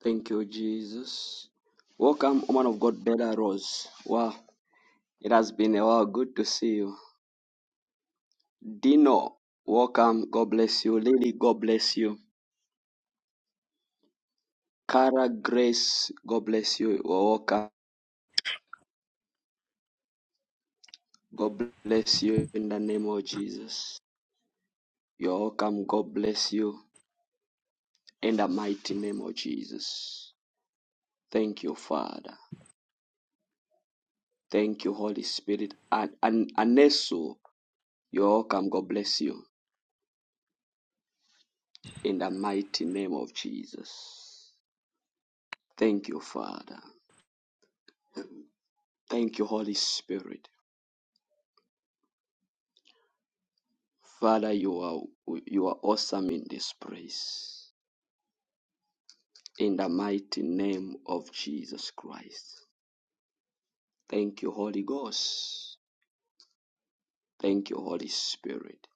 Thank you, Jesus. Welcome, woman of God, Bella Rose. Wow, it has been a while. Good to see you. Dino, welcome. God bless you. Lily, God bless you. Cara Grace, God bless you. You're welcome. God bless you in the name of Jesus. You're welcome. God bless you in the mighty name of Jesus. Thank you, Father. Thank you, Holy Spirit. And, and Anesu, you're welcome. God bless you in the mighty name of Jesus. Thank you, Father. Thank you, Holy Spirit. Father, you are you are awesome in this place. In the mighty name of Jesus Christ. Thank you, Holy Ghost. Thank you, Holy Spirit.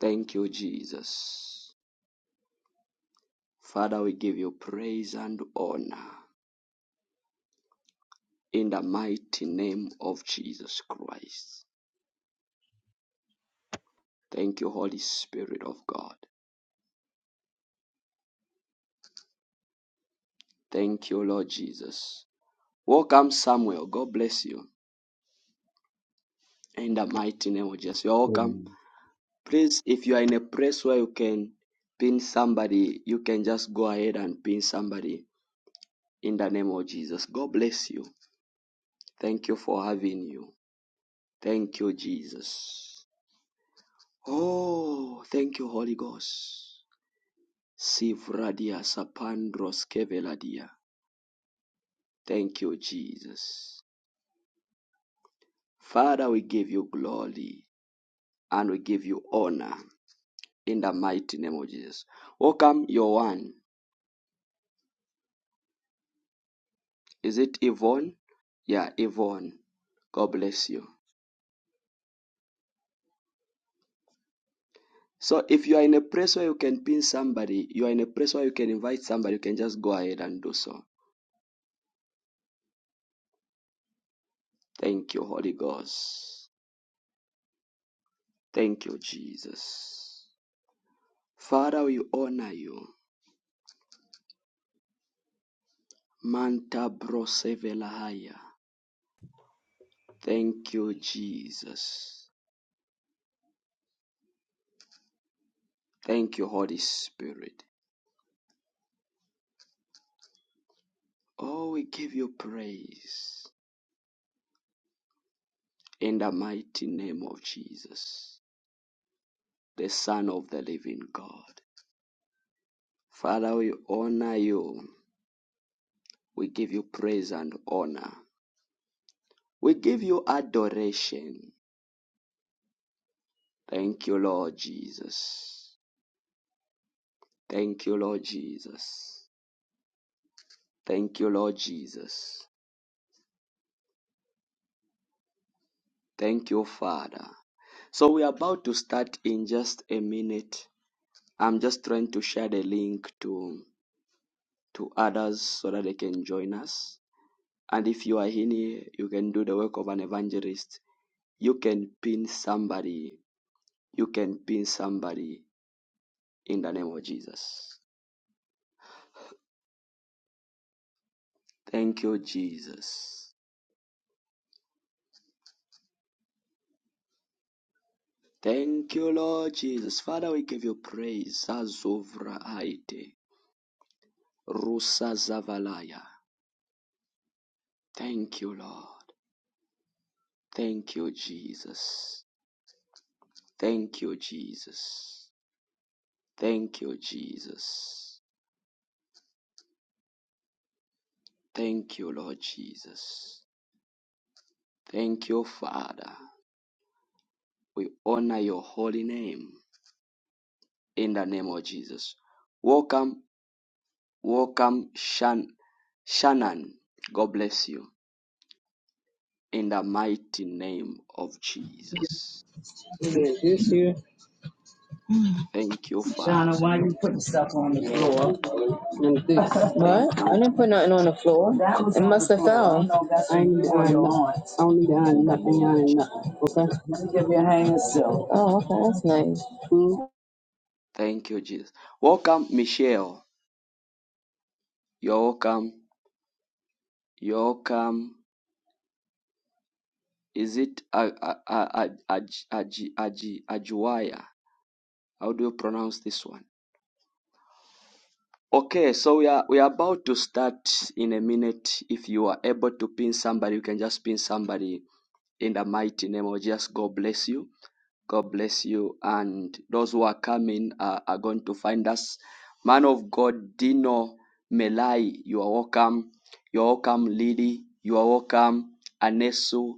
Thank you, Jesus. Father, we give you praise and honor in the mighty name of Jesus Christ. Thank you, Holy Spirit of God. Thank you, Lord Jesus. Welcome, Samuel. God bless you. in the mighty name of Jesus. You're welcome. Amen. Please, if you are in a place where you can pin somebody, you can just go ahead and pin somebody in the name of Jesus. God bless you. Thank you for having you. Thank you, Jesus. Oh, thank you, Holy Ghost. Sivradia sapandros keveladia. Thank you, Jesus. Father, we give you glory and we give you honor in the mighty name of Jesus. Welcome, your one. Is it Yvonne? Yeah, Yvonne. God bless you. So if you are in a place where you can pin somebody, you are in a place where you can invite somebody, you can just go ahead and do so. Thank you, Holy Ghost. Thank you, Jesus. Father, we honor you. Manta brosevelahaya. Thank you, Jesus. Thank you, Holy Spirit. Oh, we give you praise in the mighty name of Jesus, the Son of the living God. Father, we honor you. We give you praise and honor. We give you adoration. Thank you, Lord Jesus. Thank you, Lord Jesus. Thank you, Lord Jesus. Thank you, Father. So we are about to start in just a minute. I'm just trying to share the link to to others so that they can join us. And if you are in here, you can do the work of an evangelist. You can pin somebody. You can pin somebody in the name of Jesus. Thank you, Jesus. Thank you, Lord Jesus. Father, we give you praise. Zazovraite, Rusa Zavalaya. Thank you, Lord. Thank you, Jesus. Thank you, Jesus. Thank you, Jesus. Thank you, Lord Jesus. Thank you, Father. We honor your holy name in the name of Jesus. Welcome Welcome, Shan, Shannon. God bless you. In the mighty name of Jesus. Yeah, this here. Thank you, Shauna, Father. why you putting stuff on the floor? And this. Thank What? I you, didn't put nothing on Jesus. the floor. That was It on the must the have floor. I fell. don't I ain't need to iron nothing. I don't need to In iron the nothing. name I ain't of ironing Jesus. nothing. Okay? Let me give you a hanger still. Oh, okay, that's nice. Hmm? Put Thank you, Jesus. Welcome, Michelle. You're welcome. You're welcome. Is it A- A- A- A- Aj- How do you pronounce this one? Okay, so we are we are about to start in a minute. If you are able to pin somebody, you can just pin somebody in the mighty name of Jesus. God bless you. God bless you. And those who are coming uh, are going to find us. Man of God, Dino Melai, you are welcome. You are welcome, Lily. You are welcome, Anesu,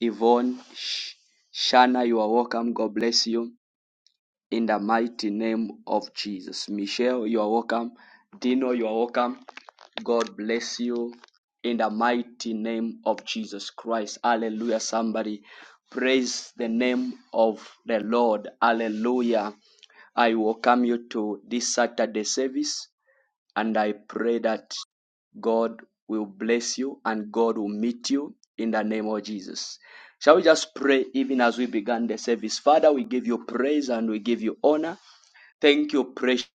Yvonne, Shana, you are welcome. God bless you in the mighty name of Jesus. Michelle, you are welcome. Dino, you are welcome. God bless you in the mighty name of Jesus Christ. Hallelujah. Somebody praise the name of the Lord. Hallelujah. I welcome you to this Saturday service. And I pray that God will bless you and God will meet you in the name of Jesus. Shall we just pray even as we began the service? Father, we give you praise and we give you honor. Thank you, precious.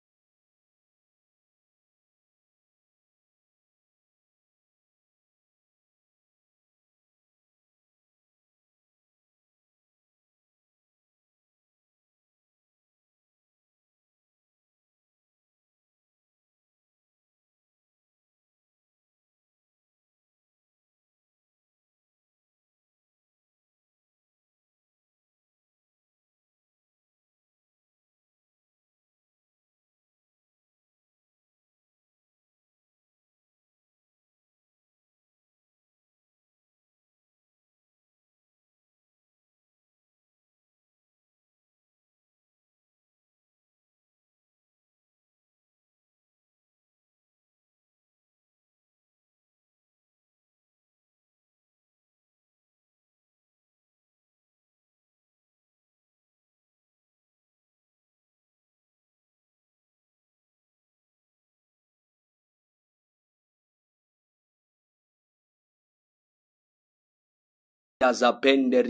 Zabender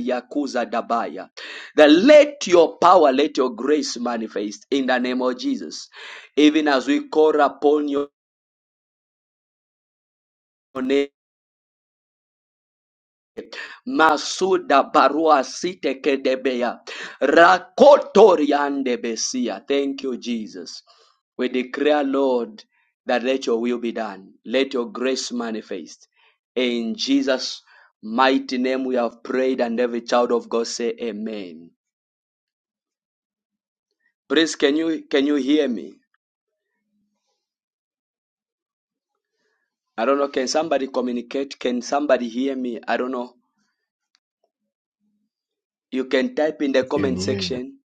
Dabaya. That let your power, let your grace manifest in the name of Jesus. Even as we call upon your name Masuda barua site kedebeya. Rakotoriande besia. Thank you, Jesus. We declare, Lord, that let your will be done. Let your grace manifest. In Jesus' mighty name we have prayed, and every child of God say amen. Please, can you can you hear me? I don't know. Can somebody communicate? Can somebody hear me? I don't know. You can type in the We can comment hear you. section.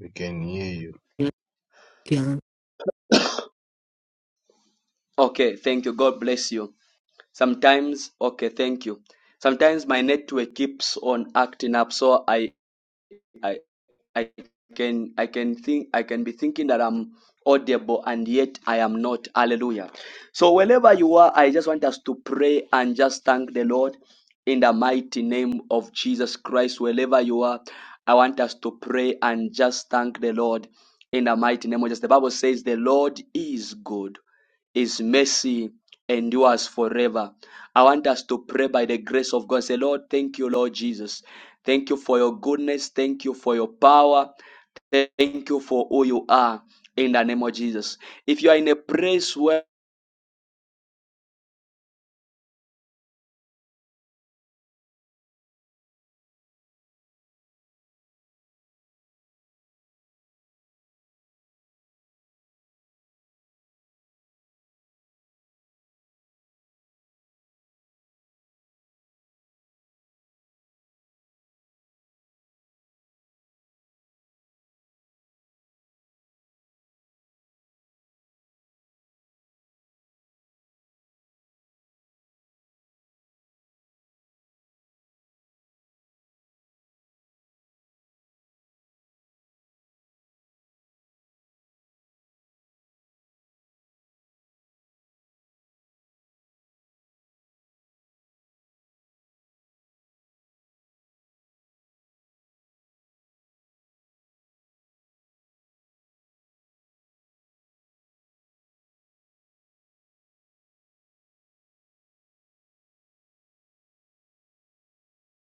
We can hear you. you can't, Okay, thank you. God bless you. Sometimes, okay, thank you. Sometimes my network keeps on acting up, so I, I, I can, I can think, I can be thinking that I'm audible and yet I am not. Hallelujah. So wherever you are, I just want us to pray and just thank the Lord in the mighty name of Jesus Christ. Wherever you are, I want us to pray and just thank the Lord in the mighty name of Jesus. The Bible says the Lord is good his mercy endures forever. I want us to pray by the grace of God. Say, Lord, thank you, Lord Jesus. Thank you for your goodness. Thank you for your power. Thank you for who you are in the name of Jesus. If you are in a place where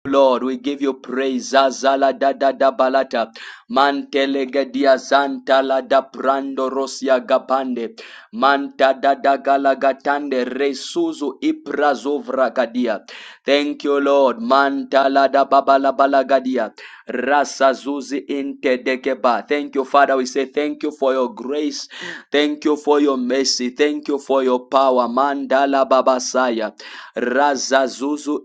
Lord, we give you praise. Zazala da da da balata. Mantelegedia zanta la da brando rosia gabande. Manta dada resuzu iprazovragadia. Thank you, Lord. Manta lada babalabalagadia. Rasa intedekeba. Thank you, Father. We say thank you for your grace. Thank you for your mercy. Thank you for your power. Mandala babasaya. Raza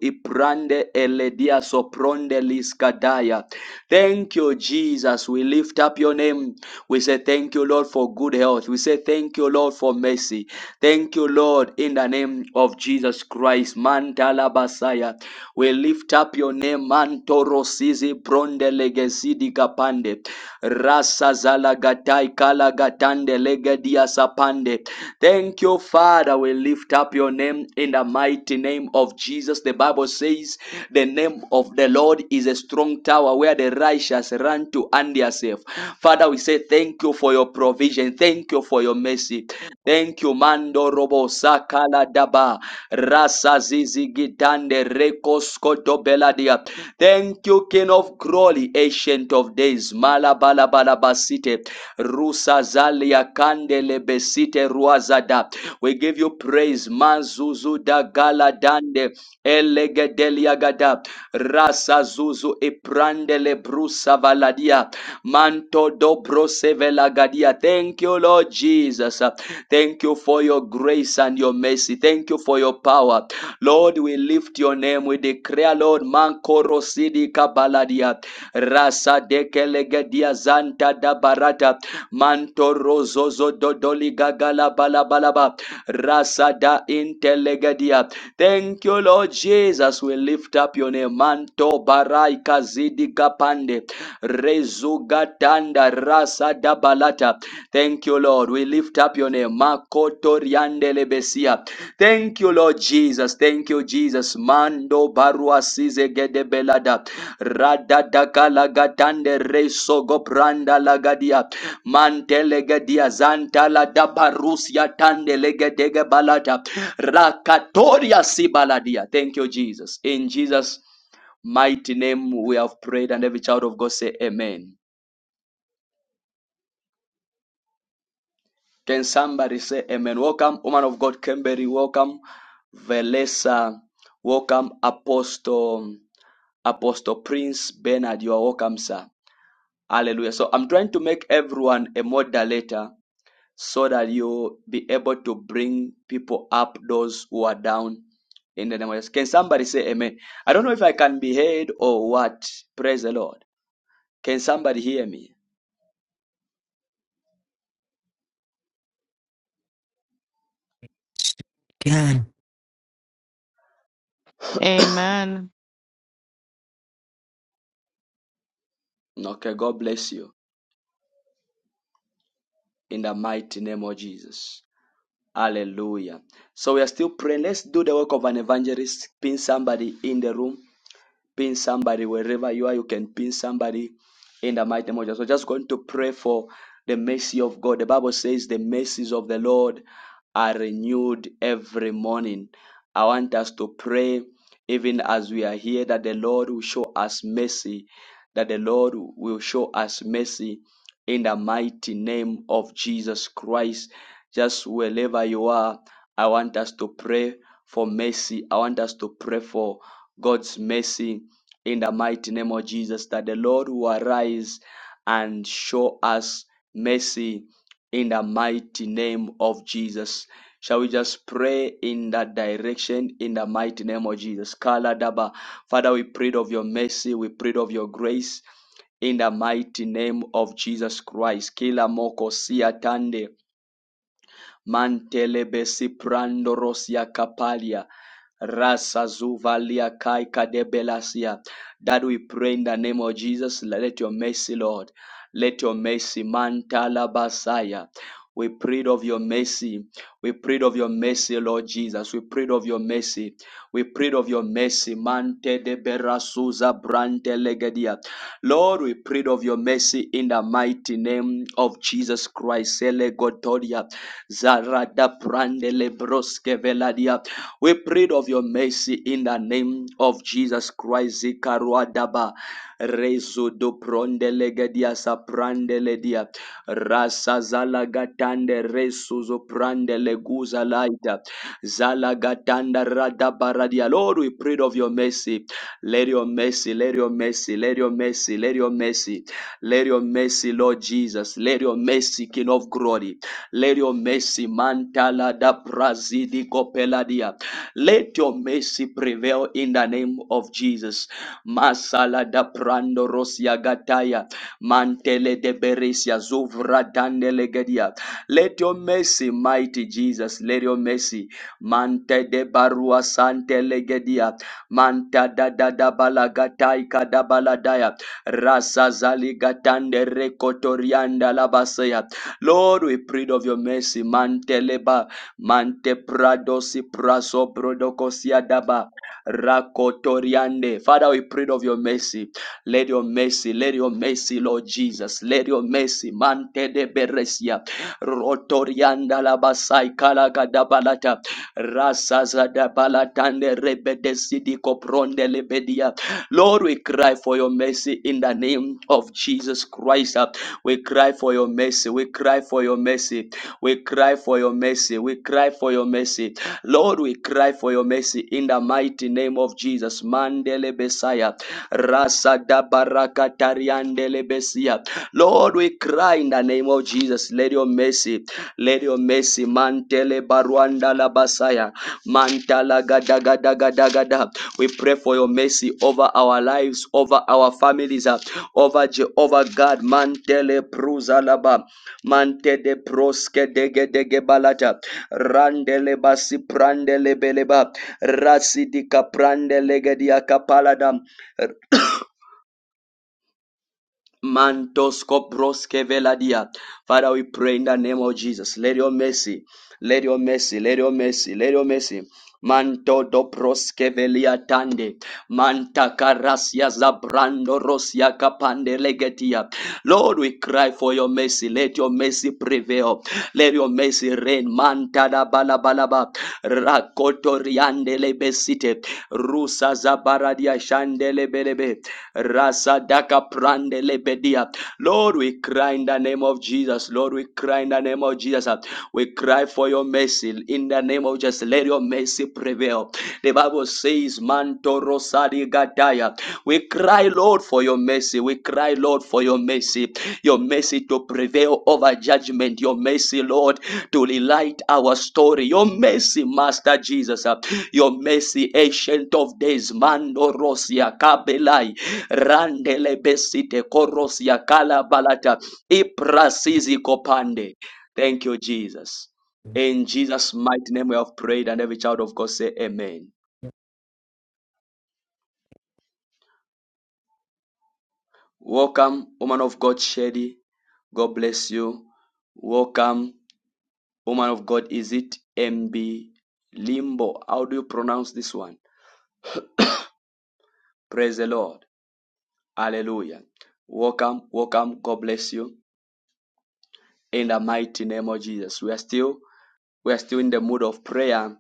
iprande eledia sopronde liskadaya. Thank you, Jesus. We lift up your name. We say thank you, Lord, for good health. We say thank you, Lord. Lord, for mercy. Thank you, Lord, in the name of Jesus Christ. Mantala Basaya. We lift up your name, Mantoro Sizi Bronde Legesidi Kapande. Rasa Zalagatai Kalagatande Legedia Sapande. Thank you, Father. We lift up your name in the mighty name of Jesus. The Bible says, The name of the Lord is a strong tower where the righteous run to and they are safe. Father, we say thank you for your provision. Thank you for your mercy. Thank you, Mando Robo Sakala Daba Rasa Zizi Gitande Rekosko Dobeladia. Thank you, King of Glory, Ancient of Days, Malabala Balabasite, Rusa Zalia Kandele Besite Ruazada. We give you praise, Mazuzuda Gala Dande Elegedeliagada Rasa Zuzu Iprandele Brusa Valadia Manto Dobro Sevela Gadia. Thank you, Lord Jesus. Thank you for your grace and your mercy. Thank you for your power. Lord, we lift your name. We declare, Lord, Mankoro Sidi Kabaladia. Rasa Dekelegedia Zanta da Barata. Mantoro Zozo Dodoli Gagala Balabalaba. Rasa da Intelegedia. Thank you, Lord Jesus. We lift up your name. Manto Barai Kazidi Kapande. Rezugatanda Rasa da Balata. Thank you, Lord. We lift up your name. Makoto riandele besia. Thank you, Lord Jesus. Thank you, Jesus. Mando barua size gede belada. Radadaka lagatande reso gopranda lagadia. Mantele gedia zanta la dabarusia tande legedege balada. Rakatoria sibaladia. Thank you, Jesus. In Jesus' mighty name we have prayed and every child of God say amen. Can somebody say amen? Welcome, woman of God, Kimberly. Welcome, Velesa. Welcome, Apostle, Apostle Prince Bernard. You are welcome, sir. Hallelujah. So I'm trying to make everyone a moderator so that you'll be able to bring people up, those who are down in the name of Jesus. Can somebody say amen? I don't know if I can be heard or what. Praise the Lord. Can somebody hear me? you can Amen. Okay, God bless you in the mighty name of Jesus. Hallelujah. So we are still praying. Let's do the work of an evangelist, pin somebody in the room pin somebody wherever you are. You can pin somebody in the mighty name of Jesus. So just going to pray for the mercy of God. The Bible says the mercies of the Lord are renewed every morning. I want us to pray, even as we are here, that the Lord will show us mercy, that the Lord will show us mercy in the mighty name of Jesus Christ. Just wherever you are, I want us to pray for mercy. I want us to pray for God's mercy in the mighty name of Jesus, that the Lord will arise and show us mercy in the mighty name of Jesus. Shall we just pray in that direction in the mighty name of Jesus? Kala daba. Father, we prayed of your mercy, we prayed of your grace in the mighty name of Jesus Christ. Kila moko siatande. Mantelebesi prando rosia kapalia. Rasa zuvalia kai kadebelasia. That we pray in the name of Jesus. Let your mercy, Lord. Let your mercy, mantala basaya. We prayed of your mercy. We prayed of your mercy, Lord Jesus. We prayed of your mercy. We prayed of your mercy. Mante de berasuza brante legedia. Lord, we prayed of your mercy in the mighty name of Jesus Christ. Sele gotodia. Zarada Brandele Broske Veladia. We prayed of your mercy in the name of Jesus Christ. Zikaruadaba Rezudo Prondele Gadia Saprandele Dia Rasa Zalagatande Resuzo Prandele Guza Laita Zalagatanda Radabaradia. Lord, we prayed of your mercy. Let your mercy, let your mercy, let your mercy, let your mercy, let your mercy, Lord Jesus. Let your mercy, King of glory. Let your mercy, Mantala da Brazidi Copeladia, let your mercy prevail in the name of Jesus. Masala da Prando Rosia Gataya, Mantele de Beresia, Zuvra Dandelegadia. Let your mercy, mighty Jesus, let your mercy, Mante de Barua Sante Legedia, Manta da da da Balagatai Kadabaladaya, Rasa Zaligatande Recotorianda Labasea. Lord, we prayed of your mercy. Manteleba, mantepradosi praso brodokosia daba, rakotoriande. Father, we prayed of your mercy. Let your mercy, let your mercy, Lord Jesus. Let your mercy, Mante de Beresia, Rotorianda Labasai Kalagadabalata, Rasazadabalatande Rebedesidi Copronde Lebedia. Lord, we cry for your mercy in the name of Jesus Christ. We cry for your mercy. We cry for your mercy. We cry for your mercy. We cry for your mercy. Lord, we cry for your mercy in the mighty name of Jesus. Mandele Messiah. Rasa da baraka tariandele besia. Lord, we cry in the name of Jesus. Let your mercy, let your mercy, mantele baruanda la basaya, mantala gada gada gada gada. We pray for your mercy over our lives, over our families, uh, over Jehovah God, mantele pruzalaba, mante de proske dege dege balata, randele basi prandele beleba, rasi di kaprandele gedia kapaladam. Mantos Broske Veladia. Father, we pray in the name of Jesus. Let your mercy, let your mercy, let your mercy, let your mercy. Manto do velia tande. Manta karasia zabrando rosia kapande legetia. Lord, we cry for your mercy. Let your mercy prevail. Let your mercy reign. Manta da balabalaba. Rakoto riande lebesite. Rusa zabaradia shande lebelebe. Rasadaka prande lebedia. Lord, we cry in the name of Jesus. Lord, we cry in the name of Jesus. We cry for your mercy. In the name of Jesus, let your mercy prevail. The Bible says, Manto Rosadi Gadaya. We cry, Lord, for your mercy. We cry, Lord, for your mercy. Your mercy to prevail over judgment. Your mercy, Lord, to relight our story. Your mercy, Master Jesus. Your mercy, Ancient of Days. Mando Rosia Kabelai. Randele besite korosia kala balata iprasizi kopande. Thank you, Jesus. In Jesus' mighty name we have prayed, and every child of God say amen. Welcome, woman of God, Shady. God bless you. Welcome, woman of God. Is it MB Limbo? How do you pronounce this one? Praise the Lord. Hallelujah. Welcome, welcome. God bless you. In the mighty name of Jesus. We are still we are still in the mood of prayer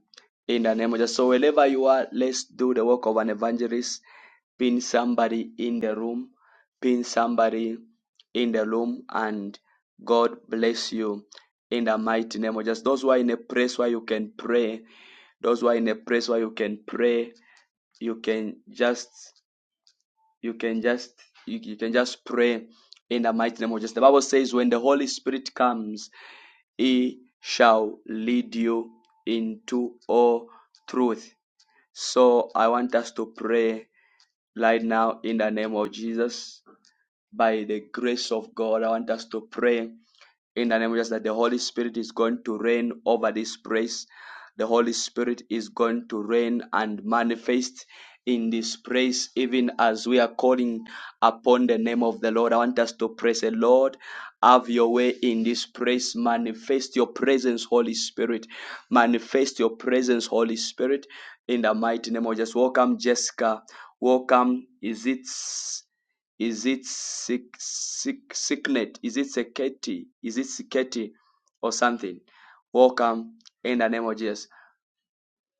in the name of Jesus. So wherever you are, let's do the work of an evangelist. Pin somebody in the room. Pin somebody in the room and God bless you in the mighty name of Jesus. Those who are in a place where you can pray, those who are in a place where you can pray, you can just you can just you, you can just pray in the mighty name of Jesus. The Bible says when the Holy Spirit comes, he shall lead you into all truth. So I want us to pray right now in the name of Jesus. By the grace of God, I want us to pray in the name of Jesus that the Holy Spirit is going to reign over this place. The Holy Spirit is going to reign and manifest in this place, even as we are calling upon the name of the Lord. I want us to pray, say, Lord, have your way in this place. Manifest your presence, Holy Spirit. Manifest your presence, Holy Spirit, in the mighty name of Jesus. Welcome, Jessica. Welcome. Is it? Is it sick, sick, sicknet? Is it security? Is it security or something? Welcome in the name of Jesus.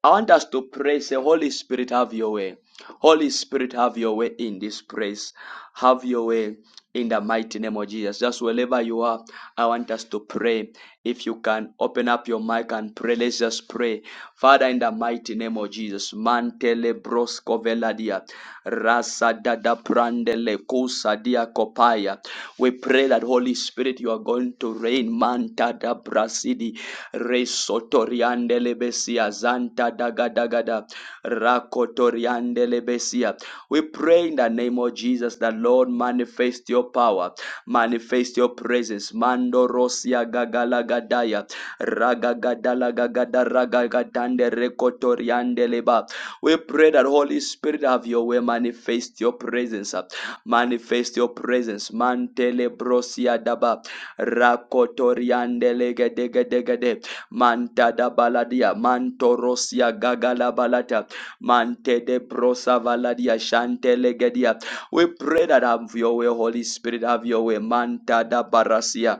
I want us to pray, say, Holy Spirit, have your way. Holy Spirit, have your way in this place. Have your way in the mighty name of Jesus. Just wherever you are, I want us to pray. If you can open up your mic and pray, let's just pray. Father, in the mighty name of Jesus, mantele brosco veladia, rasa dada prandele kusa dia kopaya. We pray that Holy Spirit, you are going to reign, manta da brasidi Resotoriande lebesia zanta dagadagada rakotoriande lebesia. We pray in the name of Jesus that Lord manifest your power, manifest your presence. Mando rosia gagalagadaya ragagadalagagada ragagadande rekotoriande leba. We pray that Holy Spirit have your way, manifest your presence, manifest your presence. Mantele brosia daba rakotoriande legedegedegede manta da baladia mantorosia gagala balata mante de brosa valadia shantelegedia we pray that have your way holy spirit have your way manta da barasia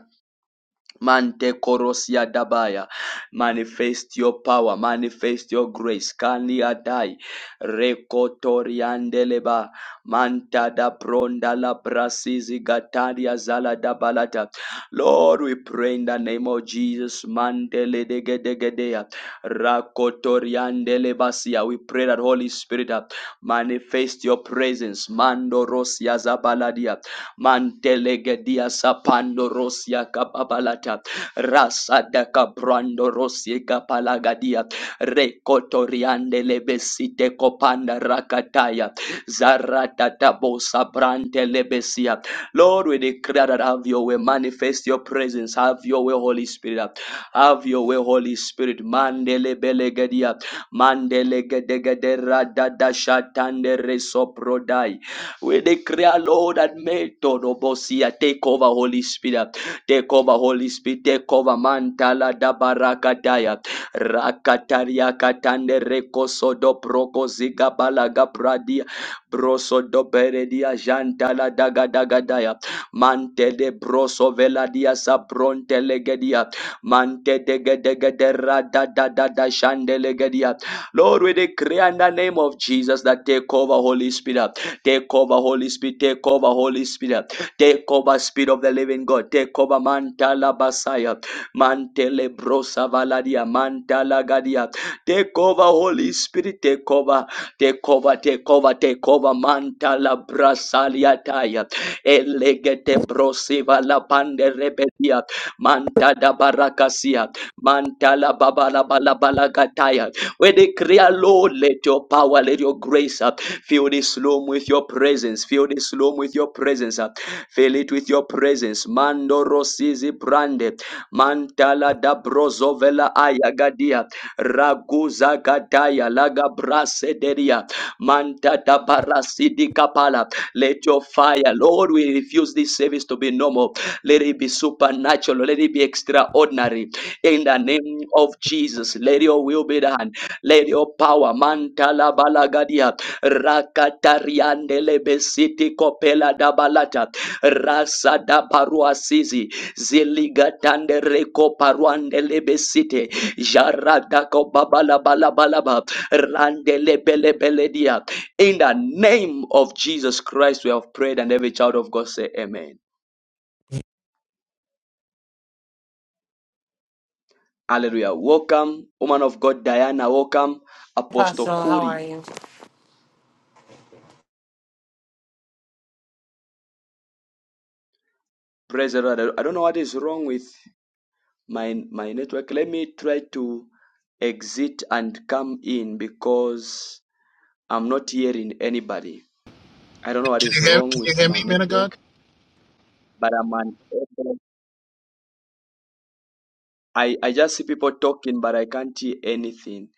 Mante korosia dabaya. Manifest your power. Manifest your grace. Kani adai. Rekotoriandeleba. Manta da bronda la brasizi gataria zala dabalata. Lord, we pray in the name of Jesus. Mandele dege dege dea. Rakotoriandele basia. We pray that Holy Spirit uh, manifest your presence. Mando rosia zabaladia. Mantelegedia sapando rosia kapabalata. Rasada kabrando rosie kapalagadia. Rekotoriande lebesite kopanda rakataya. Zarata tabosa brante lebesia. Lord, we declare that have your way. Manifest your presence. Have your way, Holy Spirit. Have your way, Holy Spirit. Mandele belegedia. Mandele gedegedera dada shatande we declare, Lord, and may Tonobosia take over, Holy Spirit. Take over, Holy Spirit. Take over, Mantala Dabarakadaya. Rakataria Katande Rekosodo Prokoziga Balaga Pradia. Broso do Beredia Jantala Daga Dagadaya. Mante de Broso Veladia Sabronte Legedia. Mante de Gedegedera da da da da Shande Legedia. Lord, we declare in the name of Jesus that take over, Holy Spirit. Take over, Holy Spirit. Take over, Holy Spirit. Take over, Spirit of the Living God. Take over, Mantala Basaya. Mantele Brosa Valadia. Mantala Gadia. Take over, Holy Spirit. Take over. Take over, take over, take over. Mantala Brasalia Taya. Elegete Brosiva La Pande Rebedia. Mantada Barakasia. Mantala Babala Balabalakataya. We declare, Lord, let your power, let your grace up. Fill this room with your presence. Fill this room with your presence. uh. Fill it with your presence. Mando rosizi brande. Mantala da brozovela ayagadia. Raguza gadaya laga brasederia. Manta da barasidi kapala. Let your fire, Lord, we refuse this service to be normal. Let it be supernatural. Let it be extraordinary. In the name of Jesus, let your will be done. Let your power, Mantala Balagadia, Rakatariandele Besiti Kopela Dabalata, Rasa da Parua Sisi, Ziligatande Reko Paruandele Besite, Jaradako Babala Balabalaba, Randele Bele Beledia. In the name of Jesus Christ, we have prayed, and every child of God say, Amen. Hallelujah. Welcome, woman of God, Diana. Welcome, Apostle Apostle, how are Kuri. you? Praise the Lord. I don't know what is wrong with my my network. Let me try to exit and come in because I'm not hearing anybody. I don't know what is hear, wrong can you with hear me, my man of God? network, but I'm unable. I, I just see people talking, but I can't hear anything.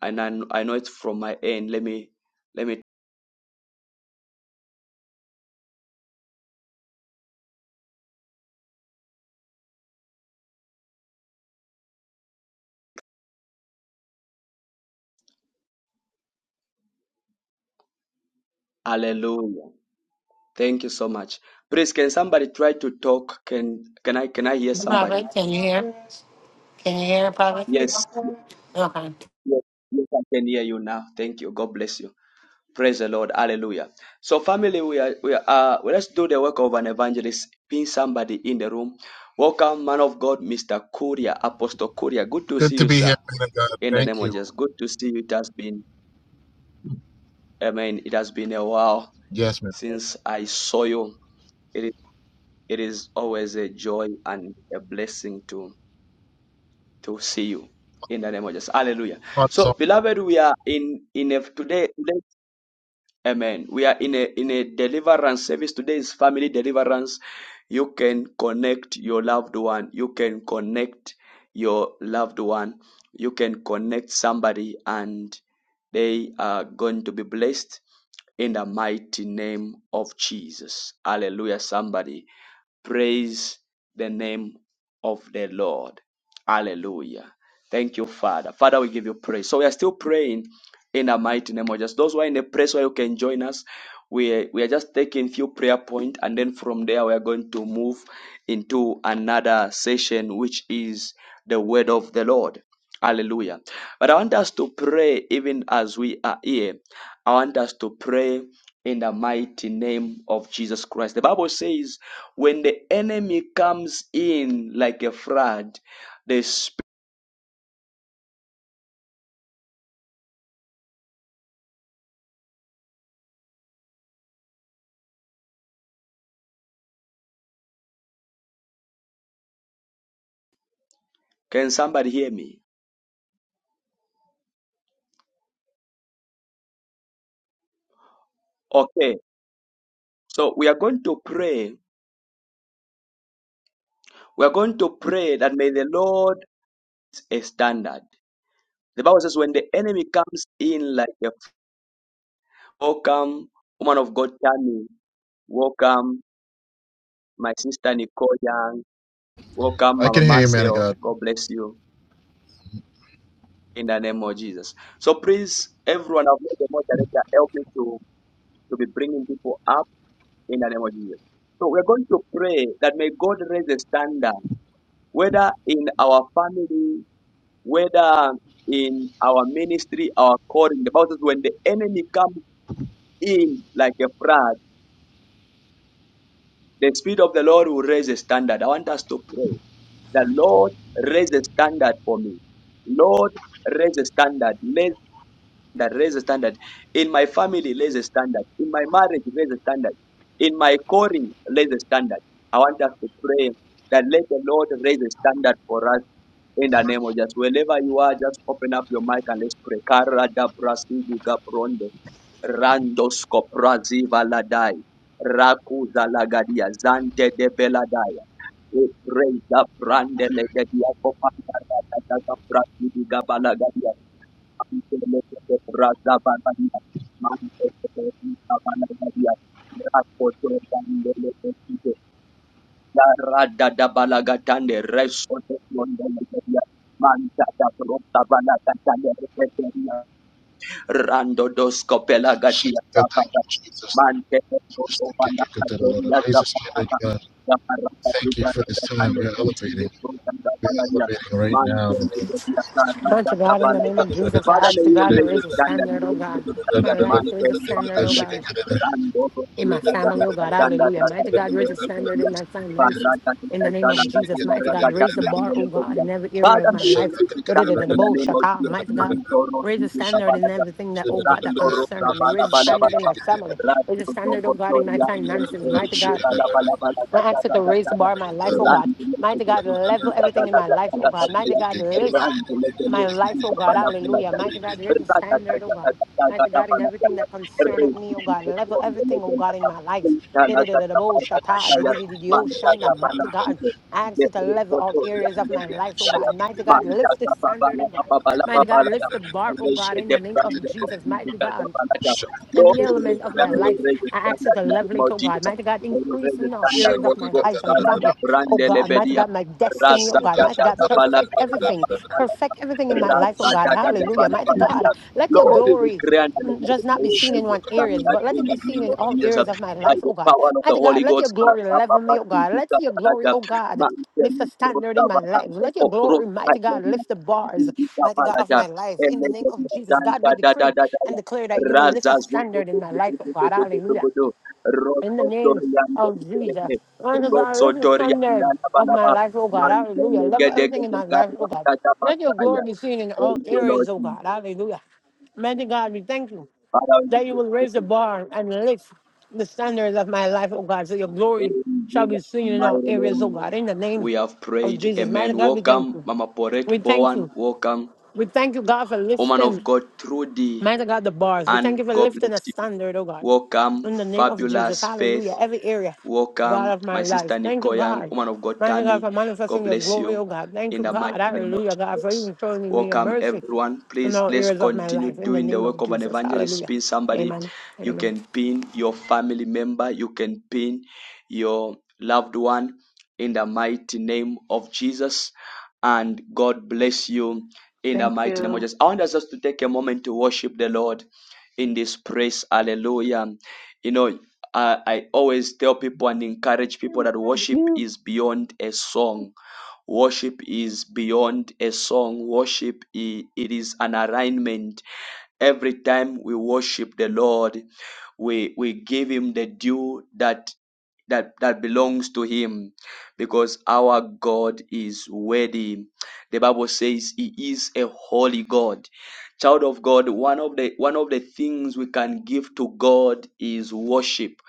And I, I know it's from my end. Let me, let me, hallelujah. Thank you so much. Please, can somebody try to talk? Can, can I, can I hear Prophet, somebody? can you hear? Can you hear, Prophet? Yes, Okay. yes, yes, I can hear you now. Thank you. God bless you. Praise the Lord. Hallelujah. So, family, we are, we are uh, well, let's do the work of an evangelist. Pin somebody in the room. Welcome, man of God, Mr. Kuria, Apostle Kuria. Good to Good see to you, be here, sir. man of God. In the name Thank of you. Jesus. Good to see you. It has been, amen. It has been a while Yes, man. since I saw you. It is, it is always a joy and a blessing to, to see you. In the name of Jesus. Hallelujah. God is on. So, beloved, we are in, in a, today, today Amen. We are in a in a deliverance service. Today is family deliverance. You can connect your loved one. You can connect your loved one. You can connect somebody and they are going to be blessed in the mighty name of Jesus. Hallelujah. Somebody praise the name of the Lord. Hallelujah. Thank you, Father. Father, we give you praise. So we are still praying in the mighty name of Jesus. Those who are in a place where you can join us, we we are just taking few prayer point, and then from there we are going to move into another session, which is the word of the Lord. Hallelujah. But I want us to pray even as we are here. I want us to pray in the mighty name of Jesus Christ. The Bible says, when the enemy comes in like a flood, the spirit. Can somebody hear me? Okay. So we are going to pray We are going to pray that may the Lord set a standard. The Bible says, when the enemy comes in like a welcome, woman of God, Tammy, welcome, my sister Nicole Young, welcome, I Mama can hear you, man of Marcel, God. God bless you in the name of Jesus. So please, everyone, I've made the moderator help me to, to be bringing people up in the name of Jesus. So we're going to pray that may God raise a standard, whether in our family, whether in our ministry, our calling. The Bible says when the enemy comes in like a flood, the Spirit of the Lord will raise a standard. I want us to pray. The Lord raise a standard for me. Lord, raise a standard. Let. standard, raise the standard. In my family, raise the standard. In my marriage, raise the standard. In my calling, raise the standard. I want us to pray that let the Lord raise the standard for us in the name of Jesus. Wherever you are, just open up your mic and let's pray. Kara da brasidi gabronde, randosko prazi valadai, raku zalagadia, zante de beladaya. We praise the brand and the dia for Panta, the Prasidi Gabala Gadia, Manta da pronta bala cantare Rando dos copela gatia Shit. God, thank you, zapata. Jesus. Mante poco banda cateria Jesus, zapata. God. La parrata de Thank you for this garra time. We cane are enchi elevating. de fruta da We are panaria. elevating right Mante now in the name de of dia Jesus. carna Lord da to da God, in the name palata. of Jesus, I Father, ask may the you God to raise the raise a standard, standard, may oh you God. raise the In my standard, life, man, raise tell a me, standard, oh Pampadia, God. Rando, dos In my Liga, Gala, family, oh God, Gatanda, hallelujah. Rata, Mighty God, Sande, raise a standard Regadia, in my finances. Padrata, In Tata, the name Gala, of Jesus, Gatanda, mighty God, Raga, raise the Galia, bar, oh Mele, God, Galia. in every area Father, of my may you life. raise the standard in the Da-da-da-da-da-bo, name of shaka, Jesus, Mighty God, man, Toro, Raise a Shaka standard in Sidi, everything that, Shaka oh God, that Rando rosa concerned me. bala Raise a bala standard bala in my family. bala. Raise a Rando standard, oh zongo God, in tori my ande finances. mbele Mighty mbele God. bala bala bala da I da ask you da to da raise da the da. bar in my life, oh God. Rando leke Mighty God, leke sidi level da everything da in da my da da life, oh da da God. da Mighty da. God, lift Rando leke my leke life, sidi oh da God. bala bala Hallelujah. da da. Mighty God, raise the Rda da da standard, oh da da God. da Mighty God, in bala everything that Re concerneth me, oh sidi God. da Level zongo everything, oh leke da God, in da. my life. Inda la da da Di-di-di-di-di-bo, bala da da shata, da di-di-di-di-di-o, shanda. bala Mighty God, sidi. I ask you to Jeffrey level all Kotori areas of ande my mbele life, oh da God. da. Mighty God, Manja lift the da bala standard, oh bala God. bala Mighty bala God, lift the bar, Lord, oh we will God, in stand the name of Jesus. Mighty God every element of my we life. will raise the I ask you standard to in the level name it, of oh Jesus. God. Mighty God, We will increase raise me the in all standard, areas of Holy my Ghost. life and Balada family. Oh brande God, mighty lebedia. God, my destiny, oh Rasa God. da Mighty da God, da balada perfect everything. balada balada. Perfect everything in my life, oh Rasa God. da da da Hallelujah. balada Mighty God, balada. let your Lord, we glory declare and mm, declare that just not we be will seen in raise the one areas, standard but let in it be the seen name in of all Jesus. areas of my By life, the oh God. power of the Mighty God, Holy let your Ghost. Rasa glory da level da me, oh God. Let da your glory, balada. oh God, Man, we lift the will raise standard in the my life. standard. Let your of Lord, glory, I mighty God, thank you. lift the bars, Jesus, mighty God, of Balada. my life. Thank In the you, name of Jesus, God, we decree and declare that you will lift a standard in my life, oh God. Hallelujah. In the name of Jesus. Lord oh God, lift a standard of my life, oh God. Hallelujah. Love everything in my life, oh God. Let your glory be seen in all Lord. areas, oh Jesus. God. Hallelujah. Mighty God, we thank you Father, we give that you will you raise the praise. bar and lift the standards of my life, oh God, so your glory In shall be Jesus' seen in all mighty areas, oh name, God. In the name we have of prayed. Jesus. Mighty Amen. God, we thank Welcome, you. Mama Poret We thank you. Bowen. Welcome, We thank you, God, for woman lifting, of God, Trudy. mighty God, the bars. We thank And you for God bless lifting a you. standard, oh God. Welcome, In the name of Jesus. fabulous faith. Hallelujah. Every area, God Welcome, of my my life. sister Thank you, Nicole Young, God. woman of God, Thank you, God, Tammy. for God manifesting your bless glory, you oh God. Thank in you, the mighty God. name of Hallelujah, God, for Jesus. even showing me your Welcome, mercy everyone. in Please all let's areas of my continue life. In the doing the name of work of an Jesus. evangelist. Hallelujah. Pin somebody. Amen. You Amen. can pin your family member. You can pin your loved one in the mighty name of Jesus. And God bless you in the Thank mighty name of you. Jesus. I want us just to take a moment to worship the Lord in this praise, Hallelujah. You know, I, I always tell people and encourage people that worship you. is beyond a song. Worship is beyond a song. Worship i- it is an alignment. Every time we worship the Lord, we, we give him the due that that that belongs to him because our God is worthy. The Bible says he is a holy God. Child of God, one of the one of the things we can give to God is worship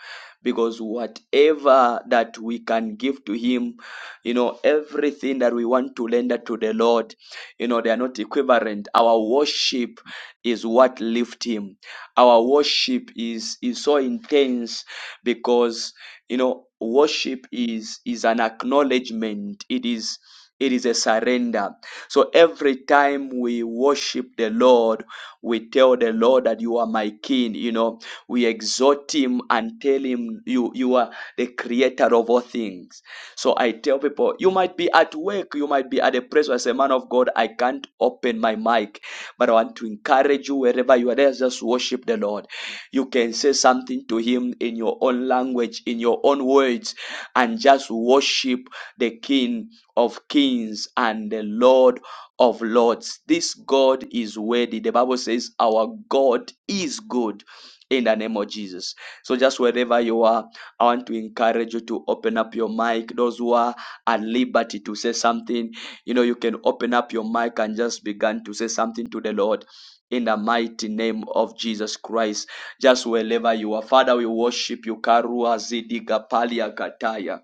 because whatever that we can give to him you know everything that we want to render to the lord you know they are not equivalent our worship is what lifts him our worship is is so intense because you know worship is is an acknowledgement it is it is a surrender so every time we worship the lord we tell the lord that you are my king you know we exhort him and tell him you you are the creator of all things so i tell people you might be at work you might be at a place where as a man of god i can't open my mic but i want to encourage you wherever you are there just worship the lord you can say something to him in your own language, in your own words, and just worship the King of Kings and the Lord of Lords. This God is worthy. The Bible says, Our God is good. In the name of Jesus. So, just wherever you are, I want to encourage you to open up your mic. Those who are at liberty to say something, you know, you can open up your mic and just begin to say something to the Lord in the mighty name of Jesus Christ just wherever you are. Father, we worship you. Karua zidi gapalia kataya.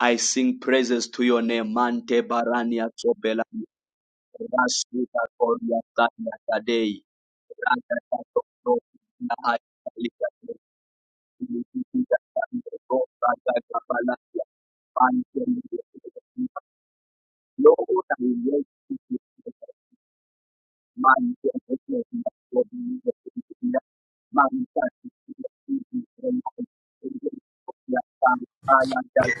I sing praises to your name. Mante barania tobela. Rasuka koria tanya kadei. Raka tato to na akalika te. Ilipita tanya to raka kapalakia. Pante mwe. Lord, I worship you.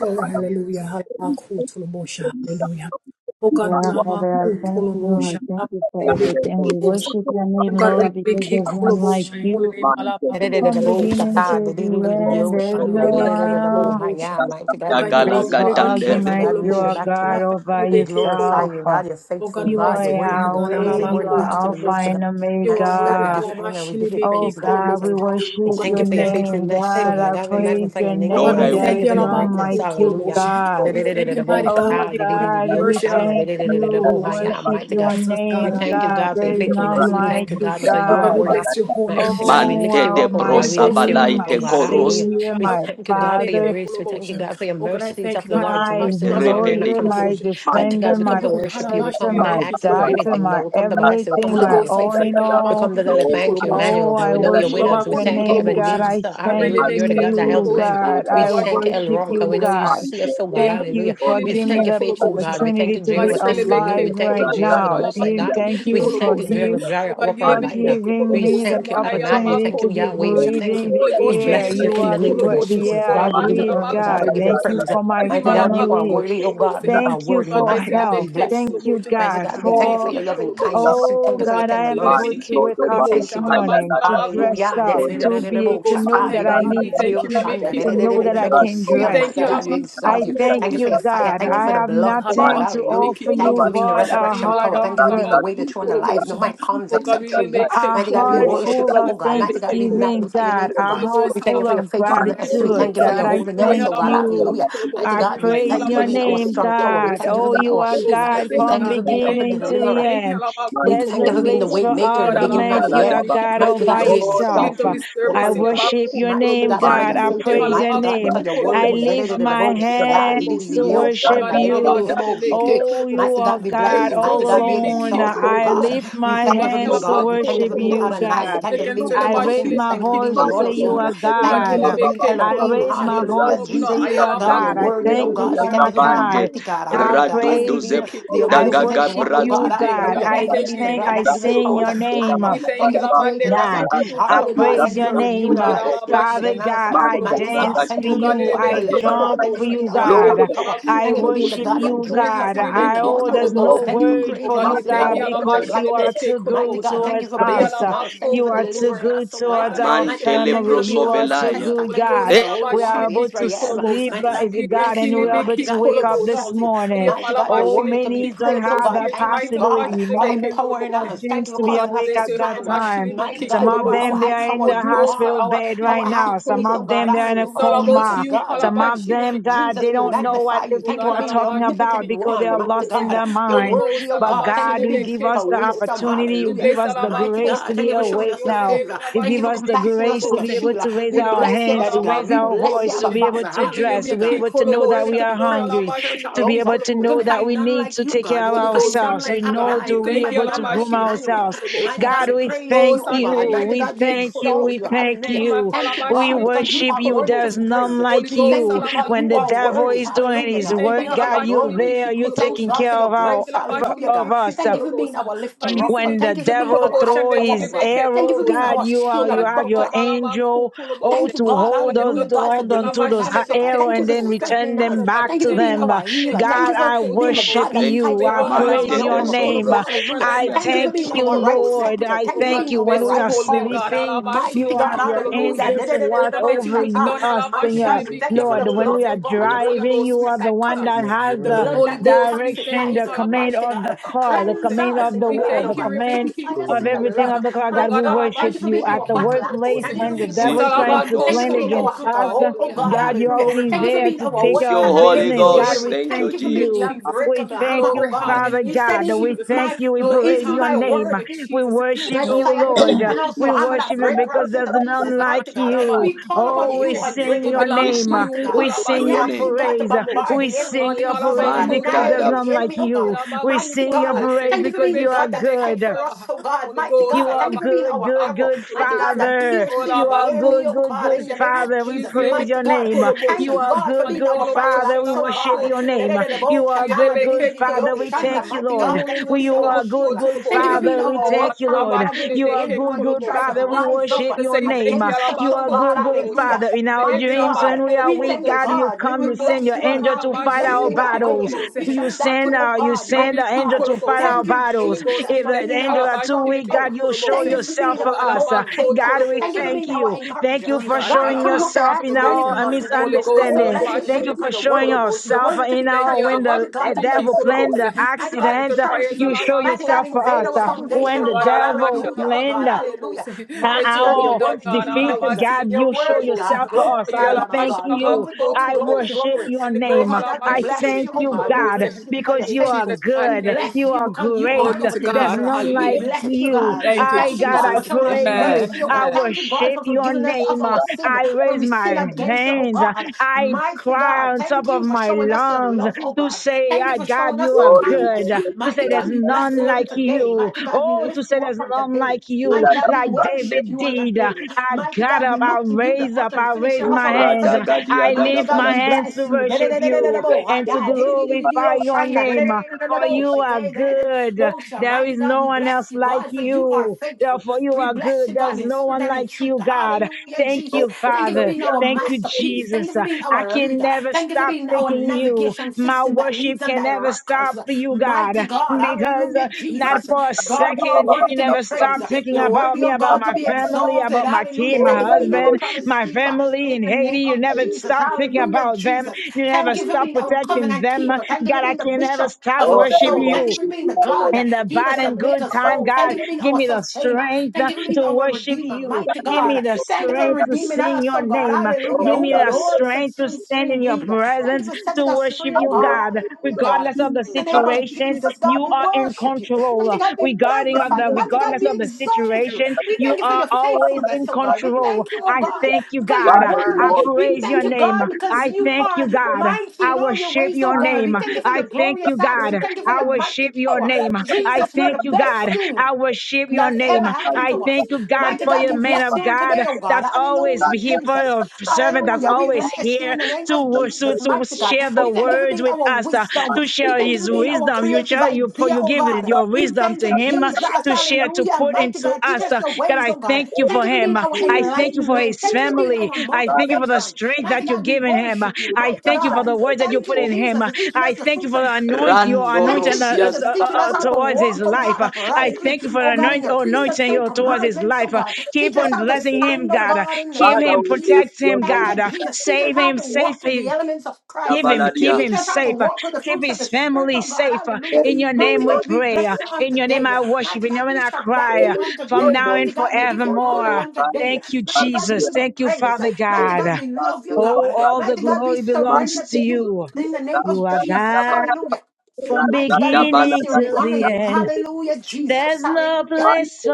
Oh, hallelujah. Hallelujah. Hallelujah. Oh God, we Yeah, love our Father, I cool thank you. I Tolobosha. thank Love our you for celebrate everything. We Tolobosha. worship your name, Oh God, we Lord, because make a there's none like Kolobosha. In Holy you. name, Alaba Mighty God, cool we From bless beginning to Oh God, the end, praise God. there's no We make a one Kolobosha. Oh God, you Gala place are you. for really make a Mighty gatande, argument. God, we You should are Kolobosha. back to God God. Alaba all by We celebrate glorify yourself. you, Kolobosha. God. You're Oh faithful, God, we You God. are bless You're you, worthy to holy be God. praised. Yahweh. You're You worthy, are Alabako, God, to be Alpha lifted Tulobosha. up. and You are Mighty God, worthy, we Omega. give you honor. We give you Oh Alabashilibiki, praise, God. We God, we thank Kolobosi. you. We Oh worship God, thank you your we for your thank you. name. faithfulness, oh God, Thank you, God. I God, we Jesus. praise magnify your your name, Oh oh God, Lord, name. we God. I We There will. thank thank you you, is for your none Alabako, greatness. like you, Hallelujah. Tulobosha. God. We Mighty thank you, mighty God, Oh Take for your God, we mercy, thank Alabako, you. We Tulobosha. worship Who God, your art us, we God, name, thank you, God. God, for your There is Alabashilibiki, faithfulness. none We thank like you, Kolobosi. you, God, because Oh you are God, we God. bless worthy. your whole name, Mercy, God, we Jesus. Oh, Mante lift you de up, our, oh my God. Holy We brosa lift Ghost, we you leave King, you, up, valaite oh my Ki, God. coros Hallelujah. Savior, Kolobosha. We my thank you, God, for your Alabashilibiki, Father, grace. We thank you, Kolobosha. God, for your Oh God, I mercies thank of you, the God, Lord's my mercy. That's why we are Alabashilibiki, rebede not lawyer, my consumed. Kolobosha. Mighty mante defender, God, we de You my come to word worship you. We protector, come halabashili not my beki asking for krobo. doctor, anything, but my we come to bless you. We come everything, to Holy my call you Ghost, I all faithful. thank in you. We all. come Alamashili to tell you, biki Lord, thank I you, kolobosha. Emmanuel, Oh, God. We I know declare you're with your worship Imasolama us. We your holy ku thank you, name, name. God. tolobosha. I Ebenezer. I thank really Hallelujah. as You're make the I a God that do helps you, this, kolobosha. men. The word God. to We I thank lawashili you, El Lord, biki worship Roy, God. you, We know kolobosha. you Thank God. God, see us, oh they God. Thank have you Hallelujah. for shili We giving me thank biki you, the faithful God. kolobosha. We thank opportunity you, Oh to God, be Jehovah really make Tiskanu. a alive We thank you, right kolobosha. Jehovah, the now. Most High Give- God. Halabashili Thank biki We you for thank you, kolobosha. Jehovah give, Oh Jireh, our God, gili for biki provider. giving We me kolobosha. the thank you, Mwana Adonai. We yalaba opportunity thank ko to you, be Yahweh. We tolobosha. thank breathing you. Holy the We Ghost, may air. li bless you You in biki the are the, name of br- kolobosha. the Holy Jesus. air Ghost, I God, we give labasha you breathe, honor. labaku God, we God. give you Thank you tolobosha. praise. for my Mighty God, Himalaba you are family. ko worthy. Oh God, you tolobosha. are Thank you Oh worthy. God, for may Mighty God, we health. celebrate bless you. Thank you. you, kolobosha. Mighty Lord, God, God, we thank you for for your Libiki I loving kolobosha. kindness. We Oh thank you Oh for your God, God, we I tender am thank mercy. about to Libiki wake We up thank this you, kolobosha. God. morning Halabasa to labaku dress Hallelujah. up, kolobosha. to Holy be, to Ghost, we know Shata. thank that you. I God, we need to thank you. eat, uh, Libiki to know that I kolobosha. can We dress. thank mighty you. Uh, God, you Halabaku exalt I you. thank Thank you for you, kolobosha. your fire. God. Thank you I for the have blood. Oh God, nothing to hallelujah. offer Thank you you for being Halabakolobocha. the but a resurrection heart power. Thank you for of being the way, the truth, and the life. No Halabakolobocha. man comes Oh God, except we through you. make a a Mighty God, we heart Koloboshi, worship full you, of oh God. Mighty pray God, Halabasilibiki we thanksgiving, magnify kolobocha. your name, God. that oh Halabakolobocha. A Holy God. you heart We Ghost, thank you full for your of Man, faithfulness. We in thank gratitude, you for halabakolobocha. your God. I The way holiness, thank oh God. the you. Hallelujah. Mighty halabakolobocha I in God, his we life, praise thank you for your being our name, strong tower. We God. thank halabakolobocha. you for Oh, being you our Holy are shield. Ghost, we God We thank you, thank from you God. for We being our thank you, beginning God. to I the deliverer. thank you, end. We There's thank no you for halabakolobocha. being the place way for Oh maker, God, the beginning argument. and the You are end. God all Mighty by God, halabakolobocha. we Lord, We yourself. lift exalt up you this I I because service in you're bro- see worship your mighty name, God, halabakolobocha. Thank because God. you're you. I faithful. praise your Mighty God, name. because you're I worthy. Halabakolobocha. lift Mighty my hands to Halabakolobocha. worship Oh you. Oh, you are God, we bless God you. Mighty all God, we alone. exalt you, oh I God. lift We my thank you God, for being hands to God. We thank Helabako you worship for being you, Tolobosha. Adonai. We God. thank you for Second being the I King of raise Kings. Celebashili my be Thank you for being voice the to Lord say of you Kikolobosha. Lords. are Oh God, Thank God. you for being Helebeke I Elohim. raise Kolobosha. my Hallelujah, voice to Open our say Jesus. you are God, you're God. I Ayalabaku worthy, oh thank you God. We for Tolobosha. thank my you for being a Bande child. mighty God, a More I holy hot God. Radu Thank past you the for praise being you. doze the cool da I emotion. omnipotent gaga worship one, Oh oh Brazil God, God, we you, thank you, God. hallelujah. God. We Thank I you for thank being you, the the thank, God big I that key gives us cool sing power to your emotion. stand. name. We Thank thank you you, for Lamande creating us a Rabba God. clean who heart, I cool oh God. praise Thank you emotion. your for renewing Oh name, our God, uh, right Alaba spirit Father within Shili big us, God. key Man, I cool da, mighty da, emotion. da, da, God. dance Thank for you Oh for da, God, being you. the our da, da, I make it da, cool deliverer. jump da, Thank you for for emotion. you, being our Ishale God. make strong Lord, it I tower. about pray cool I Thank you cool for for being you, the worship emotion. God Lord, that you, drew Praise us the out God. of silly in big many I key the oh, water, cool oh name there's no of God. Thank emotion. you for Jesus. word Oh for creating God, we you, us Man, in da, your thank God, da, you, own image Alaba da, da, and because da, you Shili are likeness, make it too cool mighty good emotion. God. Thank you towards for da, For da. you, us. blessing Uh, Alaba us. Thank you cool You for cool are too delivering emotion. us, good oh Mas towards God. ela our Mighty mexele God, thank you beke for family. being You our are kolobosa. too protector. good, Holy Thank you for Ghost, God. being the Thank Holy alaba We One of shili are able to biki Israel. sleep, kolobosa. Mighty uh, God, we eh, We God, thank bless and you. you, we are able make Mighty it to God, we wake up biki this exalt you. morning. Oye, Mighty fala God, you're Oh, shile worthy be to be many ki don't praised. Oh have God, Here that thank you, tonight, ala possibility. God, Many shile for be ki don't empowering have that us. Thank chance you for to Oh be God, causing us we awake to bless you. at that stand. time. shile be Mighty ki Some God, you of are kolobose. our them they high are in tower. Holy the You Ghost, are hospital our, bed shile our right be high ki now. Some priest. Oh kolobose. of God, them they are in a It's hallelujah. all about Jesus, coma. you. God, we Ala Some praise of you. shile be them, ki God, Jesus, they we we don't know magnify what the you. Oh Thank you people for God, are being ala the talking ba shile omnipotent about because Biki they one, are mighty lost in Kolobose. God. their You're Holy mind. worthy, Ghost, oh But God. Alaba Thank you for God, you being the give Shilebeke spirit us of the wisdom. Kolobose. opportunity, you We Hallelujah. give bless us the Alaba Mighty grace to God. Thank be you for showing Kotolobose. awake us Your your Holy now. name, favor. You Alaba Thank you give for us the Shilebeke combating us grace with to your be Kolobose. able shield. to raise We Holy our bless Ghost, you, hands, Daddy to Alaba God. raise We our bless you, voice, to Abba be Kukolobose. able Father. to Let you dress, Hallelujah, to be be God. able to You're know that worthy Kolobose. we to be are Don't praised. We hungry, Alaba search all to be Shilebeke over. able to We know couldn't Kolobose. that find we none need like to you, take care God. We of Holy couldn't find Ghost, we none ourselves. like We thank you, know God. We Adonai. to We couldn't be thank you, find able Allah, to none by like groom Biki Emmanuel. ourselves. Mighty Kolobosha. God, God, we we Holy praise thank you, Ghost, oh I thank God. you. Mighty you, We God, we Biki thank you. exalt We you. Kolobosha. thank Hallelujah. My you. Thank Father, you, by We God, because you Biki worship are you. worthy to There's be Kolobosha. none praised. Holy like We Ghost, thank you you. Allah, by because When you the are devil worthy. is Kolobosha. doing Hallelujah, We his God. We thank work, you, thank you for Allah, God, your by you're glory. there. Biki You're We thank you, taking Kolobosha. God, care for of, your My our, grace. chila of, by Hallelujah, of God. Biki us. Thank you for being Kolobosha. our My lifter up. Nisili When the Thank you for Biki being devil our high Kolobosha. throw tower, Nevzili oh his God. Beke Thank you arrow, for being God, Kolobosha. our you Oh shield are you God, and have Kova your buckler. Balaba angel, oh, Thank Kutulobosha. you, to God. My hold us Hallelujah, blood God, for tonight, hold onto Alaba delivering those us, ha- so God. Shelebeke arrow Thank you and for then Kolobose. strengthening return us. them Oh God, back we Thank you to for thank you, being God. them. Uh, our We healer. thank you, Thank God, you Alaba for I being the God worship that Kotolobose. thank you, fights you. We Lord. for I blood us Man, as we praise Alaba te hold your de our peace. name. Uh, Kukolobose. sopratia. Our Hallelujah. life, I I Thank you for thank being you, Shelebeke our right Kolobose. Lord. scepter. I Thank Oh you for God, thank being you. we our When bless we your are right whole name, cause. God. sleeping, Alaba Mighty you Amen. God, have Shilibiki your hallelujah. angel Kolobose. to Oh watch God, let your over will be y- Da-da-da-da-da-da-bo-shaka. done. us, Alaba Mighty God, Senor. we thank you Shilibiki for the Lord, when blood, we are oh Kolobose. God, the blood Holy of driving, Ghost, you we Jesus are the thank that you, one God. covers that us has the the blood Holy that Ghost, we thank direction, you. detoxifies the us, command Halabashi, mighty of the God. libiki, car, the Cleanse kolobose. command us of in the your We wheel, blood, oh the thank you, God. command Rebeki Purify us of in your everything blood, Kolobosha. of the car. Oh God, mighty we God, God. Thank worship you for Alabashi, you being at our the libiki, battle axe. workplace Thank you for when the kolobose. being our devil is shield. trying to Thank Isalabako you for plan Zipradoske. being against our Tolobosha. anchor us. hold, oh Hallelujah. God. God, you're Hallelujah. Glory, already Thank you for there being to our hallelujah, take Thank you, care of weapon Jesus. Holy against business. the God, Glory, Ghost. enemy. we Thank you, thank Thank you for Jesus. being hallelujah, the you. Jesus. We unbreakable thank hammer, oh Glory, you, God. Father You hallelujah, said, God. We Isn't Jesus. thank my you. We Glory, praise isn't your my name. word hallelujah, We Jesus. worship like you, fire. Glory, hallelujah. Thank Lord. And you, also We hammer that worship Jesus. you break because rocks into there's Jesus. Oh pieces, none God, like my mighty God. halaba you. We call upon Oh, we you, toloboshe. sing It unbreakable your belongs We hammer, to name. sing mighty you, God. We praise halaba to We sing your your ask you, name. silibiki God, to praise. bombard kolobosha. We the enemy in sing Ali your pieces, oh halaba praise God. ko because there's Annihilate Mantada. the none tolobosha. like enemy, oh you. God. Dilaba We ku Mighty sing your God. kolobose. praise Thank you for because being the Hilebe you are God that shelebeke fight good. for us, kalaba. oh God. Holy Mighty Ghost, You God. are Thank you halaba for being good, our shelaba good, ku arrow, good mighty God, tolobose. that Father. pierces You the Olaba are ko enemy, good, oh good, God, in good the toloboshe. name of Father. We Jesus. praise Mighty your Nudizlibiki God. name. Thank You kolobosha. you, are God, for good, Ali being good our battle Father. kolobosha We axe, oh laba worship God. ko your The name. tolobose. You are good, good Yelebeke Father. We kolobosha. thank you, mighty You God. Lord. Thank you for We, for being you holobosha our are lobo ko shield. good, good Thank you tolobose. for Thank. being Father. We Oh our God, thank you, weapon, Lord. halaba God, against You the are shelebeke enemy good, when you good try to kolobosha. Father. We rise We just up worship want to your say name. thank you, against us, You oh are Alabako God, good, good hallelujah. Tolobosha. Father. In For our every Mighty dreams, God, when we Alabako are we weak, thank you, God, Tolobosha. you God. We come, You're you will about send to bless your you do all angel now. to We fight bless our We'll you, Halabashilibiki worship Yahweh. battles. you. Kolobose. We shall You And back send what you, oh uh, you about God, mighty send an Shilibiki angel God. to fight Kolobose. our Thank you, Holy battles. Ghost, Jesus, we If for thank the being you, angel our are too strong weak, Halabashilibiki God, tower. you show Thank you Kolobose. for yourself being Oh, our for us. Uh, Galabako motivator. God, we Thank you for Tolobosha. thank being our you. Thank encourager. you Don for God, God, we showing come Alaba not to yourself ask in for our anything Kutolobose, uh, on today, Holy but we come Ghost, to misunderstanding. bless Alaba your Thank name you because for you're Shilibiki showing worthy. Kolobose. You're yourself worthy to We be in thank our you, praised. You're when Alaba the worthy mighty God, the to be Shilibiki devil planned exalted. the Kolobose. Mighty For God, to answer accident. uh, prayers, cherish You you. show Alaba Mighty God, yourself for invade us. our Uh, Kotolobose. foundation, When Oh the oh God, God. Alaba devil Hallelujah, oh Shalaba God. planned Hallelujah. Kutolobose. uh, Let Mighty your God, will you're be our done, worthy to God, be defeat. Alaba praised. God, You're you Shilibiki show worthy, God. yourself Kolobose. for us. Glory Be to the I Lamb of Alaba thank God. Shalaba you. Glory, glory, I glory, Kotolobose. worship glory. your And the name. glory, Mighty God, Alaba we I bless thank you, oh Shilibiki you, God. We God, bless Kolobose. you because you're because In you are Jesus' faithful. mighty We good. name. bless You you are because you Glory are great. be our to There's God. deliverer. none We like Hallelujah. bless you, you. God. Thank you, I, Thank you, God, God, I Jesus. for showing us praise you. mercy, Amen. oh I God. Amen. Thank you, God, worship for your forgiving us of name. our sin I when raise we sin my against you, oh hands. God. I Mighty God, cry on top thank of you for my showing us your lungs love, oh to God. say, Thank you ah, for God, showing you us your are Lord, we kindness. give good, you to Mighty say there's God, praise. we bless none you Lord, on like today. you. Mighty God, we Oh, to lift say you there's up on none today. like we you, Mighty are God, we like grateful that worship David you on did. today. I Mighty got God, up, we I look to you, the raise up, author and I finisher raise you are so of my our proud. hands. faith. Agadia, I Mighty lift God, my Gadabala, Lord, we hands to bless you. worship you we are Da-da-da-da-da-da-da-bo. Ah, and so to God. grateful glorify Di-di-di-di-di-di-oh, your Shina. name, for Da-da-da-da-da-da-bo. you Shake. are good. Da-da-da-da-bosha. There Mighty is God, no we one else bless you, like God, for you are you. faithful. Therefore, you We are bless good. you, God, There's in no spirit one and in like truth. you, God. Hallelujah, Thank Jesus. you, for Thank you for Father. being your our Thank you, masterpiece. mercy. Thank Jesus. you for Uh, being I our can leader. never Thank you for stop being our thanking you. navigation My system that worship leads and can never directs stop us. for you, God, Mighty God, because hallelujah, uh, My not Jesus. for a God, God, you are second Baba, Baba, worthy you to be Baba, never Baba, stop praised. thinking You're about worthy, me, oh about God, to my be Baba, Baba. family, exalted. about my kid, Hallelujah. my Thank you Lord, for I being our husband, worship you. promise my keeper family in in the Haiti. name You of I never Jesus. stop worship thinking you. Hallelujah, about them. Jesus. You I never Thank you for stop being worship our you. protecting covenant them. keeper. Thank you for God, I being the can never bishop stop of Lord, our I worshiping soul. Thank you you for worship being you. the I God that in the worship you. bad heals and and Father, Baba, makes good us Baba, time, whole. Baba, Thank God, you for being give our me the sustainer. strength Thank uh, you for being to our redeemer worship redeemer, you. mighty Give me God. the Thank you for Baba, strength to Baba. redeeming sing us, your oh God. name. Hallelujah. Lord, Give Who me I the the worship Lord sets strength to free is free stand in your indeed. Thank you presence for to setting us worship free, oh you, God. God. Hallelujah, God. Regardless you. of I worship the you, In the name of Lord. situation, Jesus, God, you we are in worship you. Mighty control. God, we Regarding of magnify the you. Mighty God, regardless we of the exalt you. situation, We you thank you for are your always faithfulness, in oh God. We control. thank you, oh I God, thank you, because you're God. Father, we I worthy. want We to praise be thank your in you, the name. God, name of because I you Jesus. thank are you, We want God. mighty I in all your worship ways, your oh God. We name. to be thank you like for the I your thank you, glorious acts. God. We thank you for I your worship mighty your power. name. I Jesus, you're the thank you, God. best thing I worship your that's ever name. happened to I man us. thank you, God, Mighty for God, your we man bless of you on today, God oh God. that's always Hallelujah, here, for Jesus. your servant that's Hallelujah. We always bless you here in the name to, of wor- to, Jesus, to mighty God. share the of God, of We thank you for life, words being with our us, uh, and wisdom. man to to We share be in thank you for his the being name our wisdom. of You creative share, Jesus. you, pour- idea, you oh give God. your We wisdom thank to you, him Jesus. to share, to Hallelujah, pour poured mighty into God. Teach us. us Uh, your God, ways, I oh God. thank you Thank Thank for you for him. being you, Uh, our I Jesus. thank you for Thank enlightenment. his Thank you, you for Lord. being family. our I thank you Father, for the thank motivation. strength Mighty that you're God, we giving him. Uh, worship you, you, I mighty Lord, thank you that for God. the you are words that you Thank put you, faithful. in him. Jesus, Uh, for teaching I us the thank you fruits for of the the Spirit. anoint your Rando Thank anointing you, uh, Rosia uh, Jesus, for uh, teaching us uh, how Zabalabala. to how to towards his walk, oh life. God, Uh, I Thank uprightly, thank you you, for the oh God, in anoint, your Jesus. Thank precepts anointing you, and uh, towards Jesus. his commandments, oh life. Uh, God. Teach Keep us on Thank how to you, blessing stand, him, oh Jesus. God. Uh, God, in the Keep name Father, him, of we lift Jesus. protect your him, Thank name God. you, to Uh, Jesus. the Teach us Lord. Save how him, to walk with safe the elements of Christ. Give him, keep Zabaladia. Teach him us how to safe. uh, walk with the Keep fruits of the his Spirit, family oh God. safe. uh, Hallelujah. In Thank your you, Mighty name we God, we pray. Lord. uh, bless you on In your name today. I worship. Mighty In God, your name we I shall back cry. you uh, Only on From your today. now name and Mighty is God, we the give you God honor of forevermore. on time. today. Thank you, Mighty God, we Jesus. Baradia. give you Thank you, praise. Father the Mighty God, God. we God love you, of Oh, God. all the Mighty Baradia. God, we glory belongs Mani surrender to to you you. in the name You of are Dabala. Jesus. God Hallelujah. from Mighty Raja God, we Dabala. bless beginning you. We till honor the you. end. Hallelujah, Jesus. There's no Hallelujah. Mani place for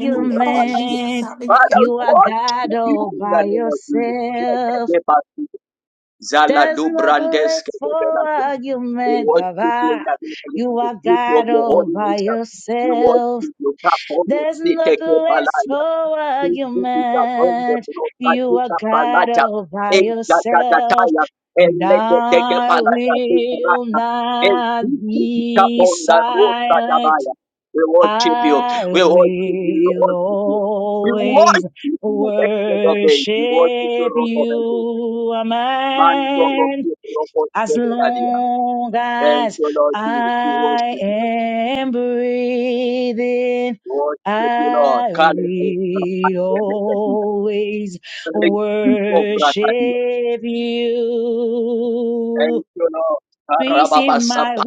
In the name of Jesus. Hallelujah. Father, we You are want God to be all in the by name yourself. of Jesus. Zala There's do no brandes. place for We argument, worship you in Baba. the name You of the are beauty of God your all holy by nature. We yourself. worship you. Kapono There's no site place kepalaya. for Kukuta bonde argument. brosa You are kita God palaja. all by En yourself. gatagataya. And En lege teke I palaja. will not be silent. We worship you. I We worship you. We will worship you. We always worship you. Excellent of days. We worship you. worship you, Man, so Lord, Amen we worship as you, Daddy. yeah. long Thank as you, Lord, we I worship you. am breathing, Worship you, Lord. I Call it the will Sabbath, always Receive of Bratadia. worship you. Thank you, Lord. Receive Karababa my Sabbath,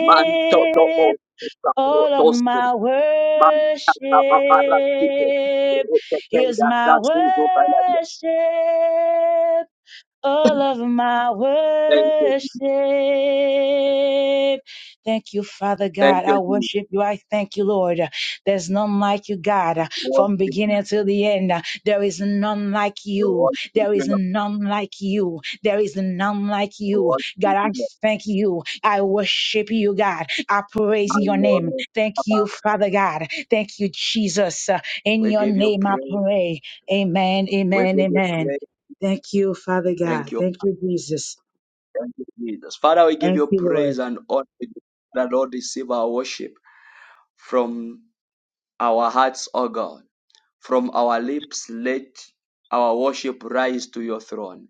Manto do all of Toasted. my Manta worship Sababara Tito. is Reketeria my Tasuzo Baladia. worship all of my Thank you, worship. Thank you, Father Thank God. I you, worship you. I thank you, Lord. There's none like you, God. From Worship you. beginning to the end, there is none like you. Worship There you, is Lord. none like you. There is none like you. God, Worship I you, Lord. thank you. I worship you, God. I praise your Man, name. Lord, Thank you, Father God. Thank you, Jesus. In We your give you name I praise. pray. Amen, We amen, give you amen. praise. Thank you, Father God. Thank you. Thank you, Jesus. Thank you, Jesus. Father, we give Thank you you, Lord. praise and honor. The Lord receive our worship from our hearts, O God. From our lips, let our worship rise to your throne.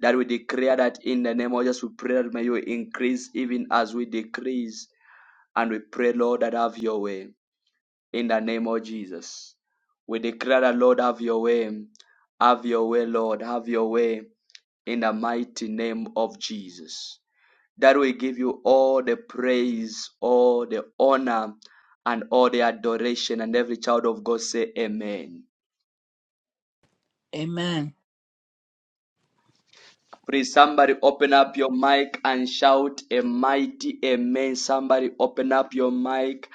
That we declare that in the name of Jesus, we pray that may you increase even as we decrease. And we pray, Lord, that have your way in the name of Jesus. We declare that, Lord, have your way. Have your way, Lord. Have your way in the mighty name of Jesus. That we give you all the praise, all the honor, and all the adoration. And every child of God say, Amen. Amen. Please, somebody open up your mic and shout a mighty Amen. Somebody open up your mic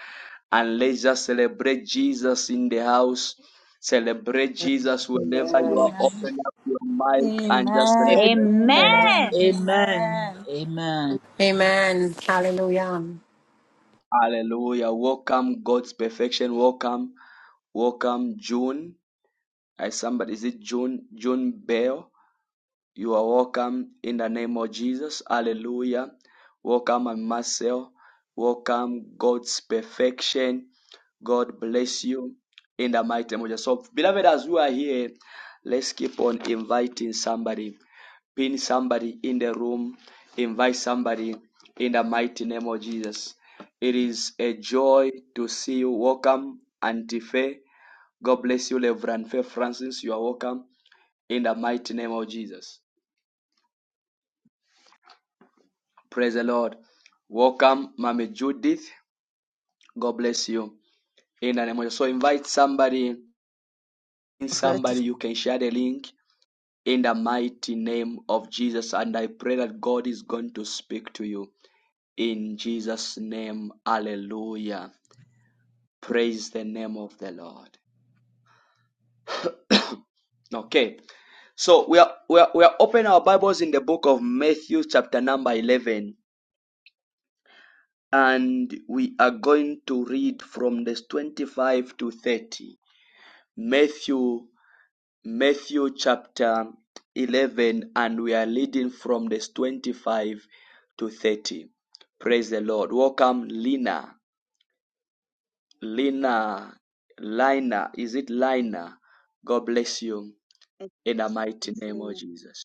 and let's just celebrate Jesus in the house. Celebrate Jesus whenever you Amen. are. Open up your mic and just Amen. celebrate Amen. Jesus. Amen. Amen. Amen. Amen. Amen. Hallelujah. Welcome God's perfection. Welcome. Welcome, June. I somebody is it June June Bell? You are welcome in the name of Jesus. Hallelujah. Welcome and Marcel. Welcome God's perfection. God bless you in the mighty name of Jesus. So, beloved, as we are here, let's keep on inviting somebody, pin somebody in the room, invite somebody in the mighty name of Jesus. It is a joy to see you. Welcome, Antife. God bless you, Reverend Faith Francis. You are welcome in the mighty name of Jesus. Praise the Lord. Welcome, Mami Judith. God bless you in the name of Jesus. So invite somebody, in prophet. somebody you can share the link in the mighty name of Jesus. And I pray that God is going to speak to you in Jesus' name. Hallelujah. Praise the name of the Lord. Okay, so we are we are, we are opening our Bibles in the book of Matthew, chapter number eleven and we are going to read from this 25 to 30 matthew matthew chapter 11 and we are reading from this 25 to 30 praise the lord welcome lina lina lina is it lina god bless you It's, in the mighty it's name of Lena. jesus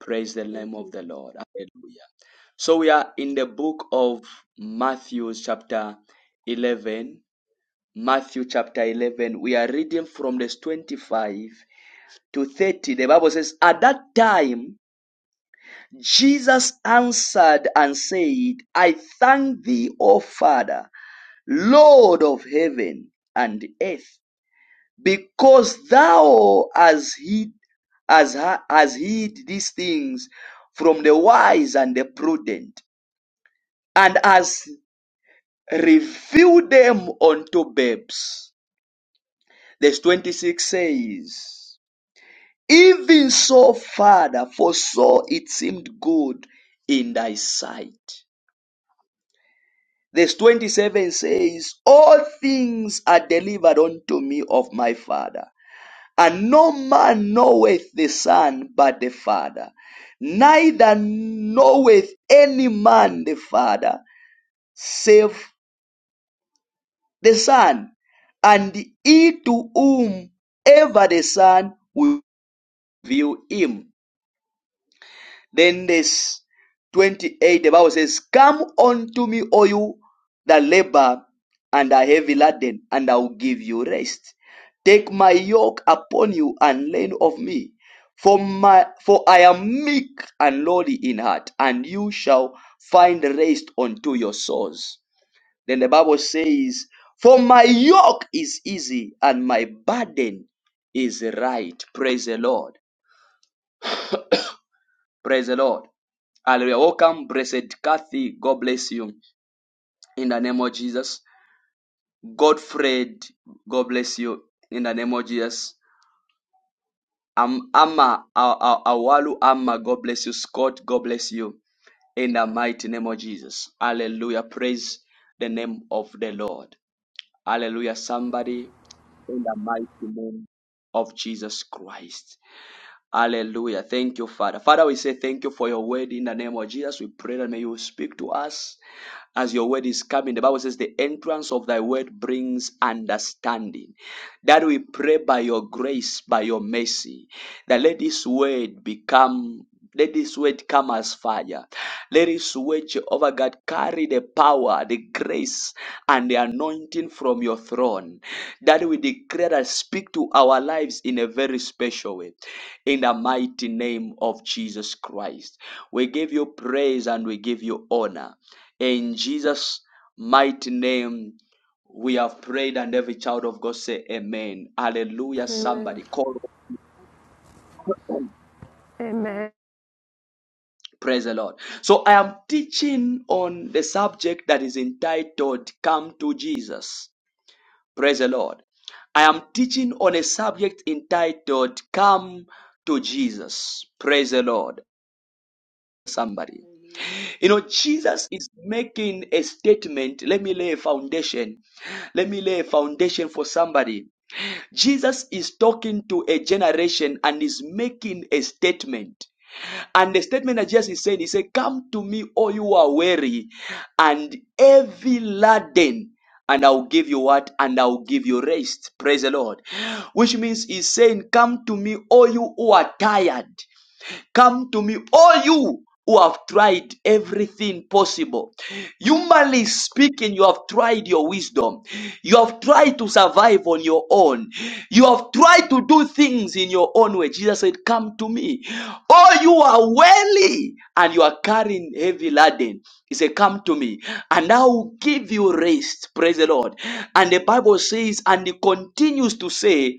praise the Thank name of you, the lord hallelujah so we are in the book of matthew chapter 11 Matthew chapter 11. We are reading from verse 25 to 30. The Bible says, At that time, Jesus answered and said, I thank thee, O Father, Lord of heaven and earth, because thou hast hid, hast, hast hid these things from the wise and the prudent, and hast revealed them unto babes. Verse 26 says, Even so, Father, for so it seemed good in thy sight. Verse 27 says, All things are delivered unto me of my Father. And no man knoweth the Son but the Father, neither knoweth any man the Father, save the Son, and he to whom ever the Son will reveal him. Then this 28, the Bible says, Come unto me, all you that labor and are heavy laden, and I will give you rest. Take my yoke upon you and learn of me. For my for I am meek and lowly in heart, and you shall find rest unto your souls. Then the Bible says, For my yoke is easy and my burden is right. Praise the Lord. Praise the Lord. Hallelujah. Welcome, blessed Kathy. God bless you in the name of Jesus. Godfred, God bless you in the name of Jesus. Um, Amma, Awalu Amma, God bless you. Scott, God bless you in the mighty name of Jesus. Hallelujah. Praise the name of the Lord. Hallelujah. Somebody in the mighty name of Jesus Christ. Hallelujah. Thank you, Father. Father, we say thank you for your word in the name of Jesus. We pray that may you speak to us as your word is coming. The Bible says, The entrance of thy word brings understanding. That we pray by your grace, by your mercy, that let this word become. Let this word come as fire. Let this word, Jehovah God, carry the power, the grace, and the anointing from your throne. That we declare and speak to our lives in a very special way. In the mighty name of Jesus Christ. We give you praise and we give you honor. In Jesus' mighty name, we have prayed, and every child of God say, Amen. Hallelujah. Amen. Somebody call. man. Amen. Praise the Lord. So I am teaching on the subject that is entitled Come to Jesus. Praise the Lord. I am teaching on a subject entitled Come to Jesus. Praise the Lord. Somebody. Hallelujah. You know, Jesus is making a statement. Let me lay a foundation. Let me lay a foundation for somebody Jesus is talking to a generation and is making a statement. And the statement that Jesus is saying, He said, Come to me, all you are weary and heavy laden, and I'll give you what? And I'll give you rest. Praise the Lord. Which means He's saying, Come to me, all you who are tired. Come to me, all you who have tried everything possible. Humanly speaking, you have tried your wisdom. You have tried to survive on your own. You have tried to do things in your own way. Jesus said, Come to me. Oh, you are weary and you are carrying heavy laden. He said, Come to me, and I will give you rest. Praise the Lord. And the Bible says, and he continues to say,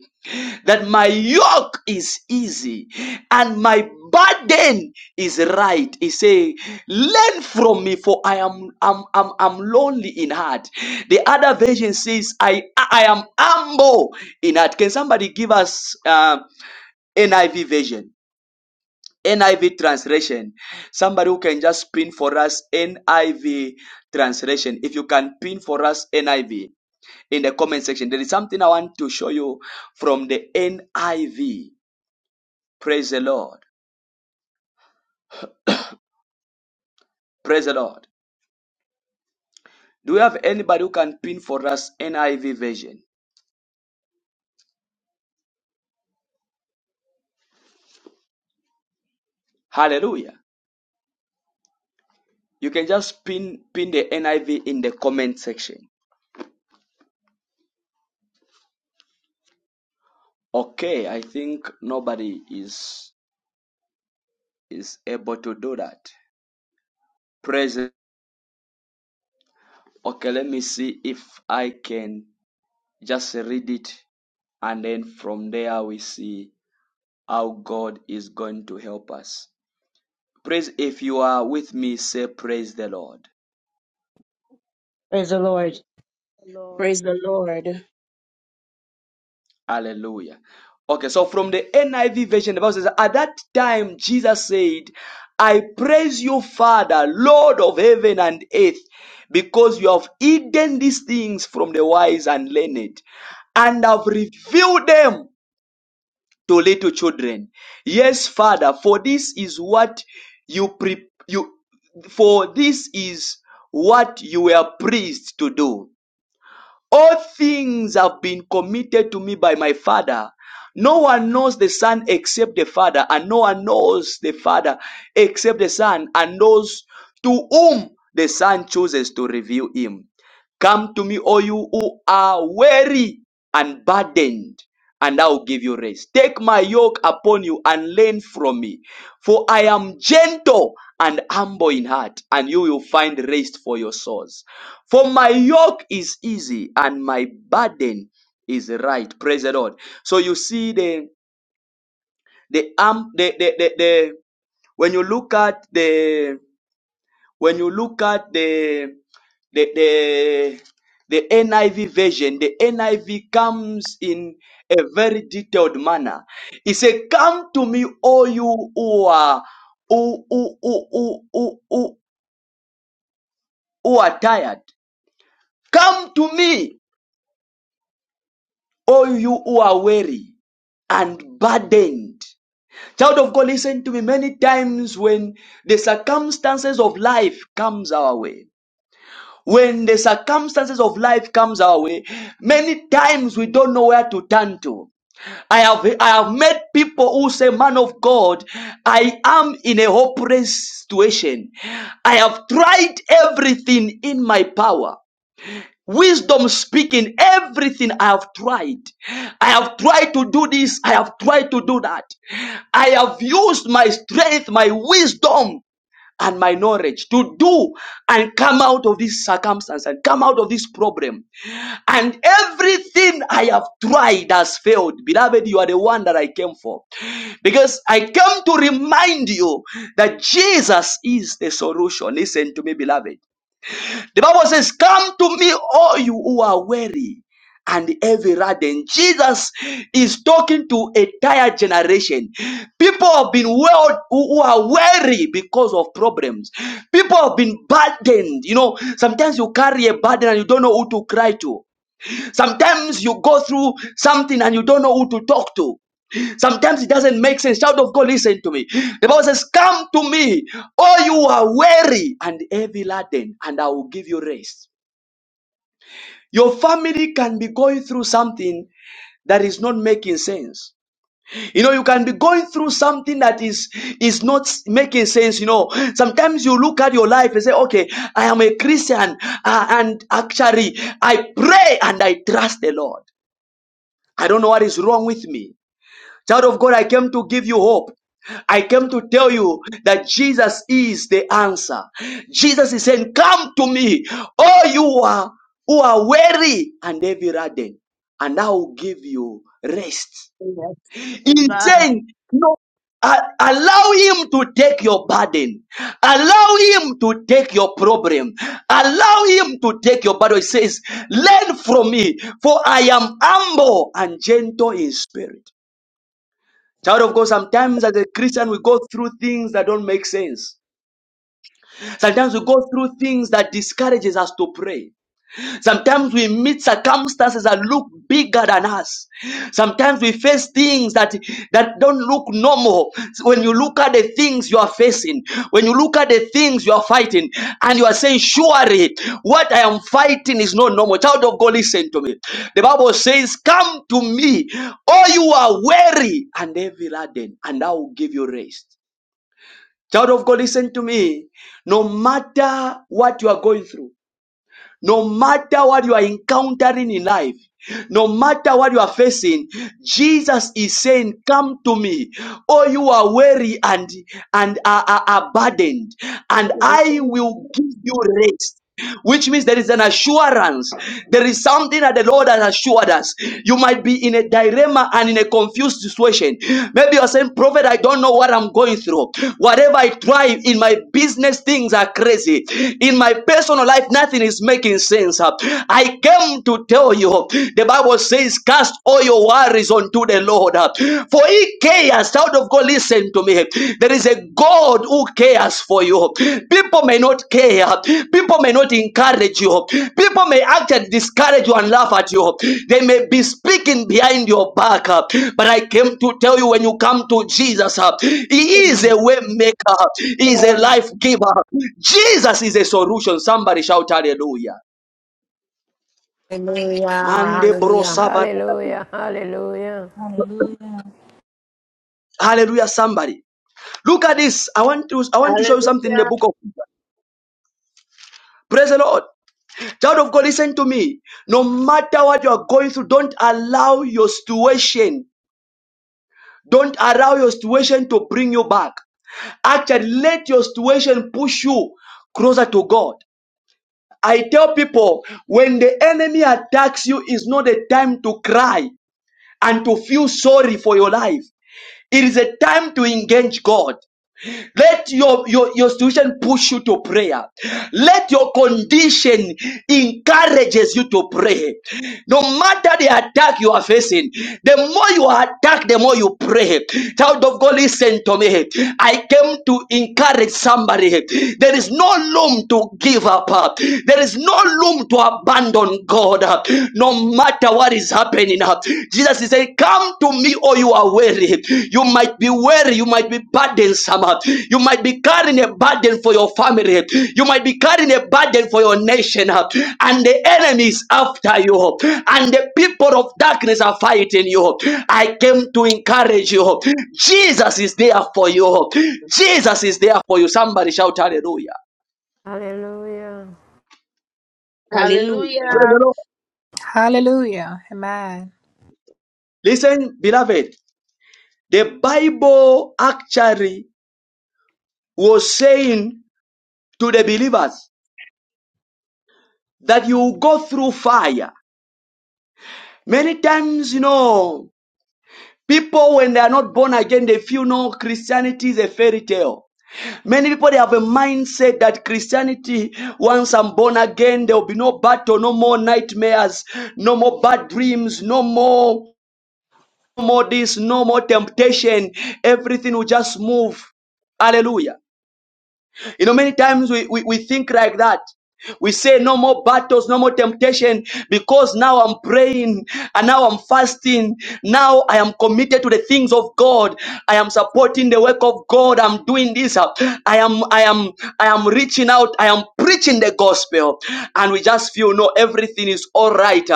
that my yoke is easy and my burden is right. He say, learn from me for I am I'm, I'm, I'm lonely in heart. The other version says, I, I am humble in heart. Can somebody give us uh, NIV version? NIV translation. Somebody who can just pin for us NIV translation. If you can pin for us NIV in the comment section, there is something I want to show you from the NIV. Praise the Lord. Praise the Lord. Do you have anybody who can pin for us NIV version? Hallelujah. You can just pin pin the NIV in the comment section. Okay, I think nobody is is able to do that. Praise. the- Okay, let me see if I can just read it and then from there we see how God is going to help us. Praise if you are with me, say praise the Lord. Praise the Lord. Lord. Praise the Lord. Hallelujah. Okay, so from the NIV version, the Bible says, At that time, Jesus said, I praise you, Father, Lord of heaven and earth, because you have hidden these things from the wise and learned, and have revealed them to little children. Yes, Father, for this is what you pre- you for this is what you were pleased to do. All things have been committed to me by my Father. No one knows the Son except the Father, and no one knows the Father except the Son, and those to whom the Son chooses to reveal him. Come to me, all you who are weary and burdened, and I will give you rest. Take my yoke upon you and learn from me, for I am gentle and humble in heart, and you will find rest for your souls. For my yoke is easy and my burden is right. Praise the Lord. So you see the the arm the the, the, the when you look at the when you look at the the the the NIV version, the NIV comes in a very detailed manner. It says, Come to me, all you who are who, who, who, who, who, who who are tired. Come to me, all you who are weary. and burdened. Child of God, listen to me. Many times when the circumstances of life comes our way, when the circumstances of life comes our way, many times we don't know where to turn to. I have I have met people who say, "Man of God, I am in a hopeless situation. I have tried everything in my power." Wisdom speaking, everything I have tried. I have tried to do this. I have tried to do that. I have used my strength, my wisdom, and my knowledge to do and come out of this circumstance and come out of this problem. And everything I have tried has failed. Beloved, you are the one that I came for. Because I came to remind you that Jesus is the solution. Listen to me, beloved. The Bible says, Come to me, all you who are weary and heavy laden. Jesus is talking to a tired generation. People have been well, who are weary because of problems. People have been burdened. You know, sometimes you carry a burden and you don't know who to cry to. Sometimes you go through something and you don't know who to talk to. Sometimes it doesn't make sense. Child of God, listen to me. The Bible says, Come to me, all you who are weary and heavy laden, and I will give you rest. Your family can be going through something that is not making sense. You know, you can be going through something that is is not making sense. You know, sometimes you look at your life and say, "Okay, I am a Christian, uh, and actually, I pray and I trust the Lord. I don't know what is wrong with me." Child of God, I came to give you hope. I came to tell you that Jesus is the answer. Jesus is saying, Come to me, all you are who are weary and heavy laden, and I will give you rest. Yes. In Amen. saying, No, uh, allow him to take your burden. Allow him to take your problem. Allow him to take your burden. He says, Learn from me, for I am humble and gentle in spirit Child of God, sometimes as a Christian, we go through things that don't make sense. Sometimes we go through things that discourages us to pray. Sometimes we meet circumstances that look bigger than us. Sometimes we face things that, that don't look normal. When you look at the things you are facing, when you look at the things you are fighting, and you are saying, Surely what I am fighting is not normal. Child of God, listen to me. The Bible says, Come to me, all you are weary and heavy laden, and I will give you rest. Child of God, listen to me. No matter what you are going through, no matter what you are encountering in life, no matter what you are facing, Jesus is saying, Come to me. Oh, you are weary and, and are, are are burdened, Let and me I will rejoice give you rest which means there is an assurance. There is something that the Lord has assured us. You might be in a dilemma and in a confused situation. Maybe you're saying, Prophet, I don't know what I'm going through. Whatever I try in my business, things are crazy. In my personal life, nothing is making making sense. huh? I came to tell you, the Bible says, cast all your worries unto the Lord, huh? for He cares. Child of God, listen to me. There is a God who cares for you. People may not care. People may not encourage you. People may actually discourage you and laugh at you. They may be speaking behind your back. uh, But I came to tell you when you come to Jesus, uh, He is a way maker, He is a life giver. Jesus is a solution. Somebody shout hallelujah. Hallelujah. Mande bro Hallelujah. sava- Hallelujah. Hallelujah. Hallelujah. Hallelujah, somebody. Look at this. I want to I want to show you something in the Hallelujah. book of Praise the Lord. Child of God, listen to me. No matter what you are going through, don't allow your situation. Don't allow your situation to bring you back. Actually, let your situation push you closer to God. I tell people when the enemy attacks you, is not a time to cry and to feel sorry for your life. It is a time to engage God. Let your, your, your situation push you to prayer. Let your condition encourages you to pray. No matter the attack you are facing, the more you are attacked, the more you pray. Child of God, listen to me. I came to encourage somebody. There is no room to give up. There is no room to abandon God. No matter what is happening happening. Jesus is saying, Come to me, or you are weary. You might be weary, you might be burdensome, you might be carrying a burden for your family, you might be carrying a burden for your nation, and the enemy is after you, and the people of darkness are fighting you. I came to encourage you. Jesus is there for you. Jesus is there for you. Somebody shout hallelujah. Hallelujah. Hallelujah. Praise Hallelujah. the Lord. Hallelujah. Amen. Listen, beloved, the Bible actually was saying to the believers that you go through fire. Many times, you know, people when they are not born again, they feel no Christianity is a fairy tale. Many people they have a mindset that Christianity, once I'm born again, there will be no battle, no more nightmares, no more bad dreams, no more, no more this, no more temptation. Everything will just move. Hallelujah. You know, many times we, we, we think like that. We say no more battles, no more temptation, because now I'm praying and now I'm fasting. Now I am committed to the things of God. I am supporting the work of God. I'm doing this. I am, I am, I am reaching out. I am preaching the gospel. And we just feel no, everything is all right.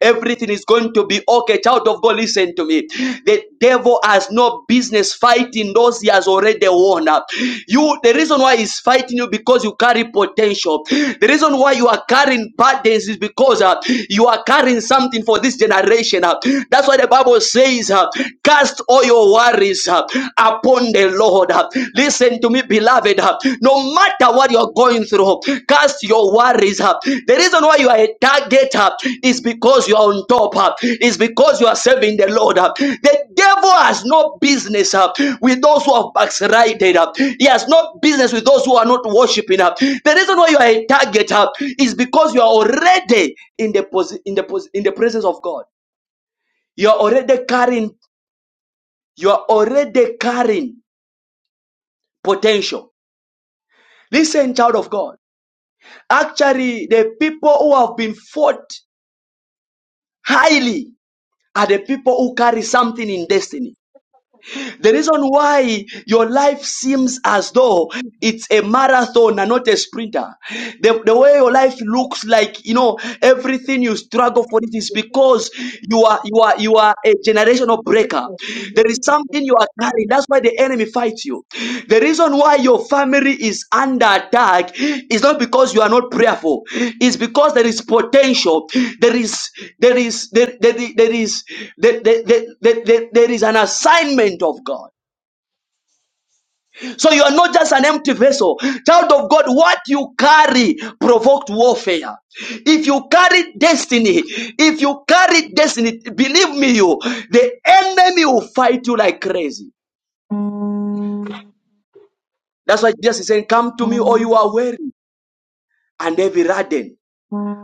Everything is going to be okay. Child of God, listen to me it. The devil has no business fighting those he has already won. You, the reason why he's fighting you because you carry potential. The reason why you are carrying burdens is because uh, you are carrying something for this generation. uh. That's why the Bible says, uh, "Cast all your worries uh, upon the Lord." uh. Listen to me, beloved. uh. No matter what you're going through. Cast your worries up. The reason why you are a target up is because you are on top up, is because you are serving the Lord up. The devil has no business up with those who have backslided up. He has no business with those who are not worshiping up. The reason why you are a target up is because you are already in the pos- in the pos- in the presence of God. You are already carrying, you are already carrying potential. Listen, child of God. Actually, the people who have been fought highly are the people who carry something in destiny. The reason why your life seems as though it's a marathon and not a sprinter. The, the way your life looks like, you know, everything you struggle for it is because you are you are you are a generational breaker. There is something you are carry. That's why the enemy fights you. The reason why your family is under attack is not because you are not prayerful. It's because there is potential. There is there is there there, there is there, there, there, there, there there is an assignment of God. So you are not just an empty vessel. Child of God, what you carry provoked warfare. If you carry destiny, if you carry destiny, believe me, you the enemy will fight you like crazy. That's why Jesus is saying, Come to me, all you are weary and heavy laden,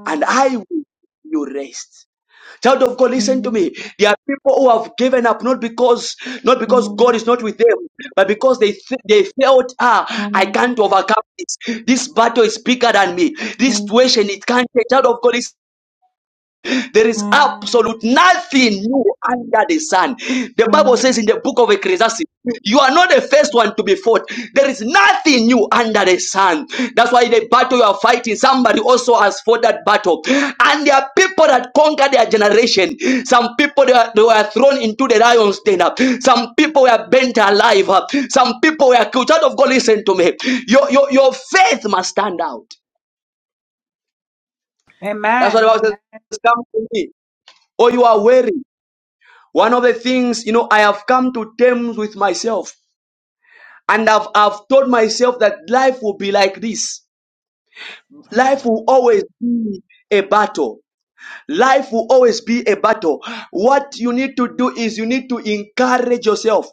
and I will give you rest. Child of God, listen to me. There are people who have given up not because not because God is not with them, but because they th- they felt, ah, I can't overcome this. This battle is bigger than me. This situation it can't. Child of God, listen there is absolute nothing new under the sun. The Bible says in the book of Ecclesiastes, you are not the first one to be fought. There is nothing new under the sun. That's why the battle you are fighting, somebody also has fought that battle. And there are people that conquer their generation. Some people they were, they were thrown into the lion's den. Some people were burnt alive. Some people were killed. Child of God, listen to me. Your, your, your faith must stand out. That's what the Amen. Bible says. Come to me. Or you are weary. One of the things, you know, I have come to terms with myself and I've, I've told myself that life will be like this. Life will always be a battle. Life will always be a battle. What you need to do is you need to encourage yourself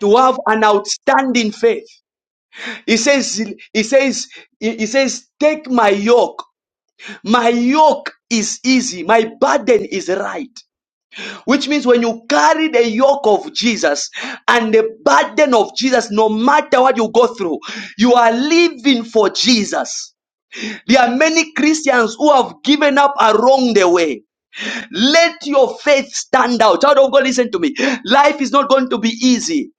to have an outstanding faith. He says, he says, he says, take my yoke. My yoke is easy. My burden is light. Which means when you carry the yoke of Jesus and the burden of Jesus, no matter what you go through, you are living for Jesus. There are many Christians who have given up along the way. Let your faith stand out. Child of God, listen to me. Life is not going to be easy.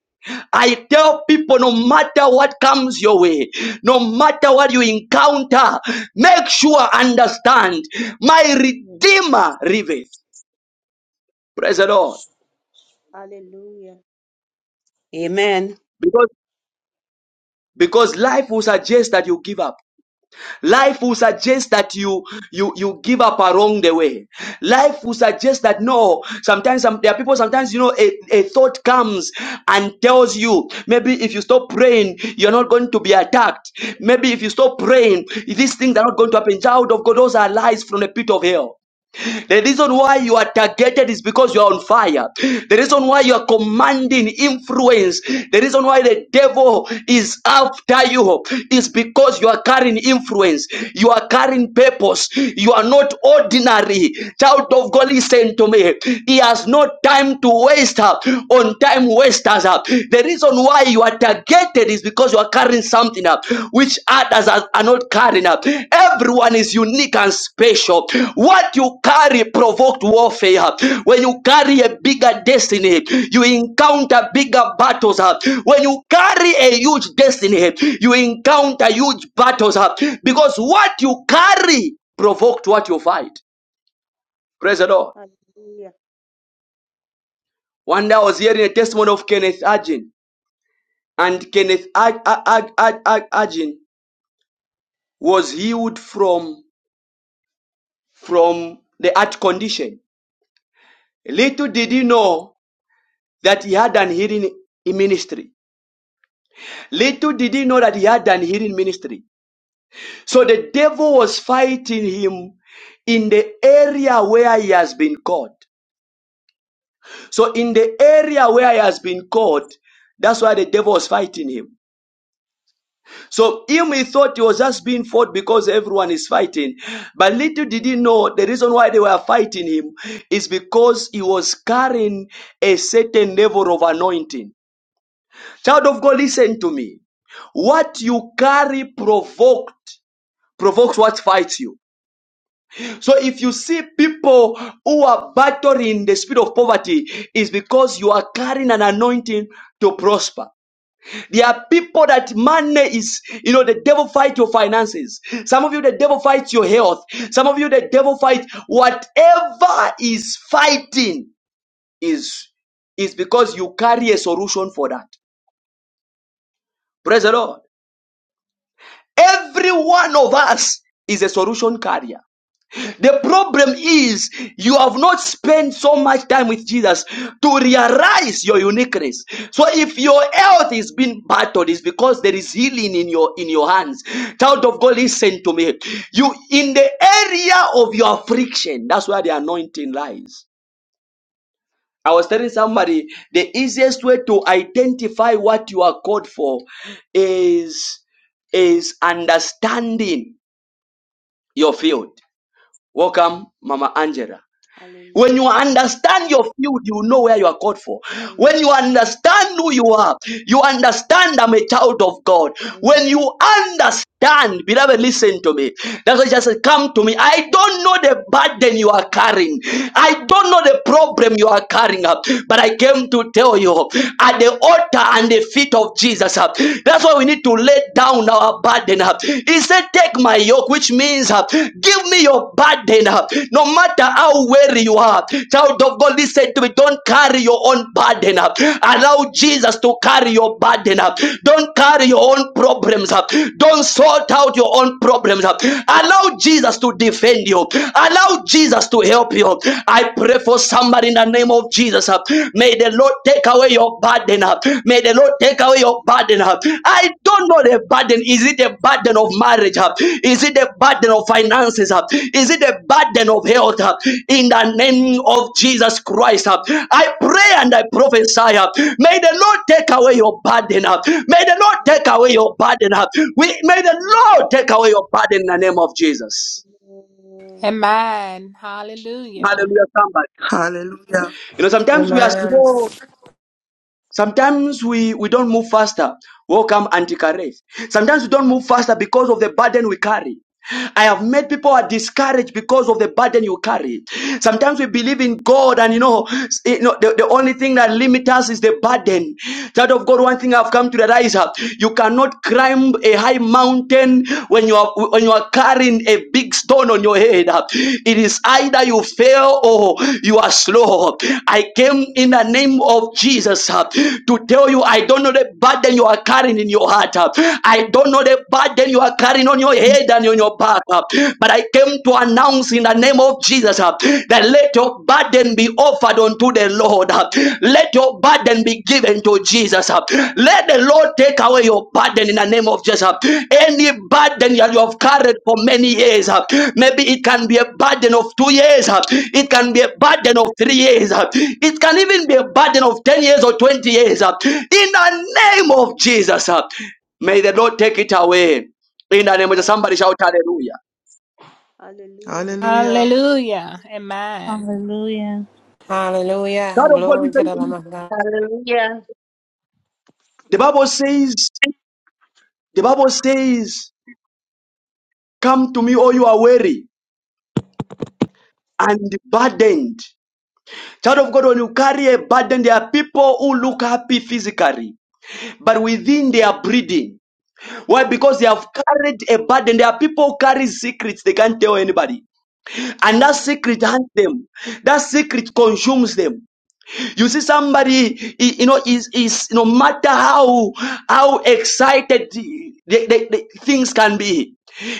I tell people no matter what comes your way, no matter what you encounter, make sure understand my Redeemer liveth. Praise the Lord Hallelujah. Amen. because. because life will suggest that you give up life will suggest that you you you give up along the way life will suggest that no sometimes some, there are people sometimes you know a, a thought comes and tells you maybe if you stop praying you're not going to be attacked maybe if you stop praying these things are not going to happen child of god those are lies from the pit of hell the reason why you are targeted is because you are on fire. The reason why you are commanding influence. The reason why the devil is after you is because you are carrying influence. You are carrying purpose. You are not ordinary. Child of God, listen to me. He has no time to waste uh, on time wasters. uh. The reason why you are targeted gated is because you are carrying something up which others are, are not carrying up. Everyone is unique and special. What you carry provoked warfare. When you carry a bigger destiny, you encounter bigger battles. uh. When you carry a huge destiny, you encounter huge battles. uh, Because what you carry provoked what you fight. Praise the Mm. Lord. Hallelujah. One day I was hearing a testimony of Kenneth Arjun. And Kenneth Arjun was healed from, from the heart condition. Little did he know that he had an healing ministry. Little did he know that he had an healing ministry. So the devil was fighting him in the area where he has been caught. So in the area where he has been caught, that's why the devil was fighting him. So him he thought he was just being fought because everyone is fighting. But little did he know the reason why they were fighting him is because he was carrying a certain level of anointing. Child of God, listen to me. What you carry provoked provokes what fights you. So if you see people who are battling the spirit of poverty, is because you are carrying an anointing to prosper. There are people that money is, you know, the devil fights your finances. Some of you, the devil fights your health. Some of you, the devil fights whatever is fighting is is because you carry a solution for that. Praise the Lord. Every one of us is a solution carrier. The problem is you have not spent so much time with Jesus to realize your uniqueness. So if your health is being battered, it's because there is healing in your in your hands. Child of God, listen to me. You in the area of your affliction, that's where the anointing lies. I was telling somebody the easiest way to identify what you are called for is is understanding your field. Welcome, Mama Angela. Hallelujah. When you understand your field, you know where you are called for. Amen. When you understand who you are, you understand I'm a child of God. Amen. When you understand, beloved, listen to me. That's why just come to me. I don't know the burden you are carrying. I don't know the problem you are carrying up, but I came to tell you at the altar and the feet of Jesus. uh, That's why we need to lay down our burden burden. uh, He said, Take my yoke, which means uh, give me your burden. uh, No matter how weary you are, child of God, listen to me. Don't carry your own burden. uh, Allow Jesus to carry your burden. uh, Don't carry your own problems. uh, Don't sort out your own problems. uh, Allow Jesus to defend you. Allow Jesus to help you. I pray for somebody in the name of Jesus. uh, May the the Lord take away your burden. uh. May the Lord take away your burden. uh. I don't know the burden. Is it the burden of marriage? uh? Is it the burden of finances? uh? Is it the burden of health? uh? In the name of Jesus Christ, uh, Amen. I Amen. pray and I prophesy. uh, May the Lord take away your burden. uh. May the Lord take away your burden. uh. We, may the Lord take away your burden in the name of Jesus. Amen. Amen. Amen. Hallelujah. Hallelujah, somebody. Hallelujah. You know, sometimes we Hallelujah. are Amen. small. Sometimes we, we don't move faster. Welcome, Auntie Kareth. Sometimes we don't move faster because of the burden we carry. I have made people are discouraged because of the burden you carry. Sometimes we believe in God, and you know, s- you know, the, the only thing that limits us is the burden. Child of God, one thing I've come to realize: uh, you cannot climb a high mountain when you are when you are carrying a big stone on your head, uh, it is either you fail or you are slow. I came in the name of Jesus uh, to tell you I don't know the burden you are carrying in your heart. uh, I don't know the burden you are carrying on your head and on your back. uh, But I came to announce in the name of Jesus uh, that let your burden be over offered unto the Lord. Let your burden be given to Jesus. Let the Lord take away your burden in the name of Jesus. Any burden that you have carried for many years, maybe it can be a burden of two years, it can be a burden of three years, it can even be a burden of 10 years or 20 years. In the name of Jesus, may the Lord take it away. In the name of Jesus, Amen. somebody shout hallelujah. Hallelujah. Hallelujah. Hallelujah. Amen. Hallelujah. Hallelujah. God of God, Glory to the Lamb of God. Hallelujah. The Bible says, the Bible says, Come to me, all you are weary and burdened. Child of God, when you carry a burden, there are people who look happy physically, but within they are breathing. Why? Mm. Because they have carried a burden. There are people who carry secrets they can't tell anybody. And that Mm. secret hunts them. That secret consumes them. You see somebody, he- you know, is, is no matter how, how excited the, the, the things can be,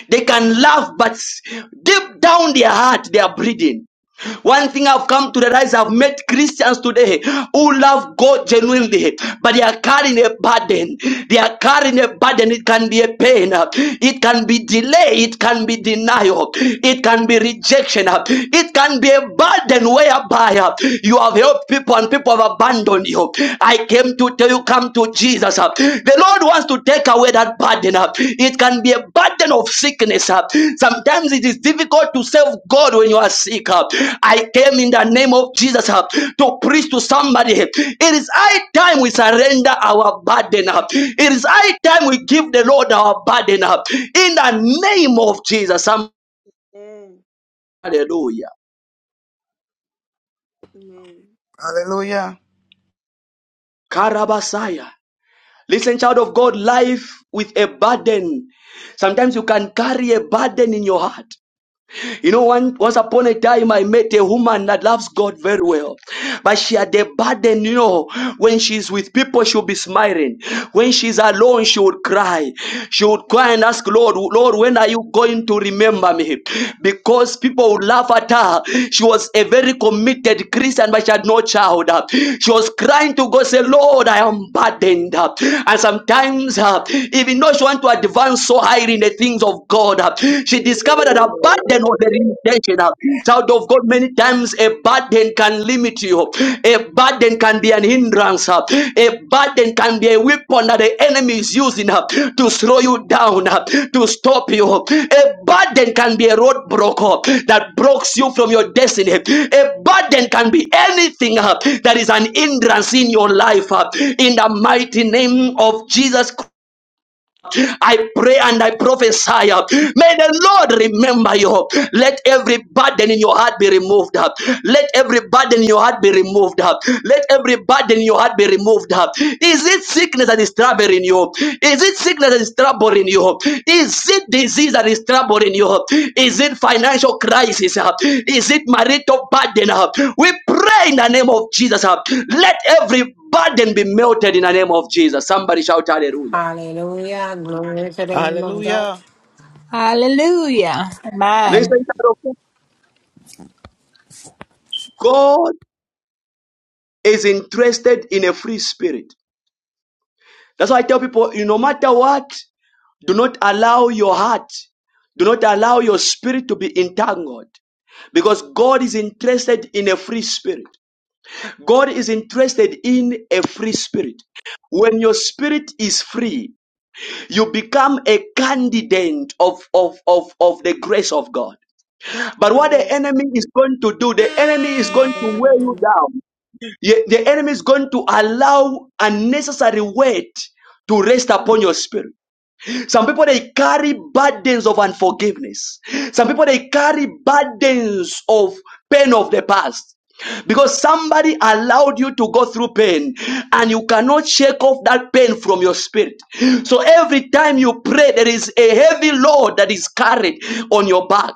they can laugh, but deep down their heart, they are breathing. One thing I've come to realize I've met Christians today who love God genuinely, but they are carrying a burden. They are carrying a burden. It can be a pain, it can be delay, it can be denial, it can be rejection, it can be a burden whereby you have helped people and people have abandoned you. I came to tell you, come to Jesus. uh, The Lord wants to take away that burden. uh. It can be a burden of sickness. uh. Sometimes it is difficult to serve God when you are sick. uh. I came in the name of Jesus uh, to preach to somebody. uh, It is high time we surrender our burden. uh. It is high time we give the Lord our burden. uh. In the name of Jesus. um, Amen. Hallelujah. Hallelujah. Karabasaya. Listen, child of God, life with a burden. Sometimes you can carry a burden in your heart. You know, one, once upon a time, I met a woman that loves God very well, but she had a burden. You know, when she's with people, she'll be smiling. When she's alone, she would cry. She would cry and ask, Lord, Lord, when are you going to remember me? Because people would laugh at her. She was a very committed Christian, but she had no child. She was crying to God, say, Lord, I am burdened. And sometimes, uh, even though she want to advance so high in the things things of God. She discovered that a burden was her intention. Child of God, many times a burden can limit you. A burden can be an hindrance. A burden can be a weapon that the enemy is using to slow you down, to stop you. A burden can be a roadblock that blocks you from your destiny. A burden can be anything that is an hindrance in your life. In the mighty name of Jesus Christ. I pray and I prophesy. uh, May the Lord remember you. Let every burden in your heart be removed. uh, Let every burden in your heart be removed. uh, Let every burden in your heart be removed. uh, Is it sickness that is troubling you? Is it sickness that is troubling you? Is it disease that is troubling you? Is it financial crisis? uh, Is it marital burden? uh, We pray in the name of Jesus. uh, Let every burden be melted in the name of Jesus. Somebody shout hallelujah. Hallelujah. Glory to the Lamb of God. Hallelujah. Hallelujah. Listen, Amen. child of God God is interested in a free spirit. That's why I tell people, you no matter what, do not allow your heart, do not allow your spirit to be entangled. Because God is interested in a free spirit. God is interested in a free spirit. When your spirit is free, you become a candidate of, of, of, of the grace of God. Amen. But what the Amen. enemy is going to do, the enemy is going to wear you down. Ye- The enemy is going to allow unnecessary weight to rest Mm. upon your spirit. Some people they carry burdens of unforgiveness. Some people Mm. they carry burdens of pain of the past. Because somebody allowed you to go through pain and you cannot shake off that pain from your spirit. So every time you pray, there is a heavy load that is carried on your back.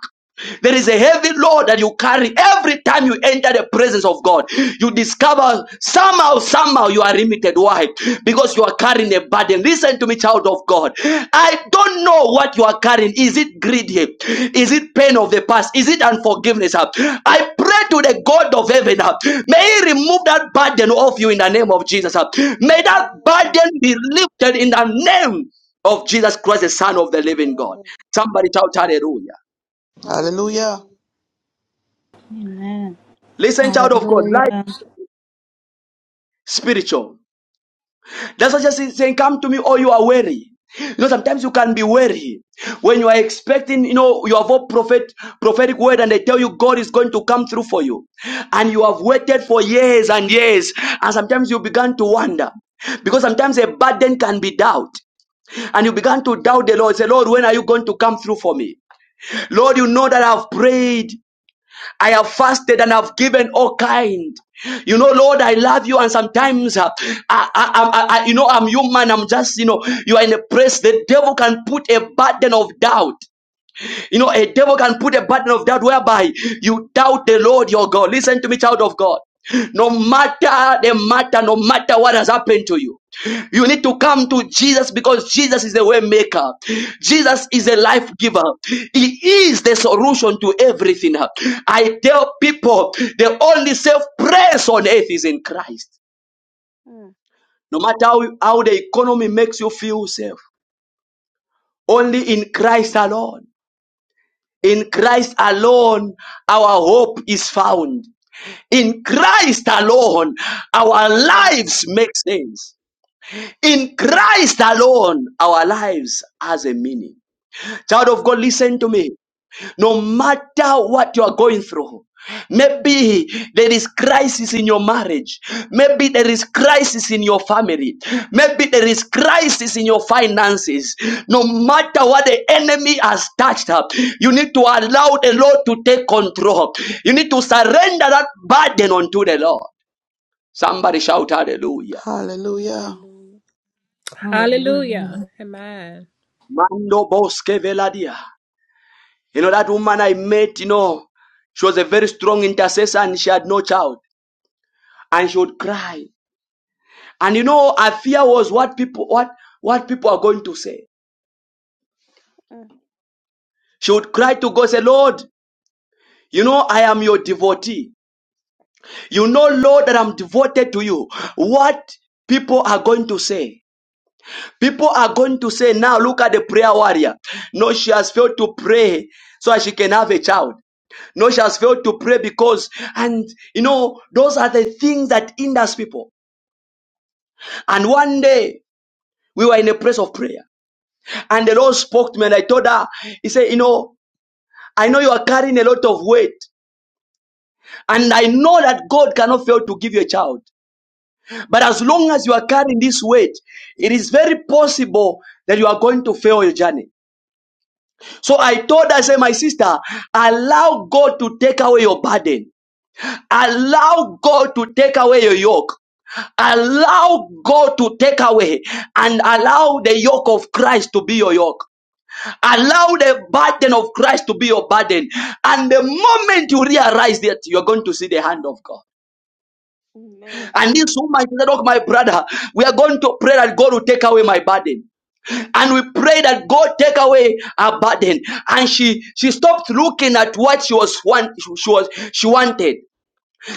There is a heavy load that you carry every time you enter the presence of God. You discover somehow, somehow you are limited. Why? Because you are carrying a burden. Listen to me, child of God. I don't know what you are carrying. Is it greed? here? Is it pain of the past? Is it unforgiveness? huh? I pray to the God of heaven. huh, May He remove that burden off you in the name of Jesus. huh. May that burden be lifted in the name of Jesus Christ, the Son of the Amen. living God. Amen. Somebody shout hallelujah. Hallelujah. Hallelujah. Amen. Listen, child of God, life Hallelujah. spiritual. That's what just saying, come to me or you are weary. You know, sometimes you can be weary when you are expecting, you know, you have a prophet, prophetic word and they tell you God is going to come through for you. And you have waited for years and years. And sometimes you began to wonder because sometimes a burden can be doubt. And you began to doubt the Lord. Say, Lord, when are you going to come through for me? Lord, you know that I've prayed. I have fasted and have given all kind. You know, Lord, I love you, and sometimes, uh, I, I, I, I, you know, I'm human. I'm just, you know, you are in a place the devil can put a burden of doubt. You know, a devil can put a burden of doubt whereby you doubt the Lord your God. Listen to me, child of God. No matter the matter, no matter what has happened to you, you need to come to Jesus because Jesus is the way maker. Jesus is the Mm. life giver. He is the solution to everything. I tell people the only safe place on earth is in Christ. No matter how, how the economy makes you feel safe, only in Christ alone. In Christ alone, our hope is found. In Christ alone, our Amen. lives make sense. In Christ alone, our lives has a meaning. Child of Mm. God, listen to me no matter what you are going through maybe there is crisis in your marriage maybe there is crisis in your family maybe there is crisis in your finances no matter what the enemy has touched up you need to allow the lord to take control you need to surrender that burden unto the lord somebody shout Mm. hallelujah Hallelujah. Hallelujah. Hallelujah. Hallelujah. Amen. Mando boske veladia. you know that woman i met you know she was a very strong intercessor and she had no child and she would cry. And you know, her fear was what people what what people are going to say. Mm. mm-hmm. She would cry to God, say, Lord, you know I am your devotee. You know, Lord, that I'm devoted to you. What people are going to say. People are going to say, now look at the prayer warrior. No, she has failed to pray so that she can have a child. No, she has failed to pray because, and you know, those are the things that hinders people. And one day we were in a place of prayer And the Lord spoke to me and I told her, He said, You know, I know you are carrying a lot of weight. And I know that God cannot fail to give you a child. But as long as you are carrying this weight, it is very possible that you are going to fail your journey. So I told her, I said, My sister, allow God to take away your burden. Allow God to take away your yoke. Allow God to take away and allow the yoke of Christ to be your yoke. Allow the burden of Christ to be your burden. And the moment you realize that, you're going to see the hand of God. Amen. And this woman said, Oh, my brother, we are going to pray that God will take away my burden and we pray that God take away her burden. And she she stopped looking at what she was want, she was she wanted.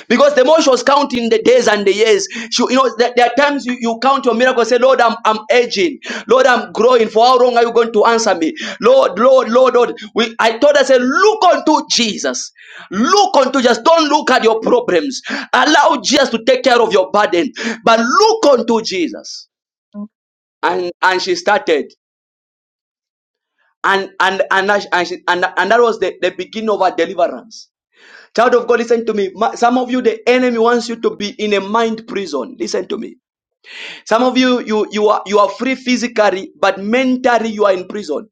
Because the more was counting the days and the years, she, you know, there, there are times you, you count your miracle, say, Lord, I'm, I'm aging. Lord, I'm growing. For how long are you going to answer me? Lord, Lord, Lord, Lord. We, I told her, say, look unto Jesus. Look unto Jesus. Don't look at your problems. Allow Jesus to take care of your burden. But look unto Jesus. And, and she started. And, and, and, I- and, she, and, and that was the, the beginning of her deliverance Child of God, listen to me. Ma- Some of you, the enemy wants you to be in a mind prison. Listen to me. Some of you, you you are you are free physically, but mentally you are in prison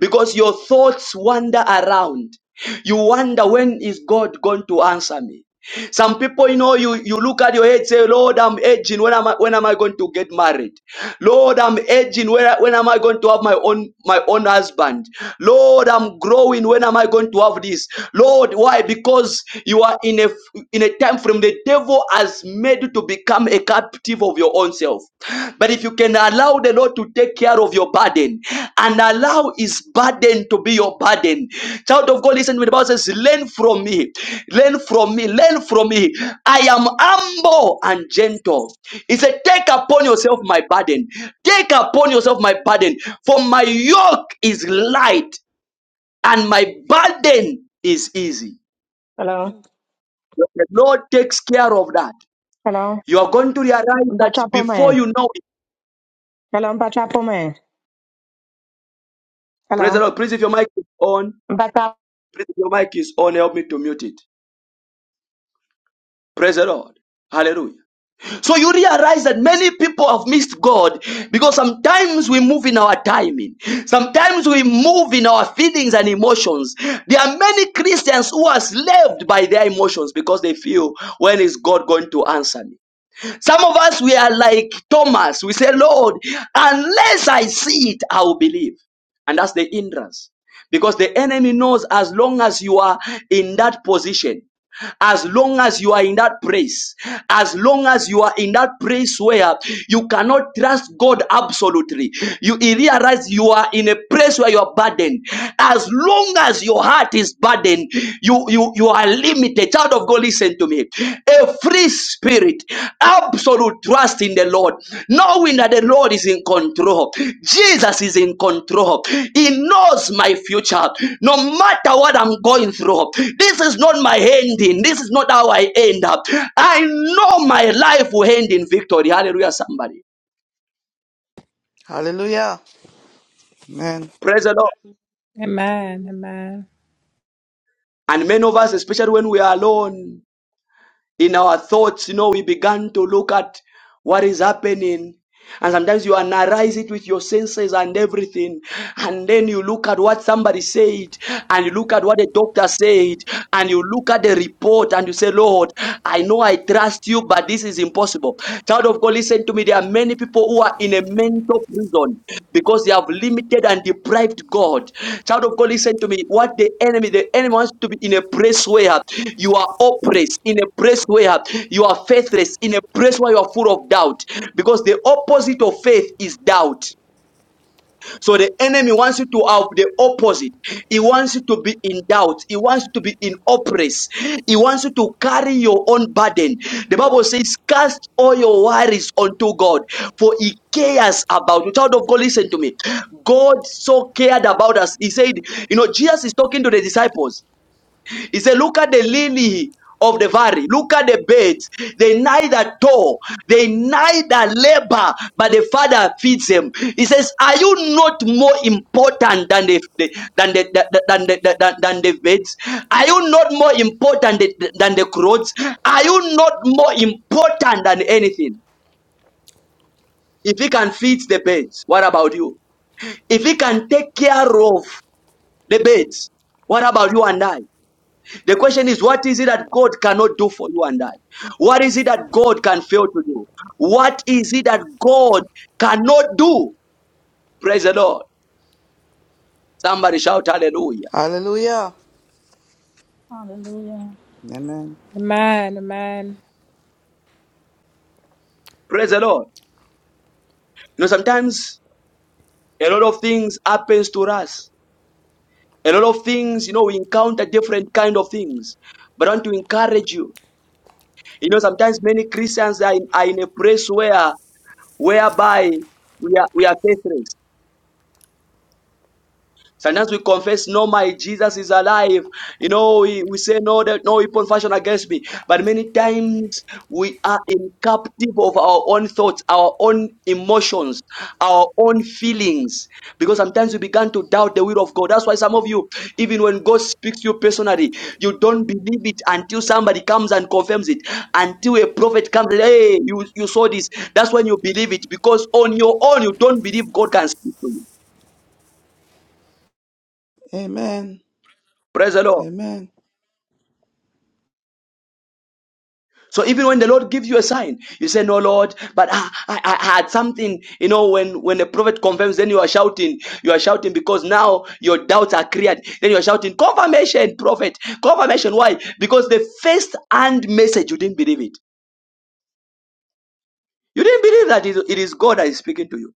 because your thoughts wander around. You wonder when is God going to answer me? Some people, you know, you, you look at your head, say, Lord, I'm aging. When am I when am I going to get married? Lord, I'm aging. When, when am I going to have my own my own husband? Lord, I'm growing. When am I going to have this? Lord, why? Because you are in a in a time frame the devil has made you to become a captive of your own self. But if you can allow the Lord to take care of your burden and allow His burden to be your burden, child of God, listen to me. The Bible says, Learn from me, learn from me, learn from me. I am humble and gentle. He said, Take upon yourself my burden, take upon yourself my burden, for my yoke is light and my burden is easy. Hello. Mm, When The Lord takes care of that. Hello. You are going to realize that Bacha before Pome. you know it. Hello, Bacha Pome. Praise the Hello. Lord. Please, if your mic is on, Bacha Please, your mic is on. Help me to mute it. Praise the Lord. Hallelujah. So you realize that many people have missed God because sometimes we move in our timing. Sometimes we move in our feelings and emotions. There are many Christians who are slaved by their emotions because they feel, when is God going to answer me? Some of us, we are like Thomas. We say, Lord, unless I see it, I will believe. And that's the hindrance. Because the enemy knows as long as you are in that position, as long as you are in that place, as long as you are in that place where you cannot trust God absolutely, you realize you are in a place where you are burdened. As long as your heart is burdened, you you you are limited. Child of God, listen to me. Every spirit Spirit. absolute trust in the Lord, knowing that the Lord is in control. Jesus is in control. He knows my future. No matter what I'm going through, this is not my ending. This is not how I end up. I know my life will end in victory. Hallelujah, somebody. Hallelujah. Amen. Praise the Lord. Amen. Amen. Hallelujah. And many of us, especially when we are alone, in our thoughts, you know, we began to look at what is happening. And sometimes you analyze it with your senses and everything. And then you look at what somebody said, and you look at what the doctor said, and you look at the report, and you say, Lord, I know I trust you, but this is impossible. Child of God, listen to me. There are many people who are in a mental prison because they have limited and deprived God. Child of God, listen to me. What the enemy, the enemy wants to be in a place where you are oppressed, in a place where you are faithless, in a place where you are full of doubt. Because the opposite of faith is doubt. So the enemy wants you to have the opposite. He wants you to be in doubt. He wants you to be in oppress. He wants you to carry your own burden. The Bible says, cast all your worries unto God, for he cares about you. Child of God, listen to me. God so cared about us. He said, you know, Jesus is talking to the disciples. He said, Look at the lily of the valley. Look at the birds. They neither toil, they neither labor, but the Father feeds them. He says, Are you not more important than the, the- than the, than the, than, than the birds? Are you not more important th- than the clothes? Are you not more important than anything? If he can feed the birds, what about you? If he can take care of the birds, what about you and I? The question is, what is it that God cannot do for you and I? What is it that God can fail to do? What is it that God cannot do? Praise the Lord. Somebody shout hallelujah. Hallelujah. Hallelujah. Amen. Amen. Amen. Praise the Lord. You know, sometimes a lot of things happens to us. A lot of things, you know, we encounter different kind of things. But I want to encourage you. You know, sometimes many Christians are in, are in a place where, whereby we are, we are faithless. Sometimes we confess, no, my Jesus is alive. You know, we, we say, no, that no weapon fashioned against me. But many times we are in captive of our own thoughts, our own emotions, our own feelings. Because sometimes we begin to doubt the will of God. That's why some of you, even when God speaks to you personally, you don't believe it until somebody comes and confirms it. Until a prophet comes, and hey, you, you saw this. That's when you believe it. Because on your own, you don't believe God can speak to you. Amen. Praise the Lord. Amen. So even when the Lord gives you a sign, you say, "No, Lord, but I, I, I had something." You know, when when the prophet confirms, then you are shouting. You are shouting because now your doubts are cleared. Then you are shouting, "Confirmation, prophet! Confirmation! Why? Because the first hand message you didn't believe it. You didn't believe that it it is God that is speaking to you.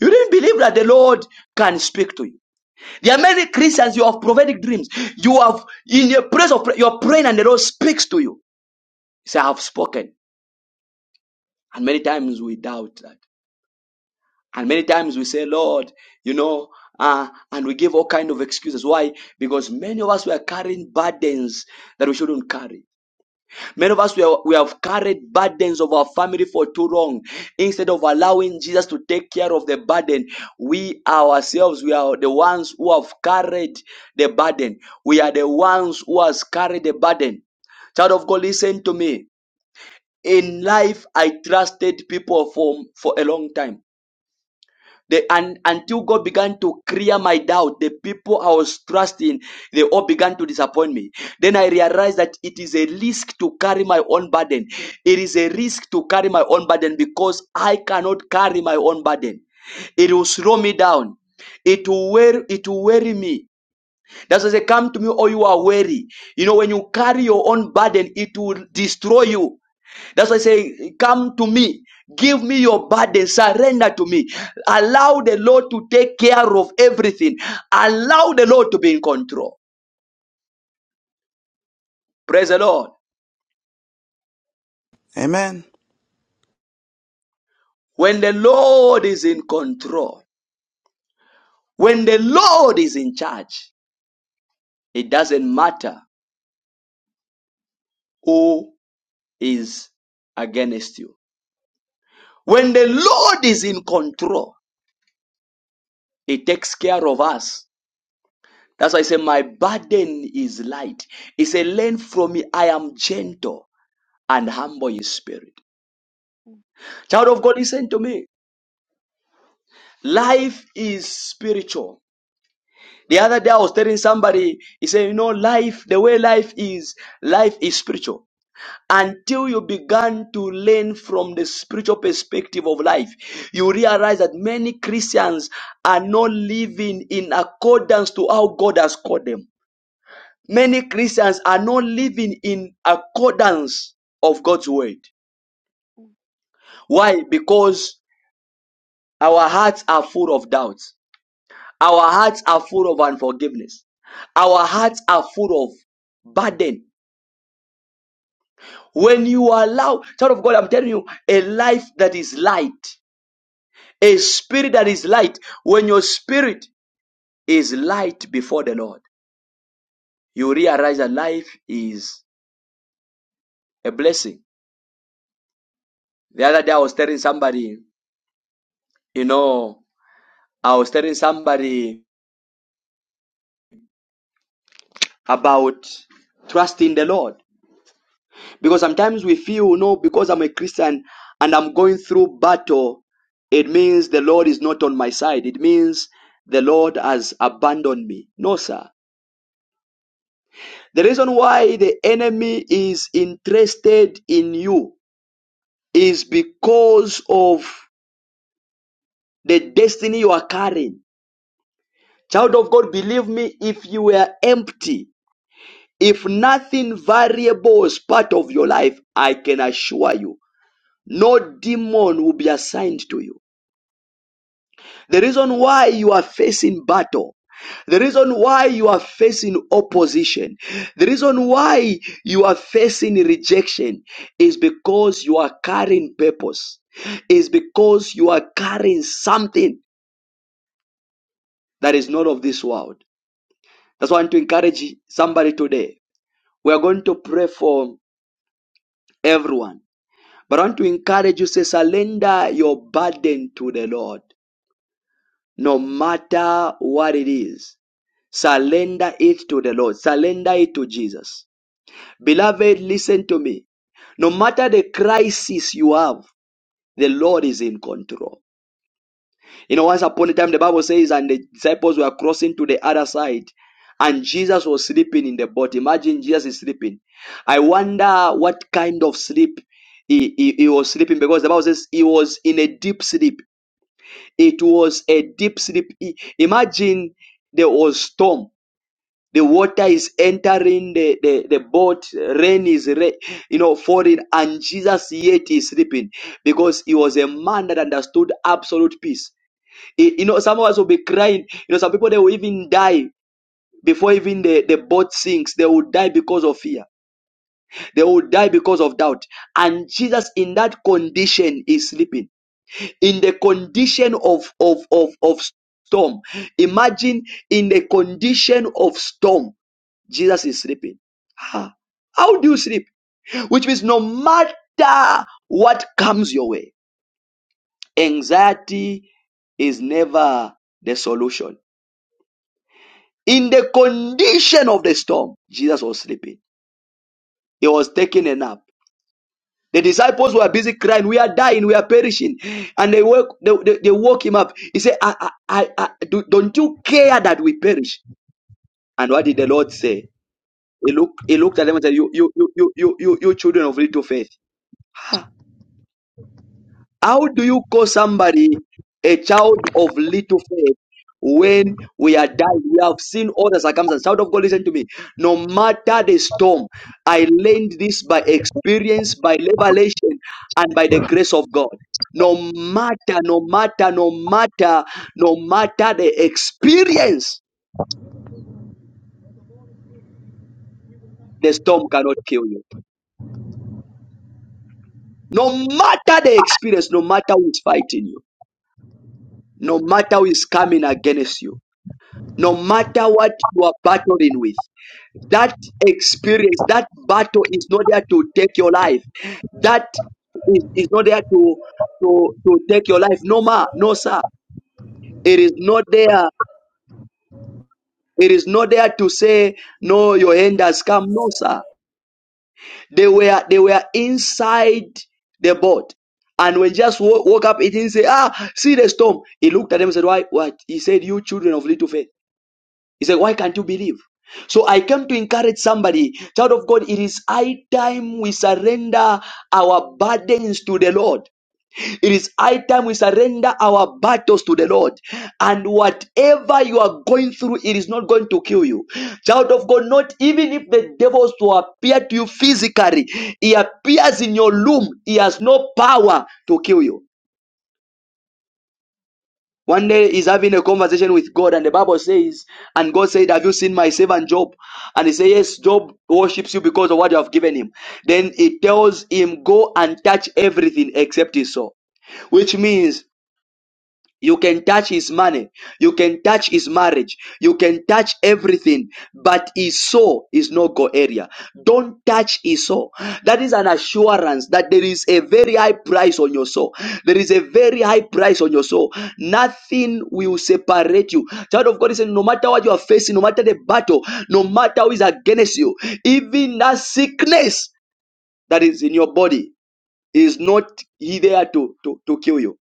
You didn't believe that the Lord can speak to you. There are many Christians. You have prophetic dreams. You have in your place of prayer, you're praying, and the Lord speaks to you. He said, "I have spoken." And many times we doubt that. And many times we say, Lord, you know, uh, and we give all kind of excuses. Why? Because many of us were carrying burdens that we shouldn't carry. Many of us we, are, we have carried burdens of our family for too long. Instead of allowing Jesus to take care of the burden, we ourselves we are the ones who have carried the burden. We are the ones who has carried the burden. Child of God, listen to me. In life, I trusted people for for a long time. The, and until God began to clear my doubt, the people I was trusting, they all began to disappoint me. Then I realized that it is a risk to carry my own burden. It is a risk to carry my own burden because I cannot carry my own burden. It will slow me down. It will wear, it will weary me. That's why they say, come to me, or you are weary. You know, when you carry your own burden, it will destroy you. That's why I say, Come to me. Give me your burden. Surrender to me. Allow the Lord to take care of everything. Allow the Lord to be in control. Praise the Lord. Amen. When the Lord is in control, when the Lord is in charge, it doesn't matter who is against you. When the Lord is in control, He takes care of us. That's why I say, My burden is light. He said, Learn from me, I am gentle and humble his spirit. Mm, Child of God, listen to me. Life is spiritual. The other day I was telling somebody, he said, you know, life, the way life is, life is spiritual. Until you began to learn from the spiritual perspective of life, you realize that many Christians are not living in accordance to how God has called them. Many Christians are not living in accordance of God's word. mm, Why? Because our hearts are full of doubt. Our hearts are full of unforgiveness. Our hearts are full of burden. When you allow, child of God, I'm telling you, a life that is light, a spirit that is light, when your spirit is light before the Lord, you realize that life is a blessing. The other day I was telling somebody, you know, I was telling somebody about trusting the Lord. Because sometimes we feel, no, because I'm a Christian and I'm going through battle, it means the Lord is not on my side. It means the Lord has abandoned me. No, sir. The reason why the enemy is interested in you is because of the destiny you are carrying. Child of God, believe me, if you were empty, if nothing variable is part of your life, I can assure you, no demon will be assigned to you. The reason why you are facing battle the reason why you are facing opposition, the reason why you are facing rejection is because you are carrying purpose, is because you are carrying something that is not of this world. That's why I want to encourage somebody today. We are going to pray for everyone, but I want to encourage you say, surrender your burden to the Lord, no matter what it is. Surrender it to the Lord. Surrender it to Jesus. Beloved, listen to me. No matter the crisis you have, the Lord is in control. You know, once upon a time, the Bible says, and the disciples were crossing to the other side, and Jesus was sleeping in the boat. Imagine Jesus is sleeping. I wonder what kind of sleep he, he, he was sleeping because the Bible says he was in a deep sleep. It was a deep sleep. I- Imagine there was storm the water is entering the, the, the boat, rain is, ra- you know, falling, and Jesus yet is sleeping because he was a man that understood absolute peace. He- you know, some of us will be crying. You know, some people, they will even die before even the, the boat sinks. They will die because of fear. They will die because of doubt. And Jesus, in that condition, is sleeping. In the condition of, of, of, of storm. Imagine in the condition of storm. Jesus is sleeping. Ah, how do you sleep? Which means no matter what comes your way, anxiety is never the solution. In the condition of the storm, Jesus was sleeping. He was taking a nap. The disciples were busy crying, "We are dying, we are perishing," and they woke they, they, they woke him up. He said, I, "I, I, I, do, don't you care that we perish?" And what did the Lord say? He looked, he looked at them and said, "You, you, you, you, you, you you children of little faith." How do you call somebody a child of little faith when we are dying? We have seen all the circumstances. Child of God, listen to me. No matter the storm, I learned this by experience, by revelation, and by the grace of God. No matter, no matter, no matter, no matter the experience, the storm cannot kill you. No matter the experience, no matter who is fighting you, no matter who is coming against you, no matter what you are battling with. That experience, that battle is not there to take your life. That is, is not there to, to, to take your life. No, ma, no, sir. It is not there. It is not there to say, no, your end has come. No, sir. They were, they were inside the boat. And when just wo- woke up, it didn't say, ah, see the storm. He looked at them and said, why, what? He said, you children of little faith. He said, Why can't you believe? So I came to encourage somebody, child of God, it is high time we surrender our burdens to the Lord. It is high time we surrender our battles to the Lord. And whatever you are going through, it is not going to kill you. Child of God, not even if the devils to appear to you physically, he appears in your loom, he has no power to kill you. One day he's having a conversation with God, and the Bible says, and God said, Have you seen my servant Job? And he says, Yes, Job worships you because of what you have given him. Then he tells him, Go and touch everything except his soul. Which means you can touch his money. You can touch his marriage. You can touch everything. But his soul is no go area. Don't touch his soul. That is an assurance that there is a very high price on your soul. There is a very high price on your soul. Nothing will separate you. Child of God is saying, no matter what you are facing, no matter the battle, no matter who is against you, even that sickness that is in your body is not there to, to, to kill you.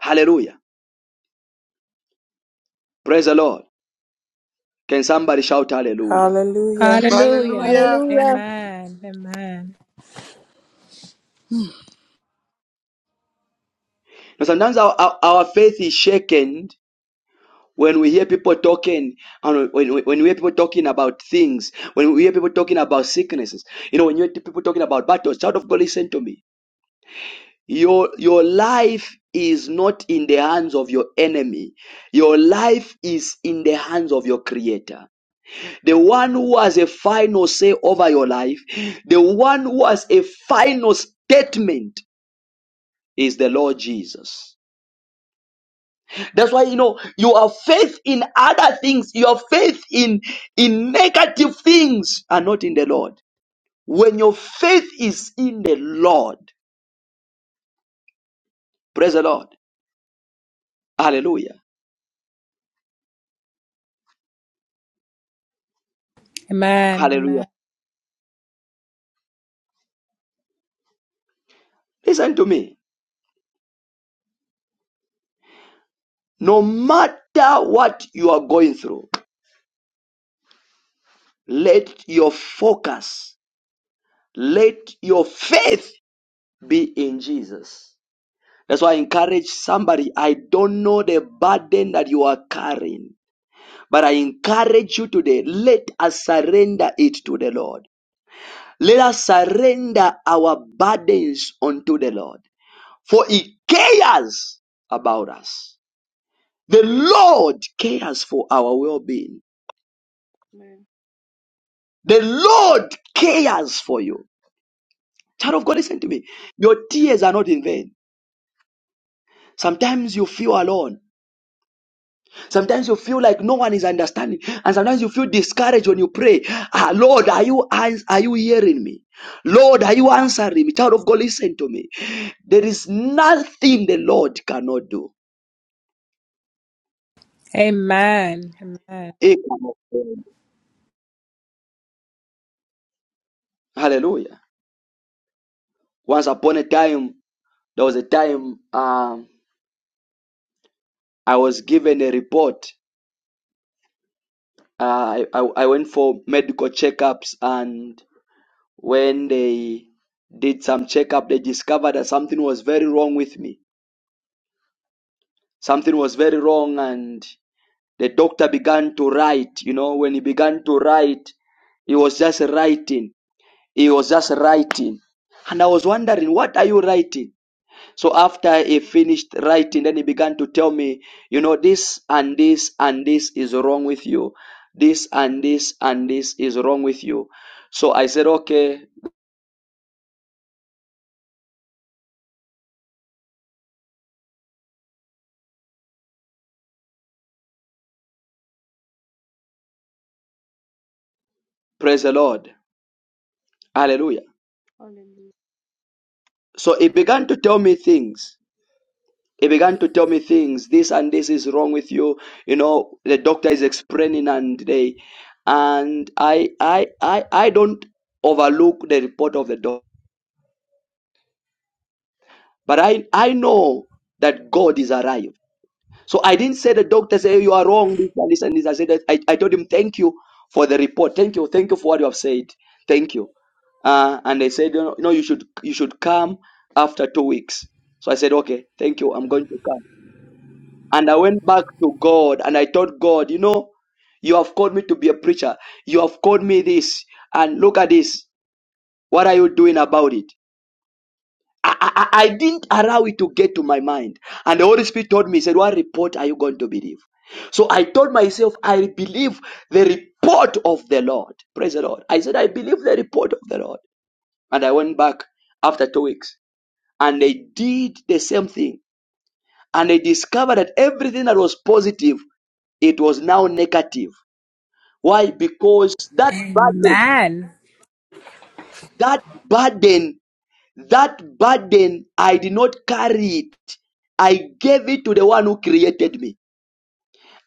Hallelujah. Praise the Lord. Can somebody shout hallelujah? Hallelujah. Hallelujah. Hallelujah. Hallelujah. Amen. Amen. Now, sometimes our, our, our faith is shaken when we hear people talking, and when, when when we hear people talking about things, when we hear people talking about sicknesses, you know, when you hear people talking about battles, child of God, listen to me. Your, your life is not in the hands of your enemy. Your life is in the hands of your creator. The one who has a final say over your life, the one who has a final statement is the Lord Jesus. That's why you know you have faith in other things. Your faith in in negative things are not in the Lord. When your faith is in the Lord, praise the Lord. Hallelujah. Amen. Hallelujah. Amen. Listen to me. No matter what you are going through, let your focus, let your faith be in Jesus. That's why I encourage somebody. I don't know the burden that you are carrying. But I encourage you today, let us surrender it to the Lord. Let us surrender our burdens unto the Lord. For He cares about us. The Lord cares for our well being. Amen. The Lord cares for you. Child of God, Mm, listen to me. Your tears are not in vain. Sometimes you feel alone. Sometimes you feel like no one is understanding, and sometimes you feel discouraged when you pray. Ah, Lord, are you ans- are you hearing me? Lord, are you answering me? Child of God, listen to me. There is nothing the Lord cannot do. Amen. Amen. He cannot fail. Hallelujah. Once upon a time, there was a time um, I was given a report. Uh, I, I I went for medical checkups, and when they did some checkup, they discovered that something was very wrong with me something was very wrong and the doctor began to write you know when he began to write he was just writing he was just writing and i was wondering what are you writing so after he finished writing then he began to tell me you know this and this and this is wrong with you this and this and this is wrong with you so i said okay praise the lord hallelujah Hallelujah. so he began to tell me things He began to tell me things. This and this is wrong with you. You know, the doctor is explaining, and they, and I, I, I, I don't overlook the report of the doctor, but I, I know that God is arrived. So I didn't say the doctor say you are wrong. This and this and this. I said that I, I told him thank you for the report. Thank you, thank you for what you have said. Thank you. Uh, and they said, you know, you should you should come after two weeks. So I said, okay, thank you. I'm going to come. And I went back to God and I told God, you know, you have called me to be a preacher. You have called me this. And look at this. What are you doing about it? I, I, I I didn't allow it to get to my mind. And the Holy Spirit told me, he said, What report are you going to believe? So I told myself, I believe the report of the Lord. Praise the Lord. I said, I believe the report of the Lord. And I went back after two weeks and they did the same thing. And I discovered that everything that was positive It was now negative. Why? Because that burden, Amen. that burden, that burden, I did not carry it. I gave it to the one who created me.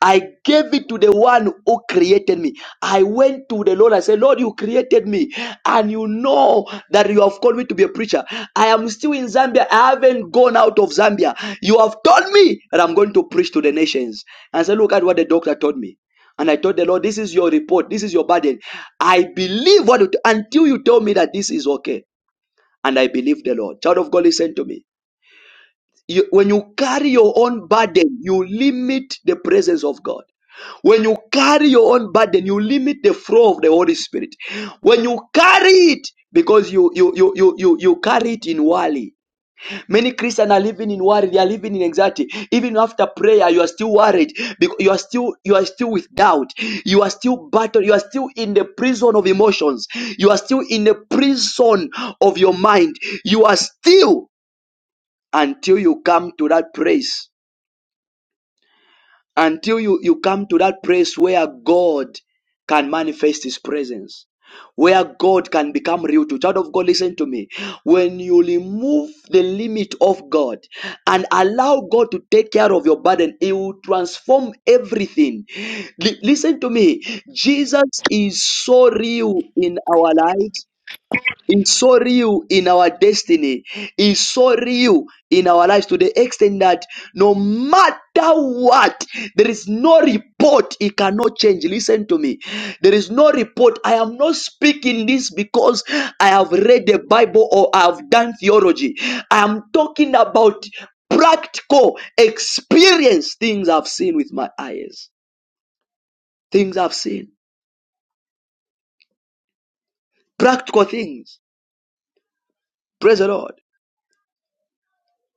I gave it to the one who created me. I went to the Lord. I said, Lord, you created me, and you know that you have called me to be a preacher. I am still in Zambia. I haven't gone out of Zambia. You have told me that I'm going to preach to the nations. And I said, Look at what the doctor told me. And I told the Lord, This is your report. This is your burden. I believe what you t- until you tell me that this is okay. And I believe the Lord. Child of God, listen to me. You- when you carry your own burden, you limit the presence of God. When you carry your own burden, you limit the flow of the Holy Spirit. When you carry it, because you you you you you, you carry it in worry. Many Christians are living in worry. They are living in anxiety. Even after prayer, you are still worried because you are still you are still with doubt. You are still battled. You are still in the prison of emotions. You are still in the prison of your mind. You are still until you come to that place, until you, you come to that place where God can manifest His presence, where God can become real to. Child of God, listen to me. When you remove the limit of God and allow God to take care of your burden, He will transform everything. Li- listen to me. Jesus is so real in our lives it's so real in our destiny. It's so real in our lives to the extent that no matter what, there is no report it cannot change. Listen to me. There is no report. I am not speaking this because I have read the Bible or I have done theology. I am talking about practical experience, things I've seen with my eyes, things I've seen, practical things. Praise the Lord.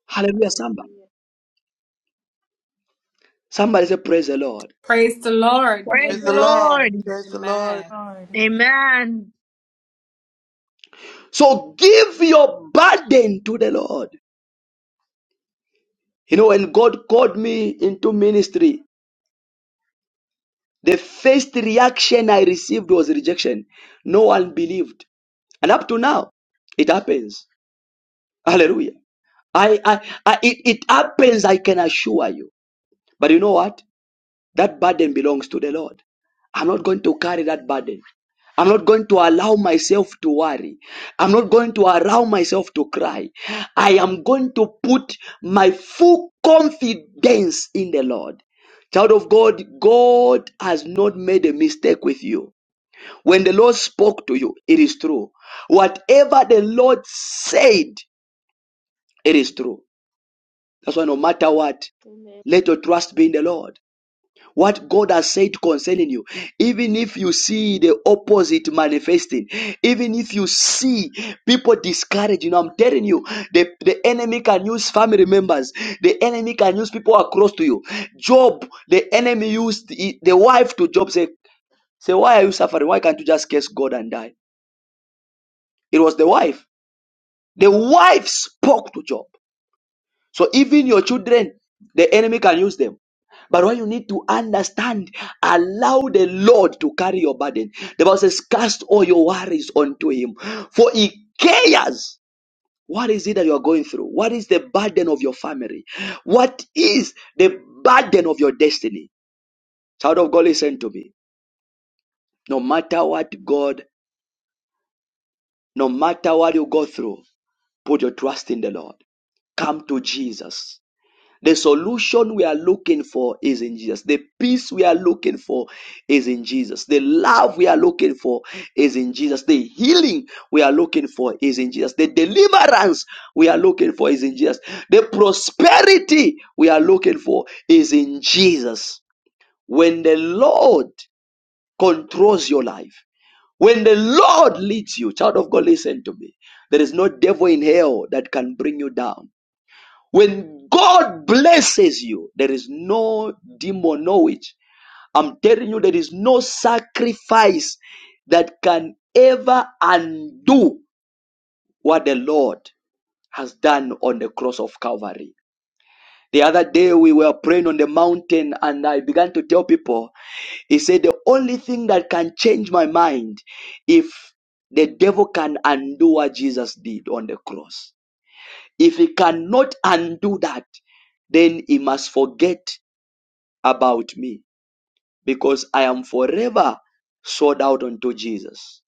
Hallelujah, somebody. Hallelujah. Somebody say, Praise the Lord. Praise the Lord. Praise Praise the the Lord. Amen. Lord. Praise the Lord. Amen. Lord. Amen. So give your burden to the Lord. You know, when God called me into ministry, the first reaction I received was rejection. No one believed. And up to now, it happens. Hallelujah. I, I, I it, it happens, I can assure you. But you know what? That burden belongs to the Lord. I'm not going to carry that burden. I'm not going to allow myself to worry. I'm not going to allow myself to cry. I am going to put my full confidence in the Lord. Child of God, God has not made a mistake with you. When the Lord spoke to you, it is true. Whatever the Lord said, it is true. That's why no matter what, Amen. let your trust be in the Lord. What God has said concerning you, even if you see the opposite manifesting, even if you see people discouraged, you know, I'm telling you, the, the enemy can use family members, the enemy can use people who are close to you. Job, the enemy used the, the wife to Job, say, say, Why are you suffering? Why can't you just curse God and die? It was the wife. The wife spoke to Job. So even your children, the enemy can use them. But what you need to understand, allow the Lord to carry your burden. The Bible says, cast all your worries onto him. For he cares. What is it that you are going through? What is the burden of your family? What is the burden of your destiny? Child of God, listen to me. No matter what God, no matter what you go through, put your trust in the Lord. Come to Jesus. The solution we are looking for is in Jesus. The peace we are looking for is in Jesus. The love we are looking for is in Jesus. The healing we are looking for is in Jesus. The deliverance we are looking for is in Jesus. The prosperity we are looking for is in Jesus. When the Lord controls your life, when the Lord leads you, child of God, listen to me. There is no devil in hell that can bring you down. When God blesses you, there is no demon knowledge. I'm telling you, there is no sacrifice that can ever undo what the Lord has done on the cross of Calvary. The other day we were praying on the mountain and I began to tell people, he said, the only thing that can change my mind if the devil can undo what Jesus did on the cross. If he cannot undo that, then he must forget about me because I am forever sold out unto Jesus.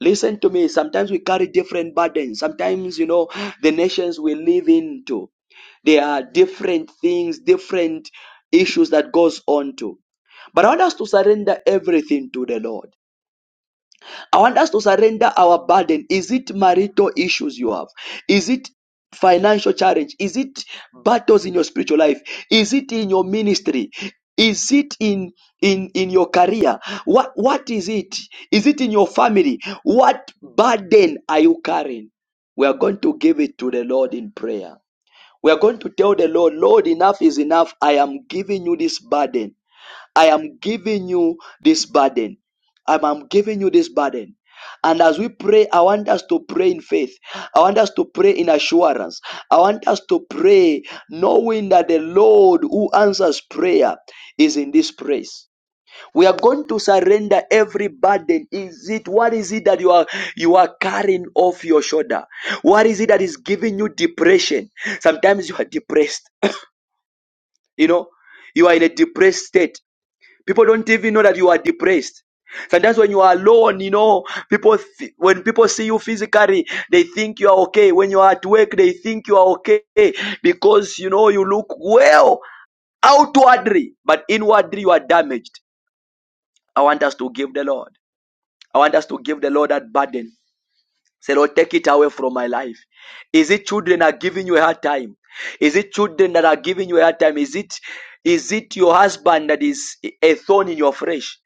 Listen to me. Sometimes we carry different burdens. Sometimes, you know, the nations we live into, there are different things, different issues that goes on to. But I want us to surrender everything to the Lord. I want us to surrender our burden. Is it marital issues you have? Is it financial challenge? Is it battles in your spiritual life? Is it in your ministry? Is it in in in your career? What what is it? Is it in your family? What burden are you carrying? We are going to give it to the Lord in prayer. We are going to tell the Lord, Lord, enough is enough. I am giving you this burden. I am giving you this burden. I'm, I'm giving you this burden. And as we pray, I want us to pray in faith. I want us to pray in assurance. I want us to pray knowing that the Lord who answers prayer is in this place. We are going to surrender every burden. Is it what is it that you are you are carrying off your shoulder? What is it that is giving you depression? Sometimes you are depressed. You know, you are in a depressed state People don't even know that you are depressed. Sometimes when you are alone, you know, people, th- when people see you physically, they think you are okay. When you are at work, they think you are okay because, you know, you look well outwardly, but inwardly you are damaged. I want us to give the Lord. I want us to give the Lord that burden. Say, Lord, take it away from my life. Is it children are giving you a hard time? Is it children that are giving you a hard time? Is it is it your husband that is a thorn in your flesh?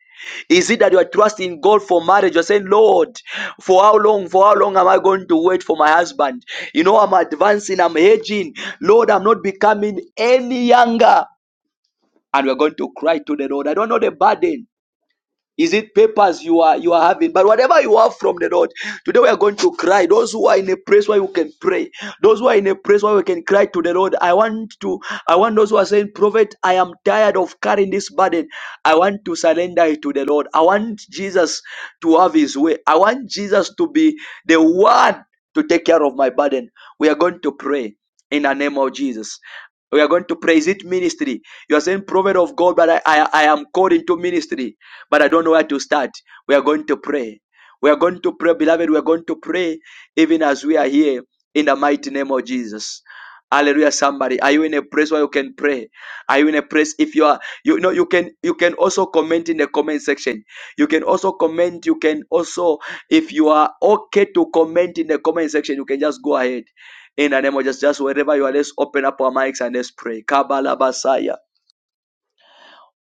Is it that you are trusting God for marriage? You're saying, Lord, for how long? For how long am I going to wait for my husband? You know, I'm advancing, I'm aging. Lord, I'm not becoming any younger. And we're going to cry to the Lord. I don't know the burden is it papers you are you are having? But whatever you have from the Lord, today we are going to cry. Those who are in a place where you can pray, those who are in a place where we can cry to the Lord. I want to, I want those who are saying, Prophet, I am tired of carrying this burden. I want to surrender it to the Lord. I want Jesus to have his way. I want Jesus to be the one to take care of my burden. We are going to pray in the name of Jesus. We are going to praise it ministry. You are saying prophet of God, but I, I, I am called into ministry but I don't know where to start. We are going to pray. We are going to pray, beloved. We are going to pray even as we are here in the mighty name of Jesus. Hallelujah, somebody. Are you in a place where you can pray? Are you in a place if you are you know you can you can also comment in the comment section. You can also comment, you can also if you are okay to comment in the comment section, you can just go ahead. In the name of just, just wherever you are, let's open up our mics and let's pray. Kabbalah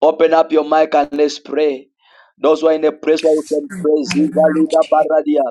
Open up your mic and let's pray. Those who are in a place where you can pray, Ziva Lida Paradia,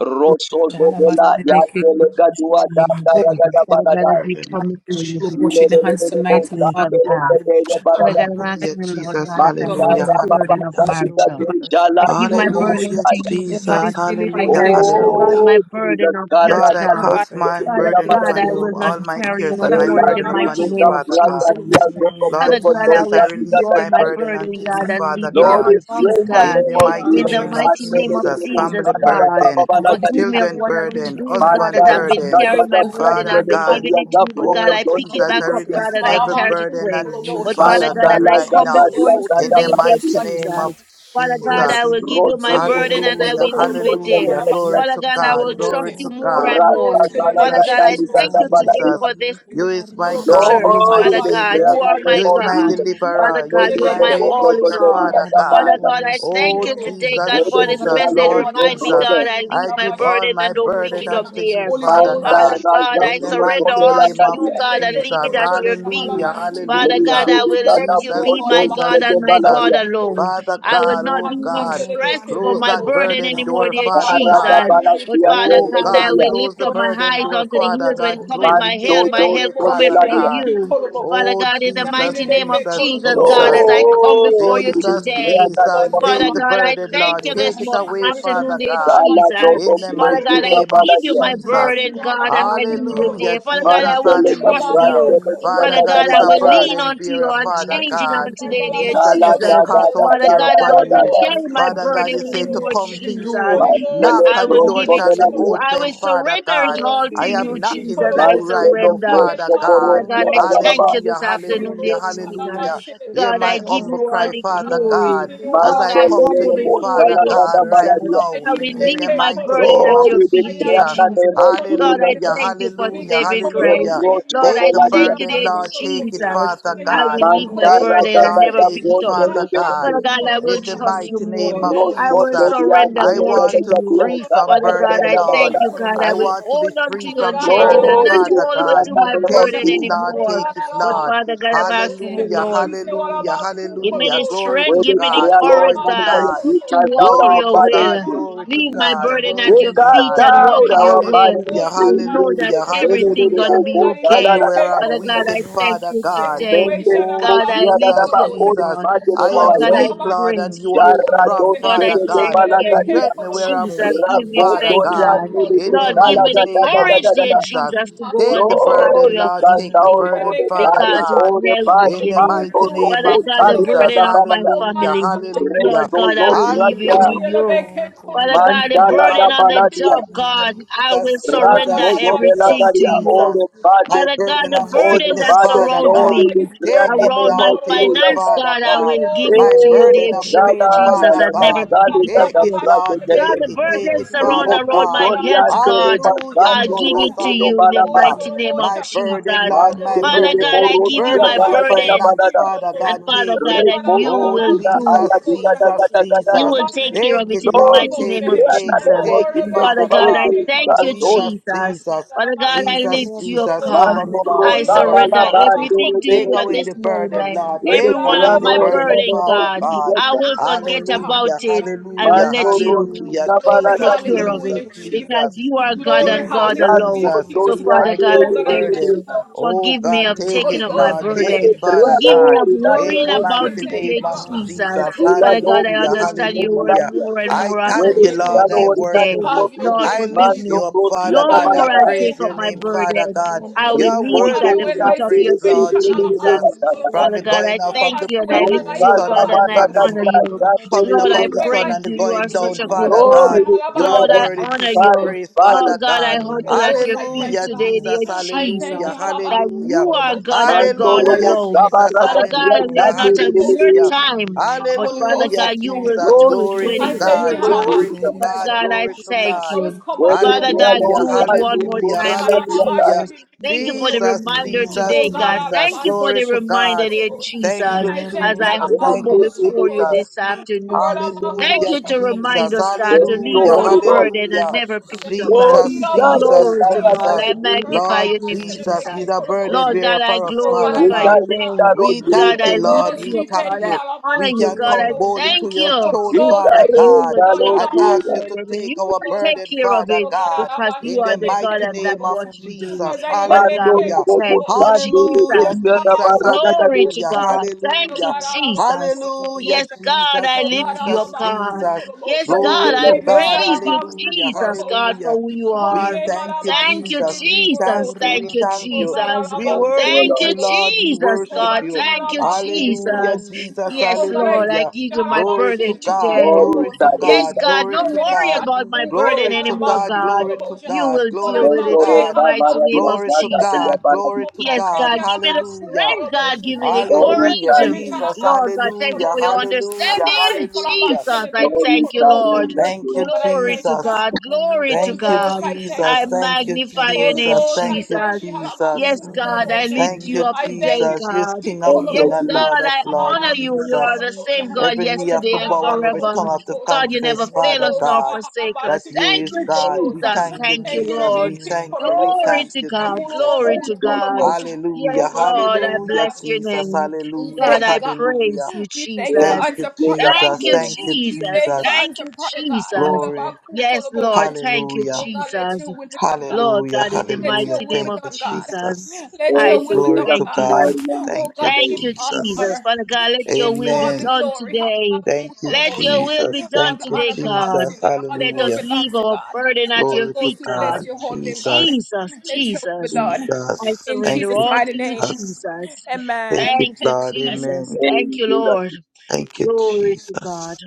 Rosso Father, in the Govela, mighty name Yatele of In Kadua, the Jesus, God, name of take Dada Lord, Jesus. Dada away this Father God, Barada, as we burden, come Lord we give before you you Jesus. this Wash glory, your honor, hands Ilele and tonight. Bonta, afternoon, adoration. Lord. Father Oh And God. Thank Ele you for Father Barada, God, your I'm God, word Hallelujah, asking you, Lord Jesus. God, tonight, that O I give Hallelujah. God, my Mantaya Baba burden of Hallelujah. your Sadika, marital. word that I Jala, speaks of give my faith burden Hallelujah, to Yorubontaya. you, Oh and God, God, Jesus. it's trust in really big you, Hallelujah. cake O financial. God, God, Hallelujah. to my Oh, Jesus, carry burden of health, Lord, I Karaka, Oh God. my God, it's cast my Father Yorubontaya burdens, really burden big God, upon I Barada, handle will you, my not all my carry Oh cares no God, and situations, I my O more put Ola, in the the burden Lord upon mighty you, name Yorubontaya, of Jesus. Father Prata, God. Jesus. Tia, Bring Zoko, in Zoko, Father Lord It's me Zoko, God, all I Jesus, will I Zoko, Zoko, give you victory, really release all O big my my cake Lord burden burden, unto you, Jesus, God, and leave Father bring it In me your at Lord, hand, God. we your Lord, peace. pray feet, in the Lord, In God. name the of Hallelujah, Jesus. Lord, we mighty Lord In Lord, Lord, the Father, Lord, name I of mighty Jesus. name pray pray Lord, of in we this Jesus, the name Lord, of very thank Lord. you, Jesus, family Lord. moment, God, O burden, Oh God. God, is forgive We me that of children what I've I exalt been burden, your doing, declare name, God, husband that that I've Father, my been promotion. Lord, burden, for carrying trust my Oh is in burden, Father I've been you, God, O God. giving Lord, it we to God. you, is thank but you, God, Oh I there's no pick it Jesus, back one I I up, God, trust release and before in I you for the every Maraba carried you. name it of burden the away. on Lord kukolobo, And you, But I Jesus, Father ask, O Father Lord, shahalaba God, God, as Lord, Lord I right come silebeke Lord, now. before Jesus, you kolobo, In the today, tonight I dear mighty name surrender of Jesus, shahalaba ku Father kolobo, God, I unto Jesus. will give you. you I my surrender burden and meyelebeke I Jesus, will Hallelujah, all leave Lord, kolobo, it Lord, my hallelujah. there. shahalaba Glory Father burdens. to I God, silebeke I Lord, will God, Lord, surrender kolobo, se. trust glory Oh you yes, to all Lord, more in God. and Holy Lord, the I more. Ghost, my mighty come to name Father of silebeke Jesus, God, you, worries, I Lord, Jesus, kolobo, with thank Jesus, all you my Father, my Lord, today burdens. Lord, Jesus. for this fears, You is my Lord, for we God, Kolobosha, you thank all you is service. for my my that. Father God, Savior, you anxiety, are Lalabashibeke my you all is my my Kolobosa, God. problems Father deliverer, you Thank God, and is you you, are my Lord Ogatilebeke my way issues. all in maker, Jesus. Kolobosha, We all. Thank Father Father, Father God. you, before God, your I Marabashibeke Lord, thank Oh, throne, you Lord, Lord. Kolobosa, today, God, Jesus, for this financial Thank Ogara Jesus, put you, message. Lord on Lord, for Remind your me, the house, Jesus, God, issues, I O I leave my give God. Marabashibeke all burden my and mighty don't name of pick burden it Kolobosa, up unto Jesus. you, there. I My Holy Thank Rabakasata Father you, Ghost, Jesus. Father son's God, Lord. God, rabasita, Halabashibeke in I Lord, the healing we Kolobosa, surrender mighty pray, all wounds Lord, name to rakata of Lord, you, I God, bayata, and surrender Telebeke We leave Jesus. rakata it at to your you Kolobosa, recover in rakata the feet. Hallelujah, his mighty right name Father Halabashibeke rakata. of God, hallelujah. arm, I Kolobosa, will Father Jesus. let Lezibikata Lord, you the word Oh, be Jesus, my Floto Halabashibeke Father God Jesus, Sete and my Lord, Jesus. God Baladia, we- alone. Kolobosa, Father I will God, not oh Oh and be Mm, in God, all stress this for mess close Amen. my that that we burden burden anymore, door, God, dear around Father us. Arada God. Jesus. But Balasia That Father is Oh God, I God, giving Gerregadia, will me close lift the up my headache, burden eyes door, unto the Father hills when God. constant cometh Close it, my take help. Manto worries, it My Whatever, Dos away, help cometh Father from Copeladia. God. you. what the Father Oh God, in future the will be mighty Jesus, Yamini name make of a like. Amen. Jesus, Jesus, colobos, I'm God, Jesus, as Jesus. I facing the come key before Lord, you we colobos. Father Jesus, Lord, today. declare I that Jesus, pray ever Father take the Lord, be. God, I burden, thank the Lord. you this Lord Take it mo- away, Every Jesus afternoon, Father tonight, dear Christ, God. Sala Jesus. Talabashili, In Togo Jesus. the my Father mighty God, Kikorobos, I Presita name of give you peace or Baladia, my the That's Jesus. Basti burden, really God, and thank I Halabaku of you, leave it mind, Lord. Hallelujah, there. Father Tolobosha, God, Jesus, I will Manteleta peace trust in my hallelujah. Prante Nirabako you. home, says Father Father it Korobosha, Seta God joy, God, is I no a will Baladai, lean burden onto Mayalabaku you bearer, and Father my it oneness, changing is on O God. today, God, dear impossible. love, Jesus, Sala you Marbalabako say, But Da Jesus. Jesus. Da with unity, cast Da our Tolobosha, me, Father Da care Da God, I nothing Da upon will Holy shall Da not be you. Da, Ghost, patience, carry impossible. my Father Father, God, burden Hilibi kindness, you Lord, I O say, to come anymore, Lord to come you Tolobosha, to because Jesus, you, Jesus Holy there is but knock Mantele Ghost, I and nothing the will that door is give Prosco it Hilabako shall be to ministry, Beladia, you. impossible O I Tolobosha, with open, will God. Father Holy surrender it God. you all Ghost, have to I healing called you, me, am me to keep knocking Jesus. to I you Holomos. ministry. right Mantele now, My surrender. Father Prosco Melba Poro God. Father cool Lord, God, where I Sierra do I Holomos. Baraba, thank you start Hallelujah, this from? Holy afternoon, dear hallelujah, What Ghost, do I Jesus. Halaba hallelujah. do? Hear God, my Shilibeke I give you humble all cry, Holomos. the What i do Father I believe do? glory. God, in you, as Lord, I I Halaba Mantele come to humble Shilibi you, before you, Father Sala dear Holomos. Da Father, Da God, Jesus. right Baladia, For Lord, my now, I will healing, in servant the leave my Beke called mighty burden me. name at of Lord, Holomos. your we I feet, dear declare in Jesus. Alaba the name Jesus. cool of Speak Holomos. Lord, with I Jesus. Hallelujah, me, thank you O for God. hallelujah, Beke Help saving Let me. you. Holomos. grace. hallelujah. Rosh You Lord, Take I the Halaba Kodeladia, thank you, Thank Shalaba burden, dear cool Lord. Take Jesus. it, Holomos. Father Counsel And me, I he God. will O Laba leave my God. cool Mantara Take it, burden and Lord. never Holomos. Tata pick Take Your it, it up son Nick Father back. Mahalaba God. Father Protelegate, cool prevented God, me I will In from Holomos. the trust you mighty going. Holy name more. I do of not Rosh Ghost, I will understand Halaba Jesus, Kodelia, cool all surrender I these more to Holomos. things, want to Nelegate, O God. you. free from Father God, burden, I But thank Lord. you, Father, God. I I will Lord, want to be hold on to free you From the from Lord, the Lord God the Lord. the God all I unchanging burden, and Lord, about not we know to declare Father hold that on if God. in to I the my leave name of them promotion. Take burden it, Jesus. Lord. all up And anymore. God Take with it, all But you, about Lord. Father cool God, I'm asking you, promotion. Hallelujah, Lord, Lord, You say you what hallelujah, handle about it cool give me hallelujah. right. the promotion? Glory We strength, to give me We the God, all declare, all Lord, glory courage, And in the the to about name cool God, of Jesus, God. peace we promotion. to cast walk of out in our Glory your to mind your burdens name God, will. to all you. glory about to Leave cool my Peace God, in burden our glory We at promotion. your to home, and cast feet God. Oh and God, you walk be out surrounding in that your our granted make it will. unto for burdens us Hallelujah, to I you. about know cool that hallelujah, make it to everything me. promotion. hallelujah. gonna Oh be God, you be Strengthen okay. make a where you. I'm Father weak God, By I in promotion joy thank Father you into and my God. God, Thank today. Thank situation and Oh, God, about I cool lift that the Jesus, you up, promotion. enemy Jesus. God. tries to I Lord stand Oh, am God, you. for I weak, me. Lord, and praise you Salabashiri, are you. Every now strong, Kolobose. and God, I Father then, God. thank Father, you. Lord, Sebelebeke Yarragostedebalagadia, Strengthen me where you. Kolobose. I'm Jesus, weak in give you My me Terima life, Father faith, establish God. it God. Alabako In permanently the in Lord, give Kolobose. my me mighty life the in name the of courage, mighty dear Rabotoriandedebisalagadagadagadagada. name of Jesus. Jesus, Jesus. to Alabako go on Take the this Lord, pathway burden, you of Kolobose. Lord. cast Take Father, the out duty Lord, all burden, the Sebelebeke you Father body, because are it's God. all the now Kolobose. body, In But the the you, beginning. Mato mighty owner of Kolobose, name Father of God, heaven the and Jesus. burden Kolobose. earth. of my Rokusalikadabagada, Oh, God, Hallelujah, family. Alabako hallelujah. Lord God, I will You Kolobose. are leave Hallelujah, it Restozogradia, to you. all Yelebeke gold Father and God, Kolobose. the silver. burden hallelujah. on the Alabashiri, Mantaladabaladia, job, You Kolobose. God, are I will Jesus, Oh high God, surrender in Jesus, your hands, everything Jesus, O to Raskozobelagadia, God. all Jesus. you. the Alabashalama. body, My Father You Holy are God, burden the the of one all who the burden that sickness, body, Ghost, bless Father the surrounds Lord, God. you me, people. declare Take the Father, it, around great name my Lord. Lord, of Take bless it, me. Jesus. finance, Father God, I God. will give Open it My kasih. to doors you, of Eh, burden great of dear Rabba Dada, pain, opportunity Jesus, Father I Lala, for me, move by never God. O your pick Kasali, Lord it power, up. Take oh it, Lord. God, Jesus Lord. Christ. God, Dada, Take the it. God, Take it, burdens around Father around oh God. my God, help health, me, O Rocotoriandele God, Lord Hallelujah, I Basando Jesus, to give Jesus. live it to right. Rocoto you in the Help Baraba, Hallelujah. me mighty name of My Jesus. burden, live Lord. right My Mantele by Father the de burden. God, power I of the give you Borussia Holy my Burden of Spirit. Galagada burden. finance, Barada, Father In the And God. mighty Father Take God, it. name of and Jesus, you Recosta Oh, I will Pila pray, do. O Aya Jesus, God, Gada Jesus, Gada that Gada, I You Jesus. will lift take care all Take of my it it, in the Lord. Lori, burdens, mighty Take name all of it, my take Triana I'm de it, not Jesus. fears take it, and Bosindo Father Father worries God, I worried God. Sobauce, all thank you, unto Sasor, Jesus, you. about Jesus. Jesus, Father Take God, I absolute lift Jesus, you up, Jesus. control, God. Cover me, Mando O Lord Lord. I Holy Rosa Cover Jesus me, Ghost, surrender Galaba, Christ. cover me. Alabama, everything Lere to de you I Take at Bosia, away this pray the that you come burden, give moment. me true Lord. for me, Lere Every Take also God, the one of away Triano the my Alabama. ability to burden, burden, Ormano Father God. Bosindo, God. I keep will forget trusting in about Hallelujah, you, it no Hallelujah. matter and hallelujah, Mando let you hallelujah. Rosa Glory, circumstances. Barada, take Jesus, Let care my of it faith Jesus, hallelujah, in Jesus. you because grow Jesus, you are stronger God Glory, and God Jesus, and Rasto hallelujah, alone. Jesus. So, stronger Jesus. by the Father My God, power Toriandele of I Oh kid's the God, de I thank Holy thank burden. you, you. Bosia, Spirit. God. Oh Forgive me God, In of the take Holy taking it, mighty up my Ghost, Lord. name I of Take thank Lere burden. it, you, God. Father Jesus, Triano Forgive I me God. of pray, Holy Ormano In worrying the Ghost, about I mighty Bosindo, thank dear name today, you. of Father, Jesus. Jesus. and ila Hallelujah. Father Lord, God, do I let Hallelujah, ile understand your your ile will word hallelujah. latia more Oh and God, I more be have after your thank wele you, this way, done in God. our Lord. dalo I preaching lives. today. oritaki worship In you. mo Have your Lord, kidi Jesus way, I forgive lift Christ's me. mando Jesus. you up, name, pros ya Father No da God. Have bala more I your ba I'll take praise way. up your we Oh, pray, my name, O Lord Father my burden. God. God I Jesus, You will O are leave ripo God, it and Have worthy to at your the way to in be ya foot my of dere your praised, dere feet, that Lord situation. dere your dere Have dere word Jesus. da Jesus. da is da da From Father the true, God, going I off of thank the you your and way I in from no my your lift the life. word sa you, sun sa God, is and the, Have ba and I da from da yes, the Lord, honor I O da you. lay da Lord at the coming dere Lord, up dere Jesus your I of the feet dere way in Christ, sun my praise and the you. silly You are going big key. such down, a and of your good no Father will, God. God. ile O You ile God, are Lord, ra I in worthy to honor us, be ba you. praised, ba Father Lord God, I God. and your Holy humble at will, Ghost, your I O feet God, thank Hallelujah, you, God. today, in dear Jesus. us. I thank Hallelujah. you, Jesus, that Have Hallelujah. you your are way, Halabakutolobos, O God and God, mando God for in Hallelujah, robo working on us. da my alone. ba Jesus. da Father da By the ya God, we power da Hallelujah. of are the not dere on Holy dere your behalf. Hallelujah. dere Spirit, in the time, name of but Holy Father Jesus. Ghost, Hallelujah, I God, you thank you, will God. no Jesus. do it Lift, Glory O when to I ile it's la God, thank your God. you, dere all my time. Glory dere to dere Harabaku Father burdens God. off God, my I Glory Tolobosha. to I thank God. shoulders. was you. called wele Father Cholobo ya By God, lo the Hallelujah. do it power sa of Kutolobo. the one su more to Holy Hallelujah. time, da dear the ya Spirit, da Hallelujah. Jesus. Thank you Bigger for the city Jesus, people in the to reminder keep the mighty Oh today, Jesus, area of God, name God. the of Jesus. city Thank you board. for Glory the Jesus, to O God. reminder, God. dear Board of Alabashiribikikolobosha. the Thank city Jesus, you, I of Lord, the as you thank city you, of are I Jesus. the ile the one Thank city humble su who you, of the set before su city. you da free, Jesus. Alabakotolobosha. this Rock of the You city afternoon. were and of the whoever city Thank of the city of Hallelujah, is you set to the free remind Jesus. us, city. is Alabakotolobosha. free God, I to thank no leave my Hallelujah. indeed. son, Rock our of hold on. the city burden and of Hallelujah. the never Jesus, pick Alabakutolobosha. it up, God. Lord, we Jesus, we thank you, Jesus, direct Glory to Heavenly our God. Ilabakukolobosha. Jesus. I Father. city of the Jesus. We Lord, magnify thank Lord your you, name, Lord Jesus, He's Jesus. Jesus. a city of the burden Lord Alabasiribikikolobosha. God, bearer I city. for We us, Oh thank God, Father I We The glorify rock of you God. thank your you, the city of the city of the city of the city. Robo, direct God. our name. rock Lord of in We the the Jesus. mighty thank God, bus, I you, Holy rock name Lord. of lift of the Ghost, We you we up, thank city. thank God. you, I you. Jesus. honor We you, can God. I come Oh, boldly Alabakutolobosha. rock to thank of your the Holy you throne, We bus, Ghost, Father that let you your rock will direct of God, be will our done, take Lord up and our ask you Jesus. to burden the and take you city. our will take Alabashiribikikolobosha. burden, care Thank of you, Father it Oh Lord. God, God, because you in the are the Thank God mighty and that name of what Alabashiribikikolobosha. you do. Jesus. Father Mando God, Azayelebeke we Hallelujah. Ogo thank korobo. you, Sando Jesus. Hallelujah, Rediga Jesus. Nosharabaku Baraga Glory torobo. to Hallelujah. Gadesada. God. Thank Oh you, Hallelujah. God, all about Jesus. cool to the Hallelujah, Yes, motion. God, I Jesus, Oh God, lift you up, all Jesus, about God. cool to Jesus. the Yes, motion. Thank Glory God, you, I We to Lord. bless God. all praise you, about Hallelujah, cool Jesus, God, motion. for hallelujah. who you The holy We are. name thank all you, about Thank should you, Jesus. be We cool thank Jesus. you. motion. We Thank you, thank Oh you. God, Jesus. all We about Thank cool you, worship to Thank you, Lord. the you, motion. Lord. We Jesus, Oh worship God. God, we you. had Thank you, about cool to you, the Hallelujah, Jesus. Lord. Jesus. Yes, Oh God, I Lord, I Hallelujah. thank give you you all my about Glory should burden to God. cool today. Lord, we Glory Almighty to God, Yes, God. surrender. Oh God, God, Almighty Glory don't to I thank God, I you worry God. God about live for my moving every burden Glory to all anymore, God. and about cool God. live Glory to in You God. will Out deal Glory of with to my Mando it in way, the God. Rosa all mighty about name Maria cool of Glory to Plaza de Jesus. la God. your Baladi. Glory Oh to God, feet, I Yes, God. Lord. thank God, you give me the about who Hallelujah. call strength, At about God, you. your give me feet, the Lord, Lord. we Breaking Hallelujah, courage. every surrender. channel Jesus. At about who Lord your God, Thank thank call feet, you, you Hallelujah, for about your Lord. him. Jesus. Of hallelujah, my understanding. life, all about Jesus, hallelujah. I Lord, Shelebeke At we call thank you, your feet, about Lord. him. surrender to Lord. Thank you. Oh you, God, I Glory thank to you, Jesus. God. God, I lay glory to Holy Thank you, everything I Ghost, God. at I your cannot feet, thank you, I Jesus. God. Thank Lord. describe you, magnify your you, Holy O name, Jesus. Ghost, God. Thank I you, thank Jesus. you, all about Jesus. Yes, I who Kora run call God, I about unto lift Thank makatiri you, you you, up I vata. thank today, you, Jesus. You're God. Rebecca King of call Thank Yes, you, King knowing about I and Jesus. am Lord God, of I Oh, Lord, honor savable you. by Lord, You I are Jesus. the lay Jesus same all God Every to knee have be yesterday to and for bow and you, every Christ. forever. tongue God. have to Ended God, by you the never confess, power of the Holy fail Father us Holy Ghost, nor God, Spirit. forsake that us. you Thank is Halabashibiki you, God. We Kolobosa, Jesus. In Mm. thank the you, Thank you, thank you, mighty Jesus. We Lord. name Rebeki of thank you. We Kolobosa, Glory Jesus thank to you, God. Christ. Jesus. Glory Ramuluboku to Thank you, God. Jesus. Kolobosa. Yes, Hallelujah, Oh God, we Lord, thank I hallelujah, God. bless your In the Jesus, name. mighty We hallelujah, God, name thank you, I God. praise hallelujah. you, We thank you for Lord, Thank Jesus. you, answer give prayer, God. Thank Jesus. you, us, Thank you, We Jesus. thank you for Jesus. Thank answer you, prayer, God. All Jesus. about Glory. cool Yes, total Lord. bullshit. Thank you, Oh Hallelujah. God, let Jesus. your will be done, God. Lord Hallelujah. God, in the Let Hallelujah. mighty your will name be Thank of you, done, God. Jesus, Jesus. Let I your Lord. say will be done, Glory Give us, to thank God. my you, God. Lord, give us mighty name. Oh Thank God, you, we give Thank you you, all Thank the Jesus. Jesus. you, honor. Father God, of let We Jesus. give your you will all be the Amen. done glory. All today. about Thank cool you, total Let your bullshit. will be Jesus. done All Thank the you, today, honor belongs to God. Jesus. you, God. All the Let glory us Hallelujah. belongs leave to you, our God. burden at your Holy Glory to Ghost, feet, we God. bless God. your holy name, God. Jesus. Jesus, Let your will be Jesus. done. I Jesus. In Thank surrender Jesus' you, all to mighty you, name. Jesus. Jesus. Thank you, Amen. Thank you, Lord. Amen. Jesus. Amen. Thank Lord. you, Give us, Lord. Thank you, Glory to God. Jesus.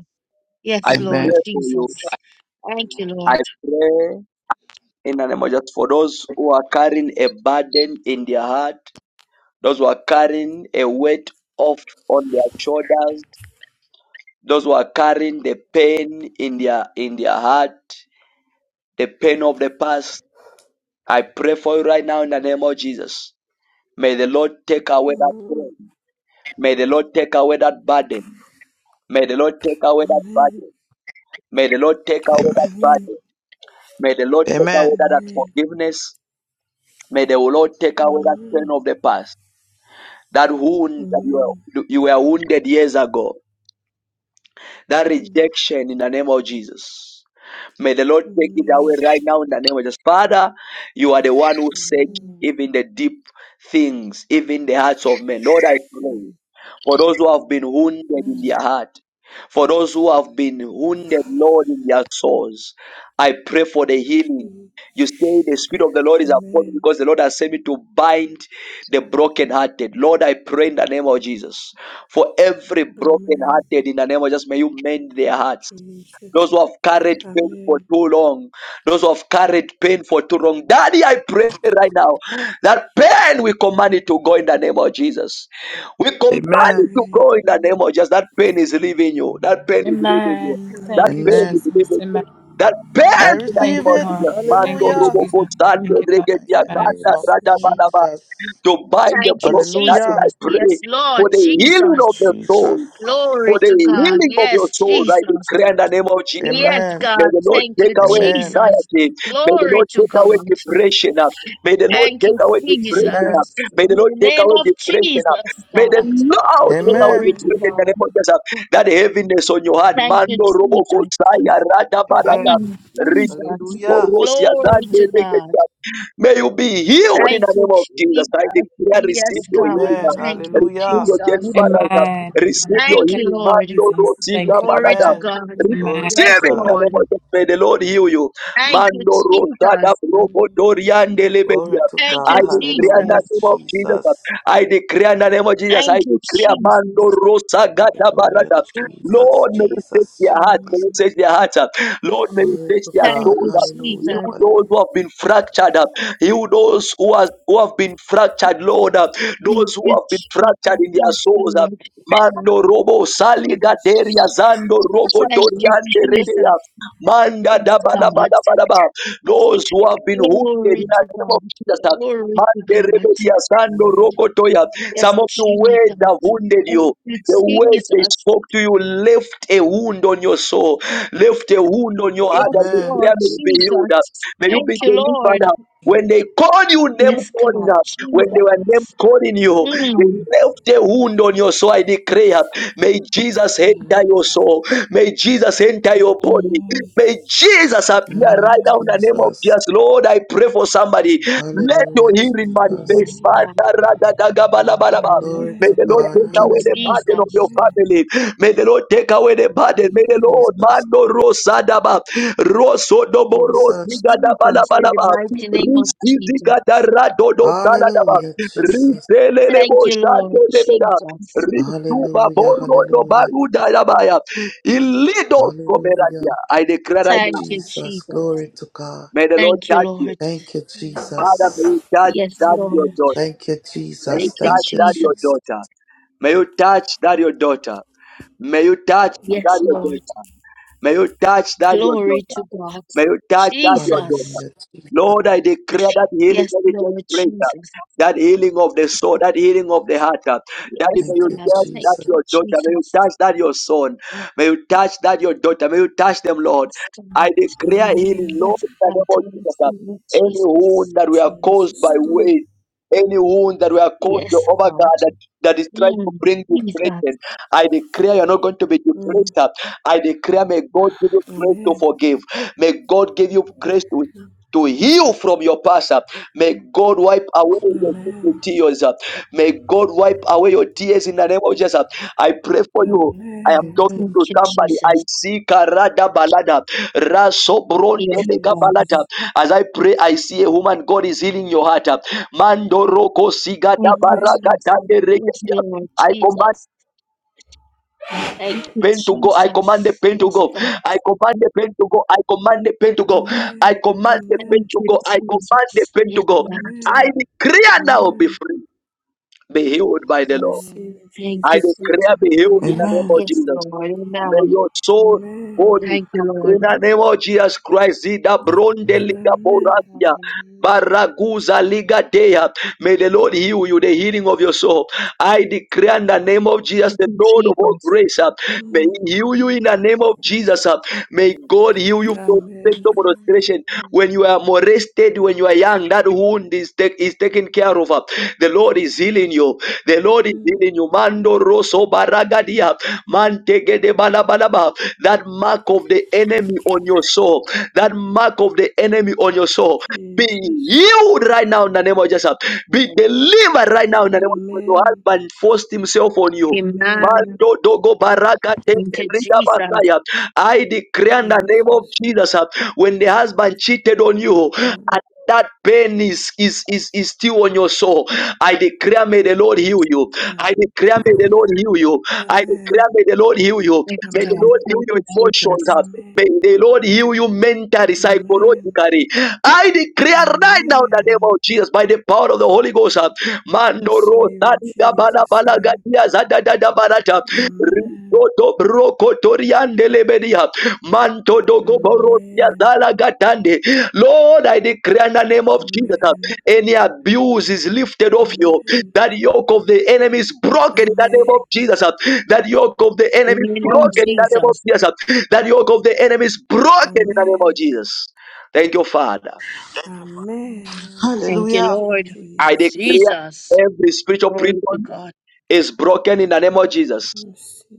Yes, I Lord Amen. pray for you. Jesus. Thank you, Lord. I pray in the name of Jesus for those who are carrying a burden in their heart, those who are carrying a weight off on their shoulders, those who are carrying the pain in their in their heart, the pain of the past. I pray for you right now in the name of Jesus. May the Lord take away that Amen. pain. May the Lord take away that burden. May the Lord take away that Amen. Amen. burden. May the Lord take away that Amen. Amen. burden. May the Lord take away Amen. that unforgiveness. May the Lord take away that pain of Amen. the past, that wound that you Amen. were, you were wounded years ago, that rejection in the name of Jesus. May the Lord take Amen. it away right now in the name of Jesus. Father, you are the one who search Amen. even the deep things, even the hearts of men. Lord, I pray Mm. for those who have been wounded in Mm. their heart, for those who have been wounded, Lord, in their souls. I pray for the healing. You say the Spirit of the Lord is upon me Amen. because the Lord has sent me to bind the brokenhearted. Lord, I pray in the name of Jesus for every Amen. Amen. brokenhearted in the name of Jesus. May you mend their hearts Jesus. those who have carried pain for Amen. too long, those who have carried pain for too long. Daddy, I pray right now that pain we command it to go in the name of Jesus. We command it Amen. to Amen. go in the name of Jesus. That pain is leaving you. That pain is leaving you. Amen. That Thank you, pain Amen. is Amen. Jesus. leaving you. Amen. That pain I in the Thank name receive of you, it. Lord. Amen. Jesus. Thank Manto, you, Hallelujah. Jesus. Robo, Sande, Thank you, Lord. In Regedia, the Amen. name Kanda, of Jesus' Raja, name. Balaba, Jesus. to bind the Thank you, broken heart, Hallelujah. I Jesus. pray Yes, Lord for the healing of the Jesus. soul. Jesus. For Glory the to God. healing of your Yes, soul, I Jesus. declare in the name of Jesus. Yes, Amen. May God. the Lord Thank take you, away Amen. Jesus. Amen. anxiety. May the Lord Glory to take away God. depression. uh. May the Lord Thank take you, away depression. uh. Amen. Jesus. May the In Lord the take name away of depression. uh. Jesus, May God. the Lord take away Glory Amen. to Amen. depression in the God. name of Jesus. uh. That heaviness on your heart. Thank you, Mando robo Jesus. kotsaya rada Amen. barada. Mm, Jesus. Ringo Hallelujah. rosia Glory to Amen. God. May you be healed in Thank the you, name of Jesus. Jesus. I declare, Yes, receive your Amen. God. healing. now. Amen. Thank Amen. you, Receive Hallelujah. your Jesus. deliverance. now. Amen. Amen. Receive your Thank Thank you, healing. you, Lord. Mando Jesus. do tika Thank you, Glory Lord. badada. to Amen. God. Receive Glory Amen. to Amen. Yes, it in the name God. of Lord. Jesus. May the Lord heal you. Thank you, Mando rosada Jesus. broko Amen. doriande Glory lebedia. to Thank I God. you, declare in Jesus. Hallelujah. the name of Jesus. uh, Jesus. I declare in the name of Jesus. I Thank you, declare mando Jesus. rosa gada Hallelujah. barada. Jesus. Lord, may you touch Jesus. Jesus. their heart. May Amen. you touch their heart. uh, Lord, may you Glory touch to their Thank God. soul. you, uh, Hallelujah. You Jesus. those Hallelujah. who have been fractured. uh, Heal those who, has, who have been fractured, Lord. uh, Thank Those who you, have been fractured Jesus. in their Yes, souls. uh, Lord. Mando robo saligateria Jesus. zando robo Thank you, toriande Jesus. redea. Manda Yes, da da ba da ba God. da ba da ba. Those who have been wounded in Glory to the name God. of Jesus. uh, Glory to Mande God. rebedia zando Amen. robo toya. Yes, Some of the Jesus. words have wounded you. Thank you, The words they Jesus. spoke to you left a wound on your soul, left a wound on your heart, and Yes, you Amen. may Lord you be healed. Jesus. May you Thank be you, delivered. Lord. When they called you name Yes, calling God. up, when they were name Jesus. calling you, they Mm. left a wound on your soul. I declare, may Jesus enter Amen. your soul. May Jesus enter your body. Amen. May Jesus appear Mm, right Amen. Amen. now in the name of Jesus. Jesus. Lord, I pray for somebody. Let your Hallelujah, healing Jesus. manifest. Yes, God. Ba-da-ra-da-da-ga-ba-la-ba-la-ba. Glory May Amen. to the Lord God. take Thank you, Amen. away the Hallelujah, burden of your Jesus. Amen. family. May the Lord take away the burden. May the Lord Jesus. mando rosadaba rosodobo Jesus. Jesus, in the rosigadabalaba Glory to mighty God. name of Jesus. Risizika darado do saladaba. Hallelujah, Jesus. Riselele bo Thank you, shate Lord debeda. Jesus. Risuba Hallelujah, borro do, Risidigadaradodosaladaba. Riseleleboshadelebeda. hallelujah. Risubaborodobagudalabaya. Hallelujah. Ilidoskomeradia. I declare right Thank now, you, Jesus. Jesus. Glory to God. may the Lord Thank you, touch you. Lord. Thank you, Mm. Father, may Amen. Jesus. you touch Yes, that your Lord. Amen. daughter. Thank you, May Thank you Jesus. you, touch Thank you, that your Jesus. Jesus. daughter. May you touch that your daughter. May you touch that Yes, your Lord. daughter. May you touch that your Glory daughter. to God. May you touch that your daughter. Jesus. Hallelujah, Jesus. Lord, I declare that healing Yes, that it takes Lord place, Jesus. uh, that healing of the soul, that healing of the heart, uh, that may Yes, Thank you you, God. touch Thank that Jesus. you, your daughter, may you Jesus. touch that your son, may you touch that your daughter, may you touch them, Lord. Yes, God. I Amen. declare Amen. healing, Lord, Yes, in the God. name I of Jesus. uh, receive it, Any Jesus. wound that we are caused by Jesus' name. weight, any wound that we are caused by Yes, over God. God that, that is trying to Mm, bring Jesus. depression, I declare you're not going to be Mm. depressed. uh, I declare, may God give you grace to Amen. forgive. May God give you grace to to heal from your past. uh. May God wipe away your Amen. tears. uh. May God wipe away your tears in the name of Jesus. uh. I pray for you. I am Amen. talking Amen. Thank to you, somebody. I Jesus. see Karada Balada. Raso Bronte Yes, Mega God. Balada. Jesus. As I pray, I see a woman. God is healing your heart. uh. Mando Roko Sigada Thank you, Amen. Baragada Jesus. Yes, Deregedia. Lord I command Jesus. Thank you, pain to go. I command the Jesus. pain to Yes, go. God. I command the pain to go. I command the pain to go. I Amen. command the pain Thank Amen. to you, go. I command the Jesus. pain to Yes, go. God. I Amen. declare now be Amen. free, be healed by I the Lord. receive Amen. in Thank I you, Jesus' declare name. Jesus. be healed in the name Amen. of Amen. Yes, Jesus. Lord. May Amen. your soul Amen. holy. Thank you, In Lord. the name of Jesus Christ, Zida Bronde Liga Amen. Boratia, Hallelujah. Baraguza Liga Dea. May the Lord heal you, the healing of your soul. I declare in the name of Jesus, Thank the you, Lord of all Jesus. grace, uh, may Mm. He heal you in the name of Jesus. uh. May God heal you from Amen. sexual molestation. Amen. When you are molested, when you are young, that wound is, take, is taken care of. uh. The Lord is healing you. The Lord is Mm. healing you. Mando Rosso Baragadia. Mantegedebalabalaba. That mark of the enemy on your soul, that mark of the enemy on your soul, be Jesus. healed right now in the name of Jesus. Be delivered right now in the name of Jesus. Your Amen. husband forced himself on you. Amen. Amen. Mando dogo baraka Thank you, tende riga Jesus. basaya. I declare in the name of Jesus. Jesus uh, when the husband cheated on you Mm. and that pain is, is, is, is still on your soul. I declare, may the Lord heal you. Mm. I declare, may the Lord heal you. I Amen. declare, may the Lord heal you. Yes, May the God. Lord Amen. heal Thank your you, emotions. Jesus. uh, May Amen. the Lord heal you mentally, Amen. psychologically. I declare right now in the name Amen. of Jesus by the power of the Holy Ghost. uh, Mando ro Receive in sadi da bala Jesus' bala name. gadia zada da da barata. Amen. Rigodo broko toriande lebedia. Manto dogo borosia Amen. zala gatande. Lord, I declare in the name of Jesus. uh, Amen. any abuse is lifted off you. Amen. That yoke of the enemy is broken in the name of Amen. Jesus. That yoke of the enemy In is your name, broken in the name of Amen. Jesus. Jesus. That yoke of the enemy is broken in the name of Amen. Jesus. Thank you, Father. Amen. Amen. Thank you, Hallelujah. Thank you, Lord. I Jesus. declare Jesus. every spiritual Glory to prison God. is broken in the name of Jesus.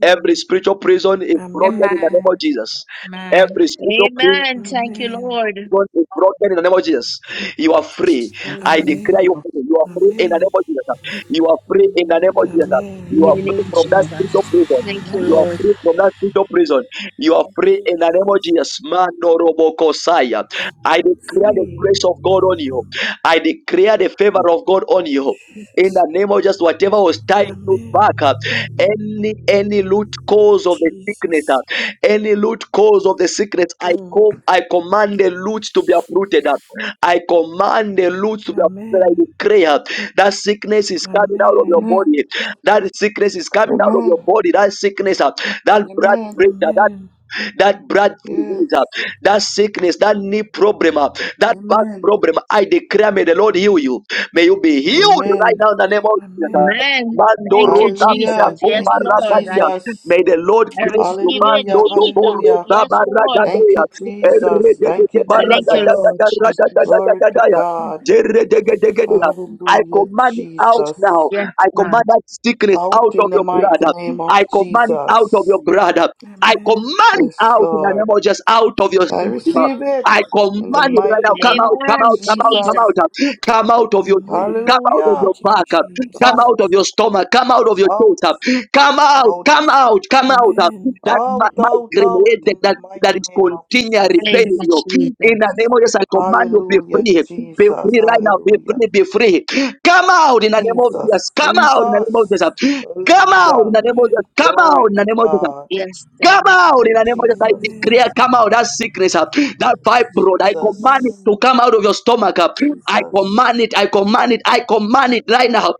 Every spiritual prison is broken in the name Amen. of Amen. Jesus. Amen. Every spiritual prison Amen. Thank Amen. you, Amen. Lord. bond is broken in the name of Jesus. You are free. I Amen. declare Amen. you free. You are free in Amen. the Amen. name of Jesus. You are free in the name of Jesus. Amen. You In are Amen. your free name, from that spirit of Jesus. prison. Thank you, You are Amen. Lord. free from that spirit of prison. You are Thank free you, in the name of Jesus. Jesus. Man, no Amen. robokosaya. I I'm declare the free. grace of God on you. I declare the favor of God on you. In Yes. the name of just whatever was tied to back up, Amen. any any root cause of the sickness. Jesus. Any root cause of the secrets, I Mm. com I command the roots to be uprooted up. I command the roots to be uprooted. I Amen. declare that sickness is coming out of your Amen. Amen. body. That sickness is coming out of Amen. your body. That sickness, uh, that blood Amen. pressure, that Amen. that blood Yes. disease, uh, that sickness, that knee problem, uh, that back Amen. problem. I declare, may the Lord heal you. May you be healed right Amen. now in the name of Jesus. uh. Amen. Amen. Mando Thank you, rosa bada Hallelujah. Jesus. Yes, kumba Thank you, Lord. I rakadia. Amen. Jesus. May the Lord I cleanse receive you. it, Hallelujah. Mando do Jesus. Hallelujah. borosa Yes, Lord. Thank baragadea. you, Jesus. Thank Erredegede you, Thank you, Jesus. Lord Jesus. Glory to baragadagadagadagadagadaya. God. Jerredegedegedea. I Hallelujah, command it out Jesus. now. Yes, I God. command that sickness Out out of in the your mighty brother. name of I command it out of your Jesus. brother. I Amen. command Yes, out in the name Lord. of Jesus out of your I system. receive it I command in the it right mighty now. Amen. Come name out, of come Amen, out, come out, come Jesus. Jesus. out. Come out of your Amen. come out of your Hallelujah. Thank you, back. Come Out, Jesus. out of your stomach. Come out of your out, chest. Come out, out, come out, come out. Amen. That out, ma- out, migraine out headache in the that, that that mighty is name of continually Thank Jesus. paining you, you. In the name Jesus. of Jesus, I command you be Hallelujah, free. Be Jesus. free right now. Be Hallelujah. free, be free. Come out in the name of Jesus. Jesus. Come out in the Jesus. name of Jesus. Come out in Hallelujah. the name of Jesus. Amen. Come out Glory in the to name of Jesus. God. Yes, Come God. out in the name of Jesus. I Jesus. Amen. Amen. declare, come out that sickness, uh, that Yes, fibroid. I command it Jesus. to Amen. come out of your stomach. uh. I Jesus. command it. I command it. I command it right now.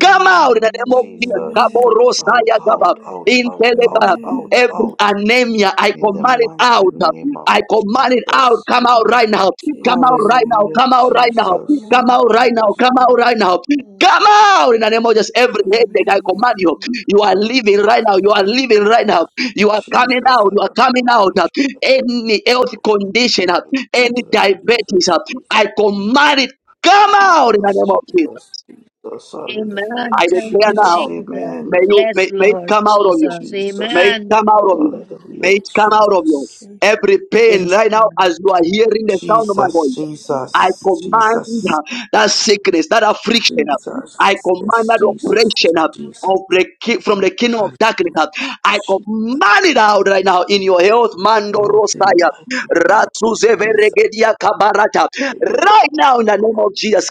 Come out in the name of Jesus. Jesus. Amen. Out, Kaborosaya gaba. out, out, In out, out, Telegram, out, Amen. every out. anemia, I In the command it mighty out. uh. name of I command it out. Jesus. Come out right now. Come out Jesus' right now. name. Hallelujah, Come out right now. Jesus. Come Amen. out right now. Come Jesus. out right now. Come out in the name of Jesus. Every headache, Amen. I command you. You are living right now. You are living right now. You are coming Jesus. out. You are coming out. Jesus. Any health condition, any Jesus. diabetes, Jesus. Jesus. I command it, come out in the Jesus, name of Jesus. Jesus, Jesus, hallelujah, Amen. I Thank declare you, Jesus, Amen. now, Jesus. may amen. you Yes, may, may it Lord come out of you. Jesus. May Jesus, it Amen. come out of you. hallelujah, May it come out of you. Thank Jesus, you, Every Jesus. pain Yes, right now, God. as you are hearing the sound of my Jesus, voice, I Jesus, command Jesus, uh, that sickness, that affliction. uh, I Jesus, command yes, that Jesus, yes, oppression uh, Jesus, of the ki- from the kingdom of darkness. hallelujah, uh, I Jesus, command it out right now in your health, Mando oh, in the Rosaya, mighty name of Ratsuze Jesus, Kabarata. in the Right now, in the name of Jesus,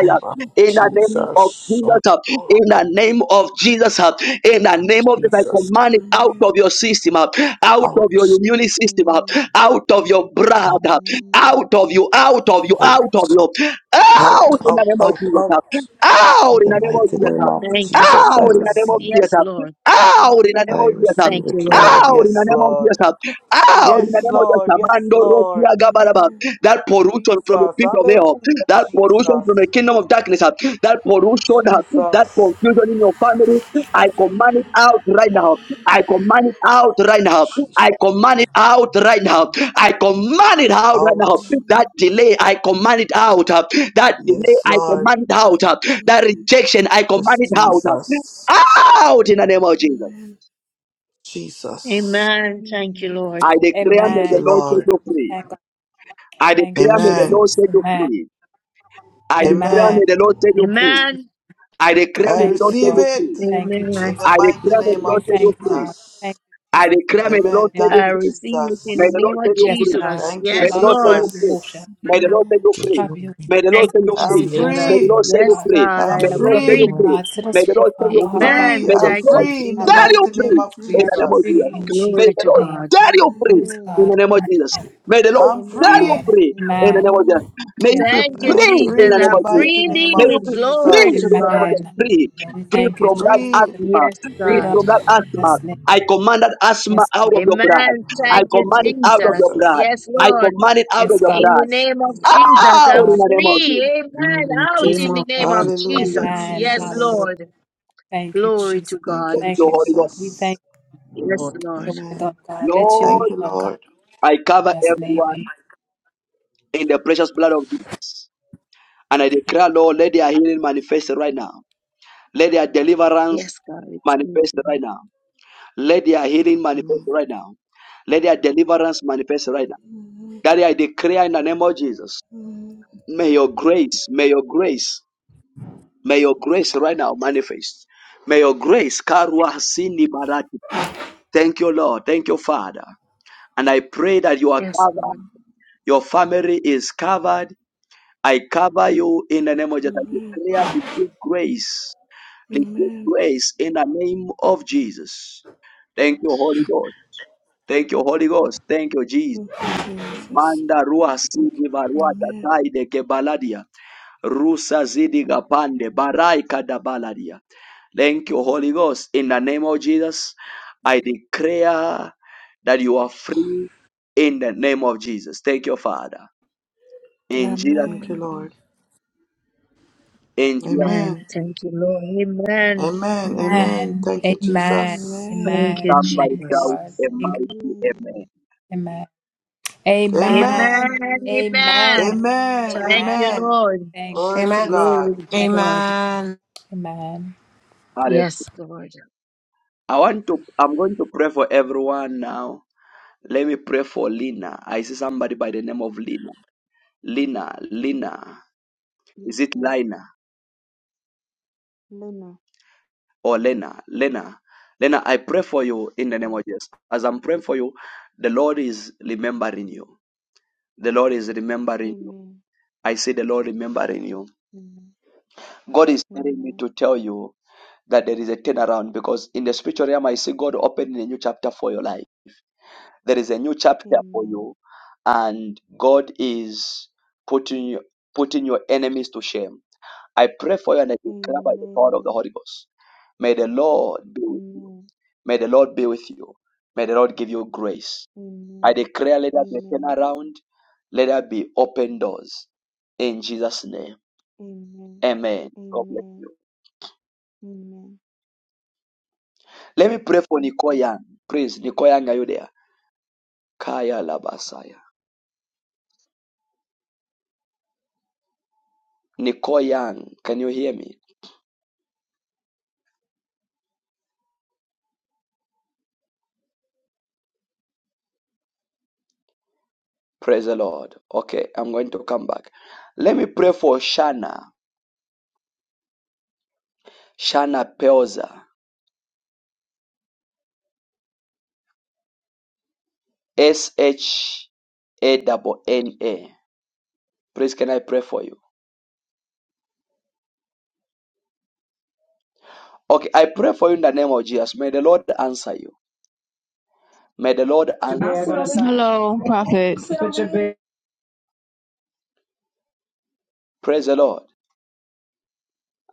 name of in the name of Jesus, oh, Jesus, uh, in Lord the name of Jesus, in the name of Jesus, I Jesus, command it out of Amen. your system, uh, out of your out, immune system, uh, out of your blood, out, uh, out of you, out of you, out of you, out, out out, in the out, name of out, Jesus, uh, out. out In in the the name of mighty Jesus, name of Thank uh, you, Amen. Jesus, I out in Jesus. the name of receive Jesus, it. Yes, uh, Lord. out in the name I of Jesus. uh, receive Thank you, it, Lord. Lord. Out in the Yes, name of Jesus. Lord. uh, Out in the name Yes, of Jesus. Lord. uh, Yes, Mando Rosia Lord. Gabaraba. Amen. That pollution Jesus. from the pit of hell. Hallelujah, That pollution from the Jesus. kingdom of darkness that pollution, that Jesus. confusion in your family, I command it out right now. I command it out right now. Jesus. I command it out right now. I command it out right now. Out. That Amen. delay, I command it out. That delay, Yes, I Lord. command it out. That Amen. rejection, I command Yes, it out. Jesus. Out in the name of Jesus. Amen. Jesus. Thank you, Amen. Thank you, Jesus. Lord. I declare may Thank you, the Amen. Lord Amen. set Lord. you free. Thank God. I Thank you, declare may the Amen. Lord Jesus. set you Amen. free. I declare may Amen. Amen. the Lord set you Thank you, free. Jesus. Amen. I declare I may Thank the you, Lord set receive Lord. you it. free. Thank you, In Amen. Jesus. the I mighty declare may the name of We Lord set thank you you, free. God. Jesus. Thank you, I Jesus. declare, may the Lord Amen. set Amen. Thank you I you, free. receive it in May the Jesus. the name Lord of set you Yes, free. God. Jesus. Thank Come you, May on, Yes, the I'll go Lord to set Lord. you free. Jesus. motion. May the Lord set Amen. you Man, free. Have your May the Lord Thank set you, you Jesus. I'm Yes, free. In God. Jesus. May the free. Lord set you Yes, God. free. God, I'm I May the am Set Lord us set you free. free, free. free. God. Set May us the free, Lord set you Father. How free. about Free. Amen. May you? the I'm Thank Lord you, free in the set Hallelujah. Jesus. you mighty free name of We in Amen. are the name of Jesus. Jesus. free in Jesus' May Glory the to Lord name. God. set you Glory free Amen. to in the God. name of Jesus. Amen. May the Lord I'm set you free. God. free in the Amen. name of Jesus. Amen. May you Yes, be Thank I you, am free thank in free you, Jesus. the in name the I'm of Jesus. Jesus. mighty free Thank name May of you. you indeed. be free Glory to in Jesus. the name of God. Jesus. Amen. Free. Hallelujah. We Free thank you, from that Jesus. Free. asthma. Yes, Free Freedom God. from that in asthma. Jesus' name. I command that asthma Yes, out God. of your blood. Amen. I Thank Thank you, command you, Hallelujah, it out of your Jesus. blood. Jesus. Yes, I Jesus. Lord. command it out of Free Yes, the God. In from the blood. this. name of Yes, Jesus, Out I'm in God. the name of free. Jesus. Amen. the In Out name Jesus' in the of name of the name. Hallelujah, Jesus. Amen. Yes, Amen. Jesus. Hallelujah. Lord. Thank you, Glory Jesus. to Thank God. Thank you, Thank you, you, Holy Ghost. God. We Jesus. thank Yes, Lord. Lord. you, for your word, oh Amen. God. Let your will Thank Lord, be you, done, God, Lord. I cover in Jesus' everyone name. in the precious blood of Jesus. And I declare, Lord, let their healing manifest right now. Let their deliverance Yes, God. Thank manifest you. right now. Let their healing manifest Amen. right now. Let their deliverance manifest right now. Amen. Daddy, I declare in the name of Jesus, Amen. may your grace, may your grace, may your grace right now manifest. May your grace, Karwa Sini Barati. Thank you, Lord. Thank you, Father. And I pray that you are Yes, Lord. covered, your family is covered. I cover you in the name of Jesus. I Amen. declare receive grace, receive Amen. grace in the name of Jesus. Thank you, Holy Ghost. Thank you, Holy Ghost. Thank you, Jesus. Thank you, Jesus. Manda rua sidi barua Amen. tataide ke baladia. Rusa zidi gapande barai kada baladia. Thank you, Holy Ghost. In the name of Jesus, I declare that you are free in the name of Jesus. Thank you, Father. In Jesus, Thank you, Amen. Lord. in Jesus, Amen. Amen. Thank you, Lord. Amen. Amen. Amen. Amen. Thank you, Amen. Jesus. Thank Amen. you, Amen. somebody Thank you, Jesus. shout Lord. a Thank you. mighty amen. Amen. Amen. Amen. Amen. Amen. Amen. Amen. Thank Amen. you, Amen. Lord. Thank you, Glory to Amen. Jesus. God. Glory to Thank you. God. Amen. Hallelujah. Yes, God. I want to, I'm going to pray for everyone now. Let me pray for Lina. I see somebody by the name of Lina. Lina, Lina. Yes, Is it sir. Lina Lena. or Lena? Lena. Lena, I pray for you in the name Mm. of Jesus. As I'm praying for you, the Lord is remembering you. The Lord is remembering you. Amen. I see the Lord remembering you. Amen. God is telling me Amen. to tell you that there is a turnaround because in the spiritual realm, I see God opening a new chapter for your life. There is a new chapter for Amen. you, and God is putting you, putting your enemies to shame. I pray for you and I declare by the power of the Amen. Holy Ghost. May the Lord be, Amen. may the Lord be with you. May the Lord give you grace. I Amen. declare, let there be a Amen. turnaround. Let there be open doors. In Jesus' name, Amen. Amen. God bless you. Amen. Amen. Let me pray for Thank Nicole you. Young. Please, Nicole Young, are you there? Kaya Labasaya. Nicole can you hear me? Praise the Lord. Okay, I'm going to come back. Let me pray for Shana. Shana Pelza. S H A W N A. Please, can I pray for you? Okay, I pray for you in the name of Jesus. May the Lord answer you. May the Lord your answer. bag on the side. Hello, Prophet. Put your bag Praise the Lord.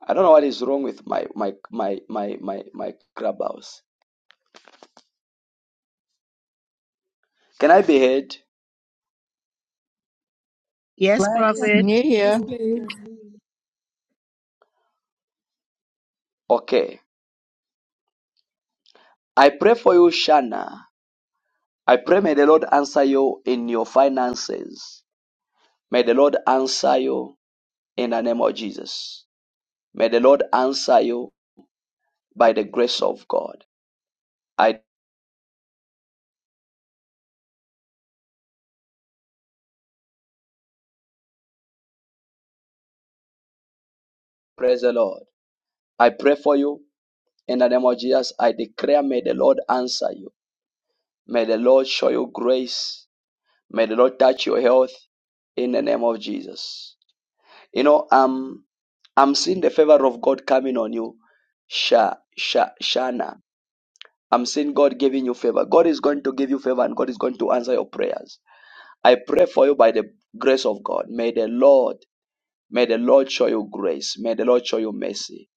I don't know what is wrong with my my my my my my clubhouse. Can I be heard? Yes, flat. Yes, prophet. I- Yeah, here? Yes, yes, we please. can hear you. Okay. I pray for you, Shana. I pray may the Lord answer you in your finances. May the Lord answer you in the name of Jesus. May the Lord answer you by the grace of God. I praise the Lord. I pray for you in the name of Jesus. I declare, may the Lord answer you. May the Lord show you grace. May the Lord touch your health in the name of Jesus. You know, um, I'm seeing the favor of God coming on you, Sha, Sha, Shana. I'm seeing God giving you favor. God is going to give you favor and God is going to answer your prayers. I pray for you by the grace of God. May the Lord, may the Lord show you grace. May the Lord show you mercy.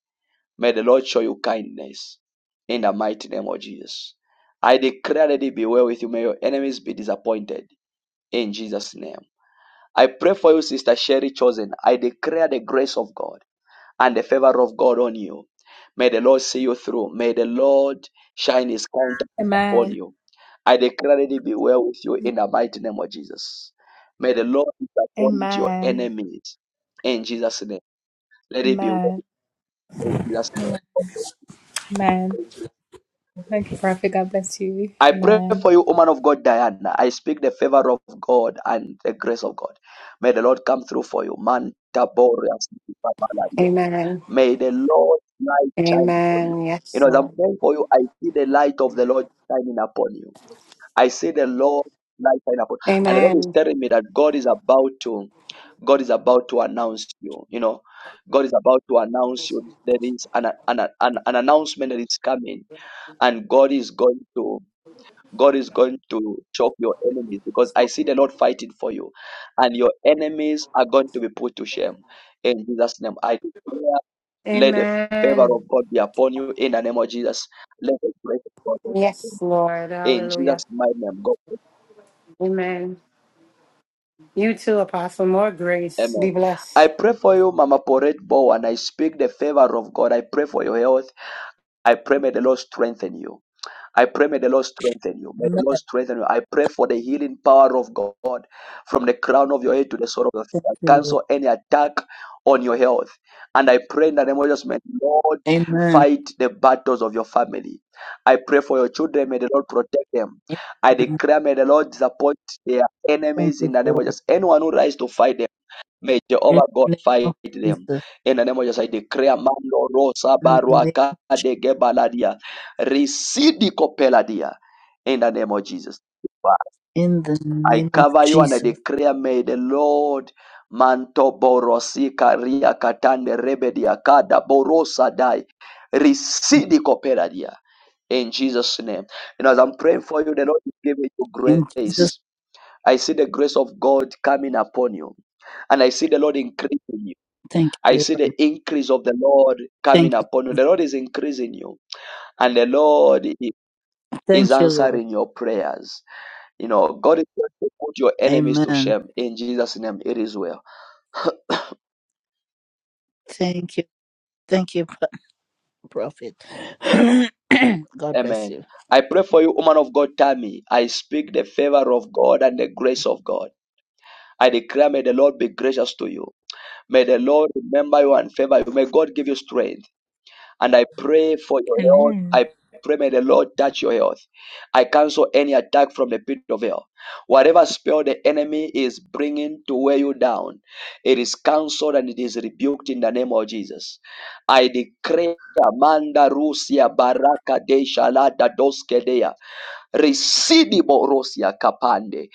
May the Lord show you kindness. In the mighty name of Jesus. I declare that it be well with you. May your enemies be disappointed. In Jesus' name. I pray for you, Sister Sherry Chosen. I declare the grace of God and the favor of God on you. May the Lord see you through. May the Lord shine his countenance upon Amen. you. I declare that it be well with you in the mighty name of Jesus. May the Lord disappoint your Amen. enemies in Jesus' name. Let it be well Amen. in Jesus' name. Amen. Thank you, Prophet. God bless you. I pray Amen. for you, woman of God, Diana. I speak the favor of God and the grace of God. May the Lord come through for you. Man, Taboria, Sipapaladia. Amen. May the Lord light shine upon you. Amen. You Yes, know, as I'm Lord. praying for you, I see the light of the Lord shining upon you. I see the Lord light shine upon. And the Lord is Amen. telling me that God is about to, God is about to announce you. You know, God is about to announce you. There is an an, an, an announcement that is coming, and God is going to. God is going to chop your enemies because I see the Lord fighting for you, and your enemies are going to be put to shame. In Jesus' name, I declare, let the favor Amen. of God be upon you. In the name of Jesus, let the grace of God be upon Yes, you. Lord. In Hallelujah. Jesus' mighty name, God. Amen. You too, Apostle. More grace. Be Amen. I blessed. pray for you, Mama Porette Bow, and I speak the favor of God. I pray for your health. I pray may the Lord strengthen you. I pray may the Lord strengthen you. May Amen. the Lord strengthen you. I pray for the healing power of God from the crown of your head to the sole of your feet. Thank I you, Lord. cancel any attack on your health. And I pray in the name of Jesus, may the Lord Amen. fight the battles of your family. I pray for your children. May the Lord protect them. I Amen. declare, may the Lord disappoint their Thank enemies in you, the name of Lord. Jesus. Anyone who rise to fight them. May In Jehovah God the name of fight them. Jesus. In the name of Jesus, I declare Mando Rosa In the name Baruaka of, Je- de Gebaladia. Residi Copeladia. In the name of Jesus. in the I name of cover you and I Jesus. declare, may the Lord Manto Borosika Ria Katande Rebedia Kada Borosa Dai. Residi Copeladia. In Jesus' name. And as I'm praying for you, the Lord is giving you In Jesus, grace. I see the grace of God coming upon you. And I see the Lord increasing you. thank you, I see Lord. the increase of the Lord Thank coming you. upon you. The Lord is increasing you, and the Lord i- is Thank you, Lord. answering your prayers. You know, God is going to put your enemies to Amen. shame. In Jesus' name, it is well. Thank you. Thank you, prophet. God bless you. Amen. I pray for you, woman of God, Tammy. I speak the favor of God and the grace of God. I declare, may the Lord be gracious to you. May the Lord remember you and favor you. May God give you strength. And I pray for your health. Amen. I pray may the Lord touch your health. I cancel any attack from the pit of hell. Whatever spell the enemy is bringing to weigh you down, it is cancelled and it is rebuked in the name of Jesus. I decree Amanda Rusia Baraka de Shalata Doskedea Residibo Rosia Kapande.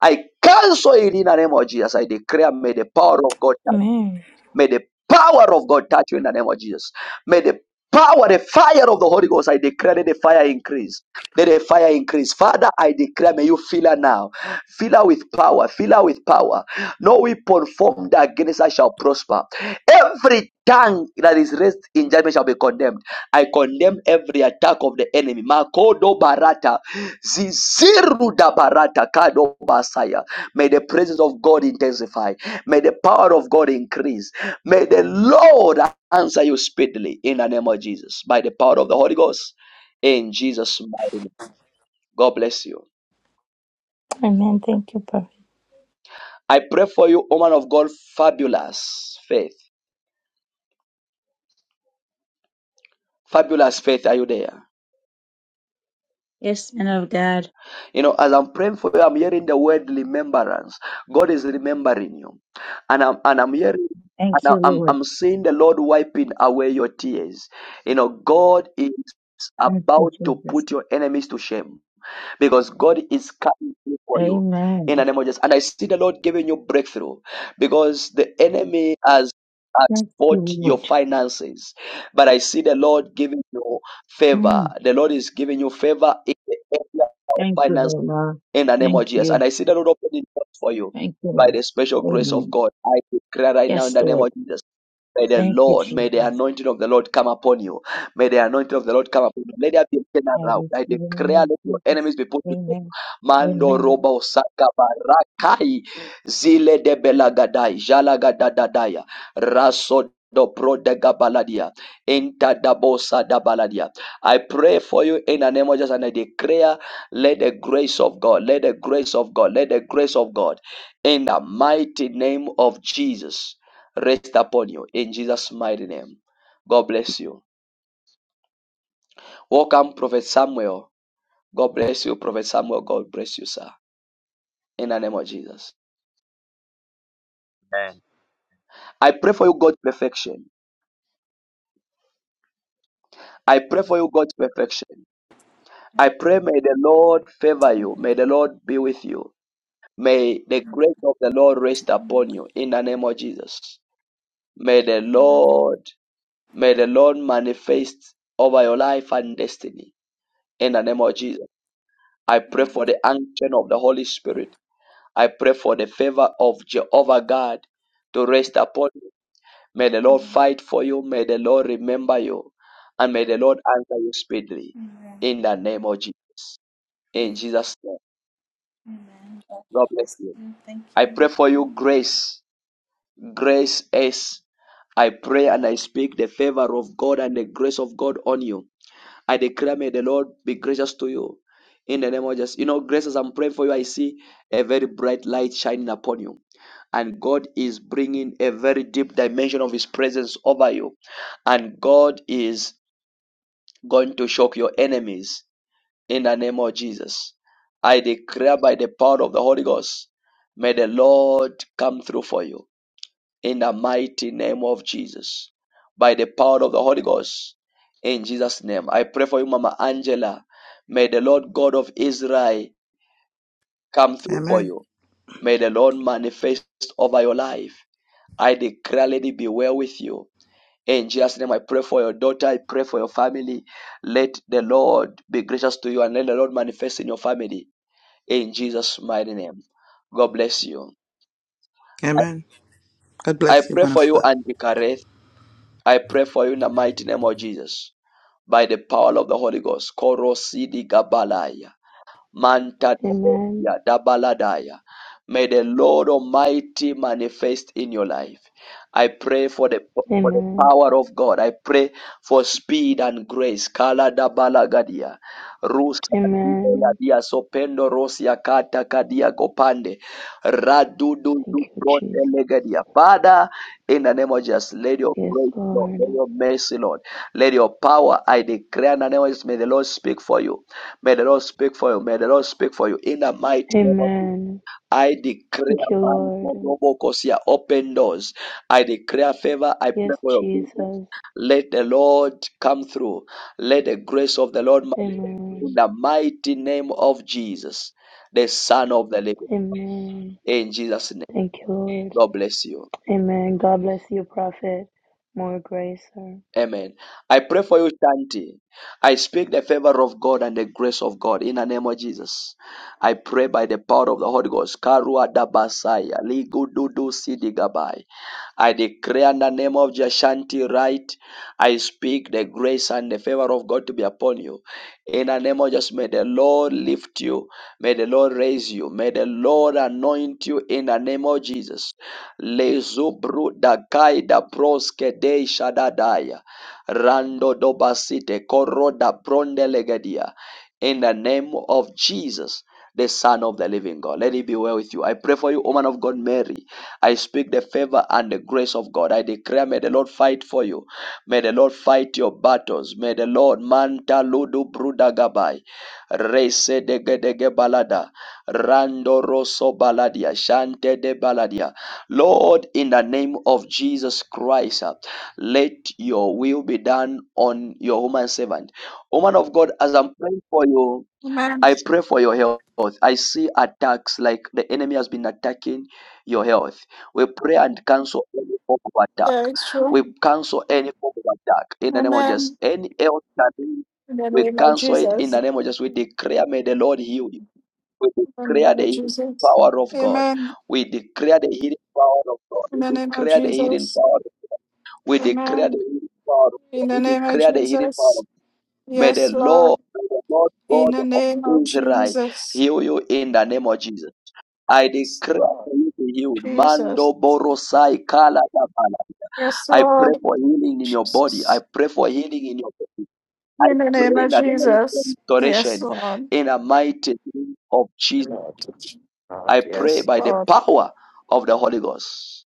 I cancel it in the name of Jesus. I declare may the power of God touch. Amen. May the power of God touch you in the name of Jesus. May the power, the fire of the Holy Ghost, I declare that the fire increase. Let the fire increase. Father, I declare, may you fill her now. Fill her with power. Fill her with power. No weapon formed against her shall prosper. Every tongue that is raised in judgment shall be condemned. I condemn every attack of the enemy. Makodo barata. Ziziru da barata. Kado basaya. May the presence of God intensify. May the power of God increase. May the Lord answer you speedily in the name of Jesus by the power of the Holy Ghost in Jesus' mighty name. God bless you. Amen. Thank you, Prophet. I pray for you, woman of God, fabulous faith. Fabulous faith, are you there? Yes, man of God. You know, as I'm praying for you, I'm hearing the word remembrance. God is remembering you. And I'm, and I'm hearing, Thank and you, I'm, I'm Lord. I'm seeing the Lord wiping away your tears. You know, God is Thank you, about to Jesus. put your enemies to shame. because God is coming through for you in Amen. the name of Jesus. And I see the Lord giving you breakthrough because the enemy has has Thank you, fought your Lord. finances, but I see the Lord giving you favor. Mm. The Lord is giving you favor in the area of Thank you, Lord. finances Lord. in the name of Thank Jesus. you. And I see the Lord opening doors for you Thank you, by Lord. the special grace of Amen. God. I declare right now in Yes, the name Lord. of Jesus. May the Thank you, Lord, may the Jesus. anointing of the Lord come upon you. May the anointing of the Lord come upon you. Let there be a I turnaround. receive I the declare, name let your of Jesus. enemies be put to shame. Amen. Mando Amen. roba osaka barakai zile de belagadai jala gadadadaya raso do pro de gabaladia inta da bosa da baladia. I pray for you in the name of Jesus and I declare, let the grace of God, let the grace of God, let the grace of God in the mighty name of Jesus rest upon you in Jesus' mighty name. God bless you. Welcome, Prophet Samuel. God bless you, Prophet Samuel. God bless you, sir. In the name of Jesus. Amen. I pray for you, God's perfection. I pray for you, God's perfection. I pray, may the Lord favor you. May the Lord be with you. May the grace of the Lord rest upon you in the name of Jesus. May the Lord, may the Lord manifest over your life and destiny in the name of Jesus. I pray for Amen. the unction of the Holy Spirit I pray for the favor of Jehovah God to rest upon you. May the Lord Amen. fight for you. May the Lord remember you. And may the Lord answer you speedily. Amen. In the name of Jesus. In Amen. Jesus' name. Amen. God God bless bless you. you. Thank I you. pray for you grace. Grace is. I pray and I speak the favor of God and the grace of God on you. I declare, may the Lord be gracious to you. In the name of Jesus. You know, grace, as I'm praying for you, I see a very bright light shining upon you. And God is bringing a very deep dimension of His presence over you. And God is going to shock your enemies in the name of Jesus. I declare by the power of the Holy Ghost, may the Lord come through for you in the mighty name of Jesus, by the power of the Holy Ghost, in Jesus' name. I pray for you, Mama Angela. May the Lord God of Israel come through for Amen. you. May the Lord manifest over your life. I declare, Lady, be well with you. In Jesus' name, I pray for your daughter. I pray for your family. Let the Lord be gracious to you and let the Lord manifest in your family. In Jesus' mighty name. God bless you. Amen. God I bless you, pray man for of you, God. Andy Kareth. I pray for you in the mighty name of Jesus. By the power of the Holy Ghost. Korosidi Gabalaya. Manta Amen. ya dabaladaya. May the Lord Almighty manifest in your life. I pray for the, for the Amen. power of God. I pray for speed and grace. Kala dabalagadia. Rusa Amen. dia sopendo rosia kata kadia kopande. Radudu Thank you, prote Jesus. legadia. Father, in the name of Jesus, let your Yes, praise, Lord. Lord. Let your mercy, Lord. Let your power, I declare in the name of Jesus, may the Lord speak for you. May the Lord speak for you. May the Lord speak for you. In the mighty name of Jesus. Amen. I Thank declare you, man, Lord. open doors. I declare favor. I Yes, pray for your business. Jesus. Let the Lord come through. Let the grace of the Lord in Amen. the mighty name of Jesus, the Son of the Living. Amen. In Jesus' name. Thank you, Lord. God bless you. Amen. God bless you, Prophet. More grace, sir. Amen. I pray for you, Shanti. I speak the favor of God and the grace of God in the name of Jesus. I pray by the power of the Holy Ghost. Karua dabasaya, ligududu sidigabai. I declare in the name of Jashanti right. I speak the grace and the favor of God to be upon you. In the name of Jesus, may the Lord lift you. May the Lord raise you. May the Lord anoint you in the name of Jesus. Lezubru dakai da proske de shadadaya. Rando dobasite koro da pronde legedia. In the name of Jesus, the Son of the living God. Let it be well with you. I pray for you, woman of God, Mary. I speak the favor and the grace of God. I declare, may the Lord fight for you. May the Lord fight your battles. May the Lord manta ludu brudagabai. Reise degedege balada. Rando rosso baladia. Shante de baladia. Lord, in the name of Jesus Christ, uh, let your will be done on your woman servant. Woman of God, as I'm praying for you, Amen. I pray for your health. I see attacks like the enemy has been attacking your health. We pray and cancel any form of attack. Yeah, it's true. We cancel any form of attack in the name of Jesus. Amen. Any health challenge, In the we name of cancel it in Jesus. the In name of Jesus. We declare, may the Lord heal you. We the declare name the of healing Jesus. power of God. Amen. We declare the healing power of God. In the We name of declare the healing Jesus. power. We declare the Amen. healing power of In the God. We name of declare the healing power. Jesus. May the Yes, Lord. Lord, may the Lord In God the of name of Israel Jesus. heal you in the name of Jesus. I Yes, declare Lord. for you to be healed. Jesus. Mando borosai kala da balaya. Yes, I pray Lord. for healing in your body. I Jesus. pray for healing in your body. I In the name pray in of the name of Jesus Jesus. for Yes, restoration Lord. in the mighty name of Jesus. Lord. Lord. I pray Yes, by the Lord. power of the Holy Ghost.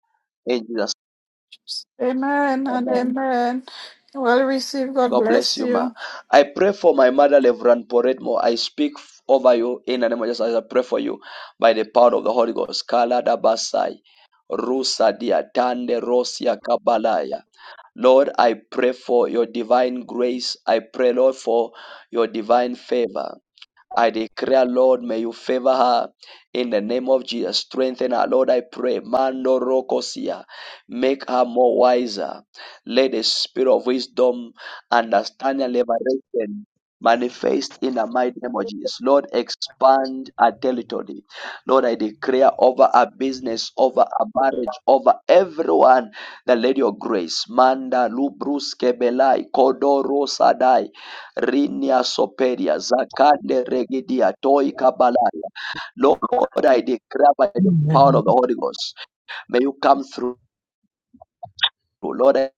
In Jesus' Amen name. and Amen. amen. Well received. God God bless bless you, ma. you. I pray for my mother, Reverend Poretmo. I speak f- over you in the name of Jesus. I pray for you by the power of the Holy Ghost. Kala dabasai, rusa diatande rosia kabalaya. Lord, I pray for your divine grace. I pray, Lord, for your divine favor. I declare, Lord, may you favor her in the name of Jesus. Strengthen her, Lord. I pray, Mando Rocosia, make her more wiser. Let the spirit of wisdom, understanding, and liberation manifest in the mighty name of Jesus. Lord, expand her territory. Lord, I declare over her business, over her marriage, over everyone The Lady of grace. Manda Lubruske Belai Kodoro Sadai Rinia Soperia, Zakande Regidia, Toi Kabalaya. Lord, I declare by the Amen. power of the Holy Ghost, may you come through. Lord, I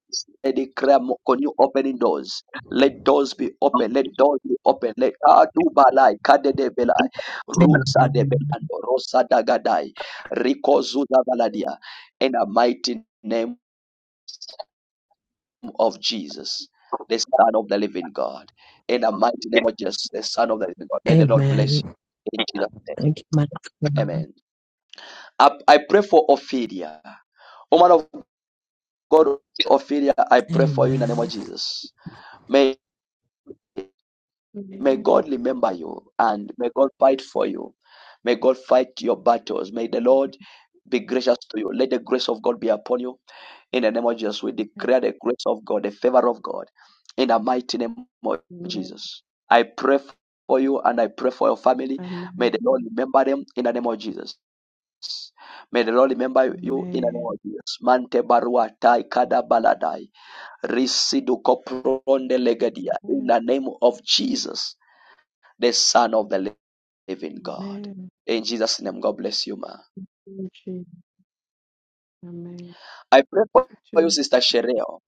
I declare mo- on you opening doors. Let doors be open. Let doors be open. Let Adu Balai, Kade de Belai, Rusa de Amen. Belando, Rosa Dagadai, Rico Zuda Baladia, in a mighty name. of Jesus, the Son of the Living God. In the mighty name of Jesus, the Son of the Living God. May the Lord bless Amen. you in Jesus' name. Thank you, my God. Amen. I, I pray for Ophelia. Woman of God, Ophelia, I pray for you in the name Amen. of Jesus. May Amen. may Amen. God remember you and may God fight for you. May God fight your battles. May the Lord be gracious to you. Let the grace of God be upon you. In the name of Jesus, we declare the grace of God, the favor of God, in the mighty name of Jesus. I pray for you and I pray for your family. Amen. May the Lord remember them in the name of Jesus. May the Lord remember you in the name Amen. of Jesus. Mante barua tai kada baladai. Risidu kopronde legadia. In Amen. the name of Jesus, the Son of the living God. Amen. In Jesus' name, God bless you, ma. Amen. I pray for Amen. you, Sister Shereo.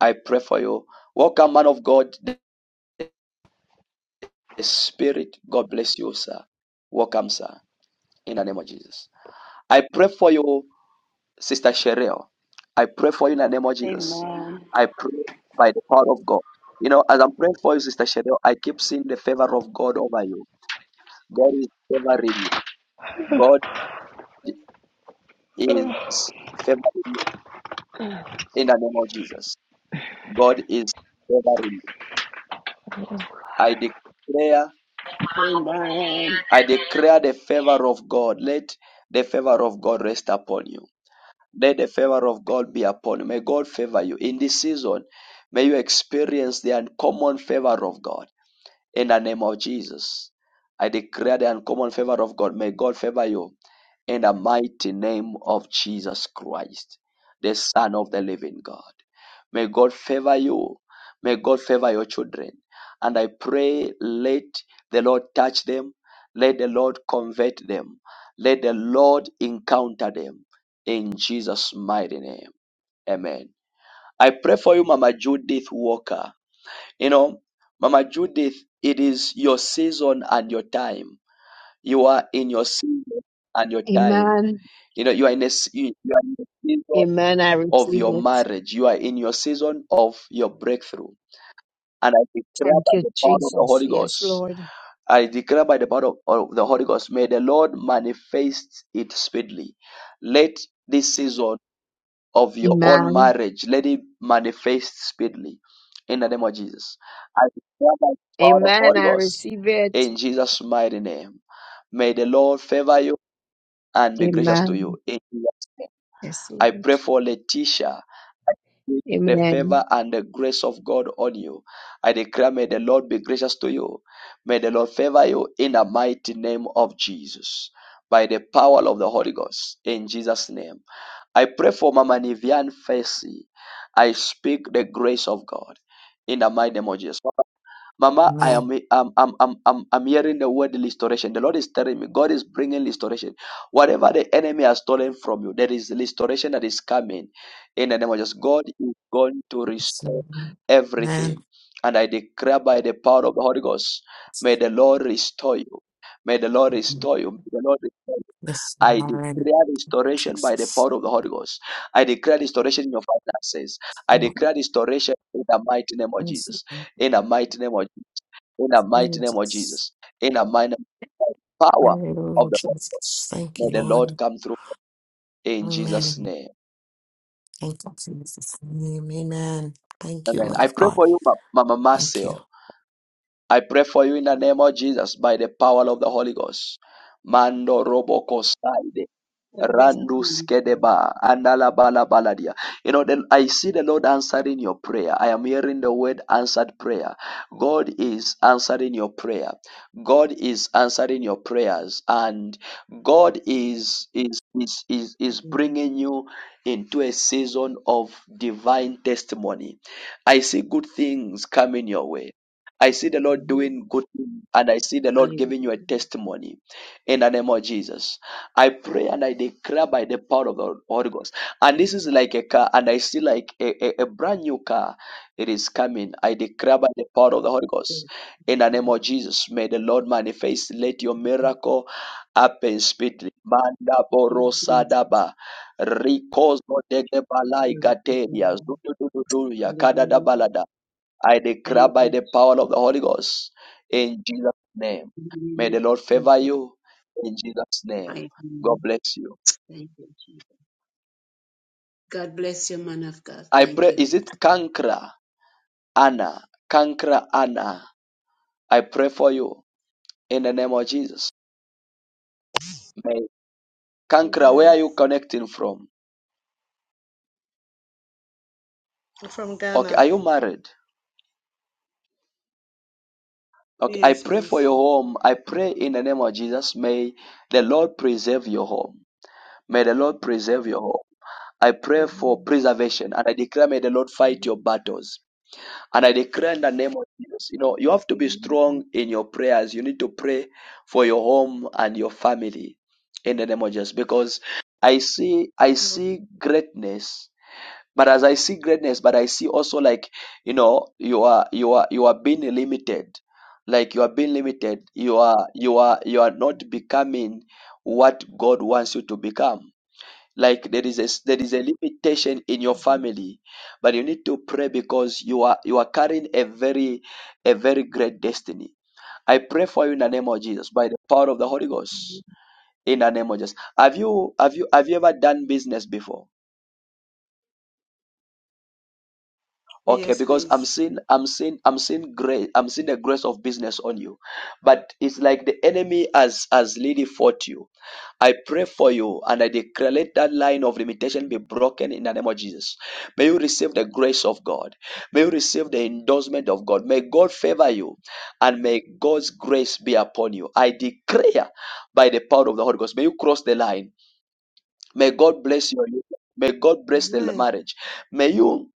I pray for you. Welcome, man of God. the Spirit. God bless you, sir. Welcome, sir, in the name of Jesus. I pray for you, Sister Cheryl. I pray for you in the name of Jesus. Amen. I pray by the power of God. You know, as I'm praying for you, Sister Cheryl, I keep seeing the favor of God over you. God is favoring you. God is favoring you in the name of Jesus. God is favoring you. I declare, Amen. I declare the favor of God. Let the favor of God rest upon you Let the favor of God be upon you. May God favor you in this season. May you experience the uncommon favor of God in the name of Jesus. I declare the uncommon favor of God. May God favor you in the mighty name of Jesus Christ, the Son of the living God. May God favor you. May God favor your children. And I pray, let the Lord touch them. Let the Lord convert them. Let the Lord encounter them in Jesus' mighty name. Amen. I pray for you, Mama Judith Walker. You know, Mama Judith, it is your season and your time. You are in your season and your time. Amen. You know, you are in a, s- you you are in the season Amen. I of receive your it. marriage. You are in your season of your breakthrough. And I declare Thank by you, the power of the Jesus. Holy Yes, Ghost. Lord. I declare by the power of, of the Holy Ghost, may the Lord manifest it speedily. Let this season of your own Amen. marriage. Let it manifest speedily in the name of Jesus. I declare by the power of Amen. Holy I Ghost receive it. in Jesus' mighty name. May the Lord favor you and be gracious to Amen. you. In Jesus' name. Yes, Lord. I pray for Letitia. The Amen. favor and the grace of God on you. I declare, may the Lord be gracious to you. May the Lord favor you in the mighty name of Jesus by the power of the Holy Ghost in Jesus' name. I pray for Mama Nivian Fesi. I speak the grace of God in the mighty name of Jesus. Mama, I am I'm, I'm, I'm, I'm, I'm hearing the word restoration. The Lord is telling me, God is bringing restoration. Whatever the enemy has stolen from you, there is restoration that is coming in the name of Jesus. God is going to restore everything. And I declare by the power of the Holy Ghost, may the Lord restore you. May the Lord restore you. May the Lord restore you. this I man, declare restoration by the Jesus, power of the Holy Ghost. I declare restoration in your finances. I Lord, declare restoration in the mighty name of this Jesus. man, In the mighty name of Jesus. In the mighty name of Jesus, Jesus. In the mighty power of Hallelujah, the Holy Ghost. Jesus, thank May you, the Lord Lord, come through in Jesus' Amen. name. Thank you, Jesus, name, Amen. Thank you, Amen. man I of pray God, for you, Ma- Mama thank you. Marcel. I pray for you in the name of Jesus by the power of the Holy Ghost. Mando robo God bless you, man. Randuskedeba baladia. You know, then I see the Lord answering your prayer. I am hearing the word answered prayer. God is answering your prayer. God is answering your prayers, and God is is is is, God is bless you. bringing you into a season of divine testimony. I see good things coming your way. I see the Lord Amen. doing good things, and I see the Lord giving you a Hallelujah. testimony in the name of Jesus. I pray and I declare by the power of the Holy Ghost. And this is like a car, and I see like a, a, a brand new car. It is coming. I declare by the power of the Holy Ghost. Praise In the name God. of Jesus, may the Lord manifest. Let your miracle happen speedily. Manda Thank you, Jesus. borosadaba. Rikozo degebalai Glory to gateria. God. Zududududu ya Hallelujah. kadadabalada. I declare Thank by you, the power of the Holy Ghost in Jesus' name. May the Lord favor Jesus. you in Jesus' name. I God am. bless you. Thank you, Jesus. God bless you, man of God. I Thank pray, you. is it Kankra Anna? Kankra Anna. I pray for you in the name of Jesus. May Kankra, where are Amen. you connecting from? From Okay, Ghana. are you married? Okay, I Yes, pray for please. your home. I pray in the name of Jesus. May the Lord preserve your home. May the Lord preserve your home. I pray for Amen. preservation and I declare, may the Lord fight your battles. And I declare in the name of Jesus, you know, you have to be Amen. strong in your prayers. You need to pray for your home and your family in the name of Jesus. Because I see, I Lord. see greatness. But as I see greatness, but I see also like, you know, you are, you are, you are being limited. Like you are being limited. You are, you are, you are not becoming what God wants you to become like there is a there is a limitation in your family but you need to pray because you are you are carrying a very a very great destiny i pray for you in the name of jesus by the power of the holy ghost in the name of jesus have you have you have you ever done business before okay Yes, because i'm please. seeing i'm seeing i'm seeing grace i'm seeing the grace of business on you but it's like the enemy has has really fought you I pray for you and I declare let that line of limitation be broken in the name of Jesus. May you receive the grace of God. May you receive the endorsement of God. May God favor you and may God's grace be upon you. I declare by the power of the Holy Ghost, may you cross the line. May God bless you. May God bless the Amen. marriage. May you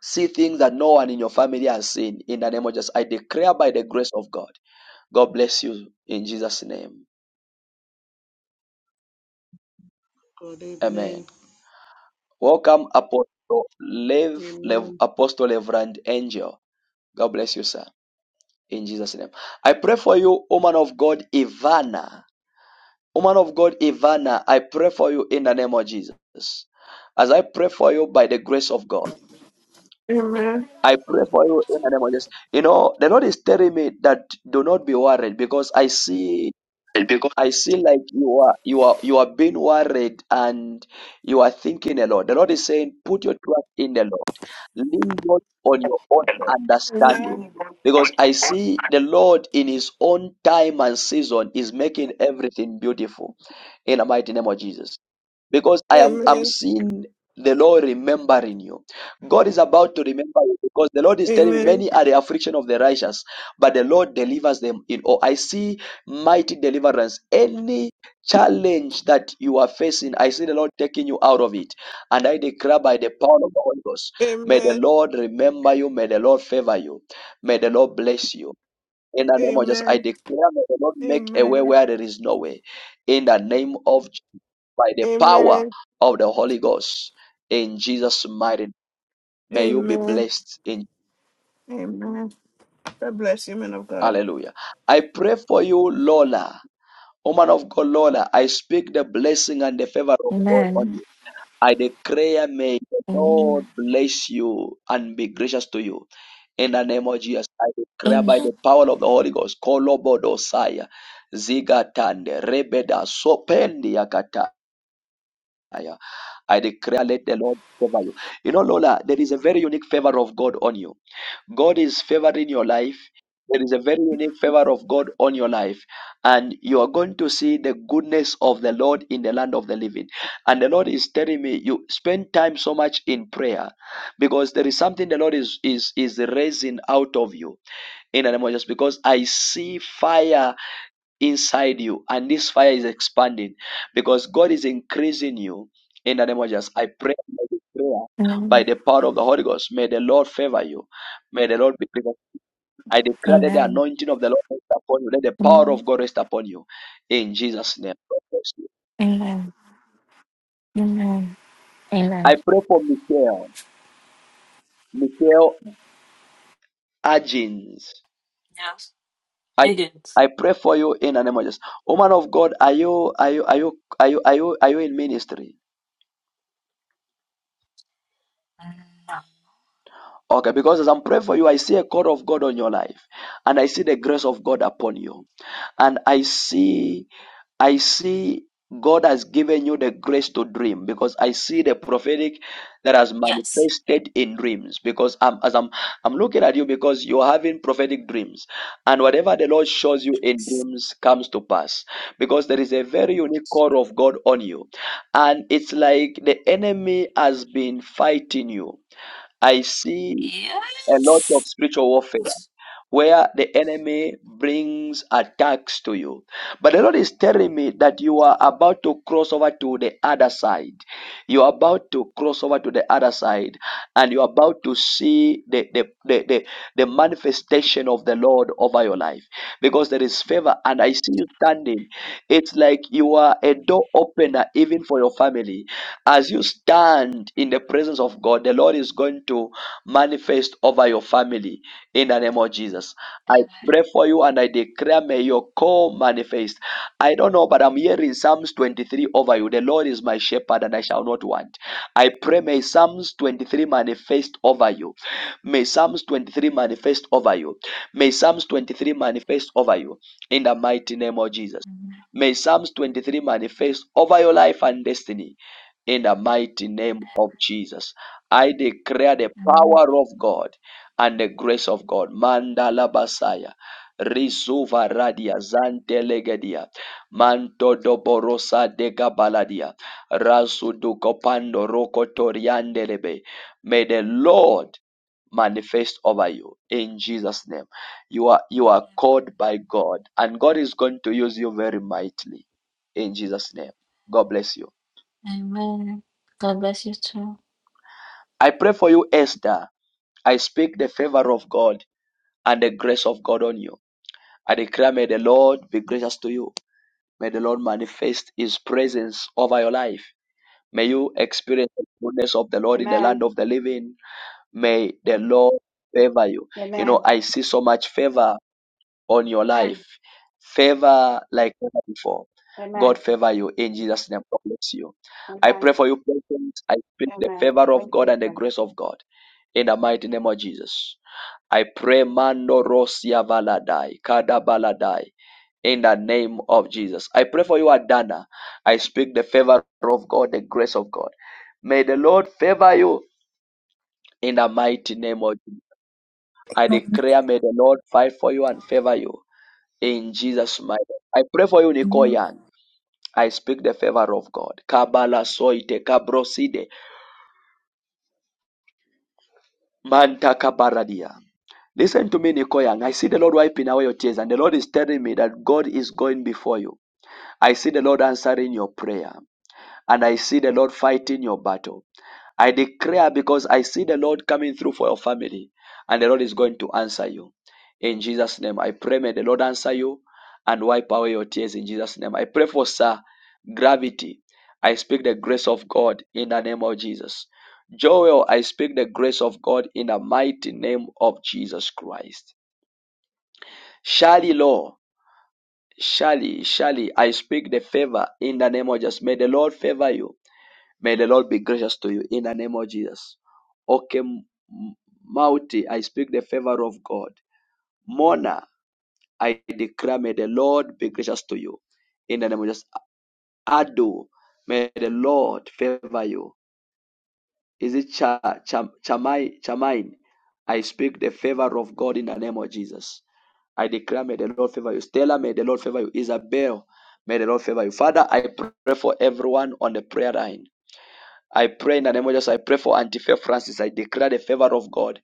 see things that no one in your family has seen in the name of Jesus. I declare by the grace of God. God bless you in Jesus' name. God, Amen. amen. Welcome, Apostle Lev, Lev Amen. Apostle Reverend Angel. God bless you, sir. In Jesus' name. I pray for you, woman of God, Ivana. Woman of God, Ivana, I pray for you in the name of Jesus. As I pray for you by the grace of God, Amen. I pray for you in the name of Jesus. You know, the Lord is telling me that do not be worried because I see It'd be good. I see like you are you are you are being worried and you are thinking a lot. The Lord is saying, put your trust in the Lord. Lean not on your own Amen. understanding. Because I see the Lord in his own time and season is making everything beautiful in the mighty name of Jesus because I am I'm Amen. seeing the Lord remembering you. God is about to remember you because the Lord is telling me Amen. many are the affliction of the righteous, but the Lord delivers them in all. I see mighty deliverance. Any challenge that you are facing, I see the Lord taking you out of it. And I declare by the power of the Holy Ghost, may the Amen. Lord remember you, may the Lord favor you, may the Lord bless you. In the name of Jesus, I Amen. declare, may the Lord make a way Amen. where there is no way. In the name of by the power Amen. of the Holy Ghost in Jesus' mighty name. May you be Amen. blessed in Amen. God bless you, man of God. hallelujah. I pray for you, Lola, woman of God, Lola. I speak the blessing and the favor of God on Amen. you. I declare, may the Lord Amen. bless you and be gracious to you. In the name of Jesus, I declare by Amen. the power of the Holy Ghost, Kolobodosaya, Zigatande, Rebeda, Sopendia kataya. I declare, let the Lord favor you. You know, Lola, there is a very unique favor of God on you. God is favoring your life. There is a very unique favor of God on your life. And you are going to see the goodness of the Lord in the land of the living. And the Lord is telling me, you spend time so much in prayer because there is something the Lord is, is, is raising out of you in the name of Jesus. Because I see fire inside you and this fire is expanding because God is increasing you in the name of Jesus. I pray by this prayer, by Amen. the power of the Holy Ghost. May the Lord favor you. May the Lord be with you. I declare that the Amen. anointing of the Lord rest upon you. Let the power of God rest upon you. In Jesus' name. God bless you. Amen. Amen. Amen. I pray for Michael. Michael Agins. Yes. I Higgins. I pray for you in the name of Jesus. Woman of God, are you are you are you are you are you are you in ministry? No. Okay, because as I'm praying for you, I see a call of God on your life, and I see the grace of God upon you, and I see, I see God has given you the grace to dream because I see the prophetic that has Yes. manifested in dreams. Because I'm, as I'm, I'm looking at you because you're having prophetic dreams, and whatever the Lord shows you in dreams comes to pass. Because there is a very unique call of God on you, and it's like the enemy has been fighting you. I see a lot of Yes. spiritual warfare where the enemy brings attacks to you. But the Lord is telling me that you are about to cross over to the other side. You are about to cross over to the other side and you are about to see the, the, the, the, the manifestation of the Lord over your life because there is favor and I see you standing. It's like you are a door opener even for your family. As you stand in the presence of God, the Lord is going to manifest over your family in the name of Jesus. I Amen. pray for you and I declare, may your call manifest. I don't know, but I'm hearing Psalms 23 over you. The Lord is my shepherd and I shall not want. I pray, may Psalms 23 manifest over you. May Psalms 23 manifest over you. May Psalms 23 manifest over you in the mighty name of Jesus. May Psalms 23 manifest over your life and destiny in the mighty name of Jesus. I declare the Amen. power of God and the grace of God. Mandala Basaya. Risuva radia zantelegedia manto doborosa de gabaladia rasu dukopando roko toriandelebe. May the Lord manifest over you in Jesus' name. You are you are called by God, and God is going to use you very mightily in Jesus' name. God bless you. Amen. God bless you too. I pray for you, Esther. I speak the favor of God and the grace of God on you. I declare, may the Lord be gracious to you. May the Lord manifest his presence over your life. May you experience the goodness of the Lord in the land Amen. of the living. May the Lord favor you. You know, Amen. I see so much favor on your Amen. life. Favor like never before. God Amen. favor you in Jesus' name. God bless you. I Amen. pray for you, present. I pray the Amen. favor of Thank God you, and the God. grace of God in the mighty name of Jesus. I pray Mando Rosia Valadai, Kada Baladai, in the name of Jesus. I pray for you, Adana. I speak the favor of God, the grace of God. May the Lord favor you in the mighty name of Jesus. I declare, may the Lord fight for you and favor you in Jesus' mighty name. I pray for you, amen Nicoyan. I speak the favor of God. Kabala soite kabroside manta kabaradia. Listen to me, Nicoyan. I see the Lord wiping away your tears, and the Lord is telling me that God is going before you. I see the Lord answering your prayer. and I see the Lord fighting your battle. I declare because I see the Lord coming through for your family, and the Lord is going to answer you. In Jesus' name, I pray, may the Lord answer you and wipe away your tears in Jesus' name. I pray for Sir Gravity. I speak the grace of God in the name of Jesus. Joel, I speak the grace of God in the mighty name of Jesus Christ. Shali Law, Shali, Shali, I speak the favor in the name of Jesus. May the Lord favor you. May the Lord be gracious to you in the name of Jesus. Okay, Mauti, I speak the favor of God. Mona, I declare, may the Lord be gracious to you in the name of Jesus. Ado, may the Lord favor you. Is it Cha, Cha, Chamai, Chamain? I speak the favor of God in the name of Jesus. I declare, may the Lord favor you. Stella, may the Lord favor you. Isabel, may the Lord favor you. Father, I pray for everyone on the prayer line. I pray in the name of Jesus. I pray for Auntie Faith Francis. I declare the favor of God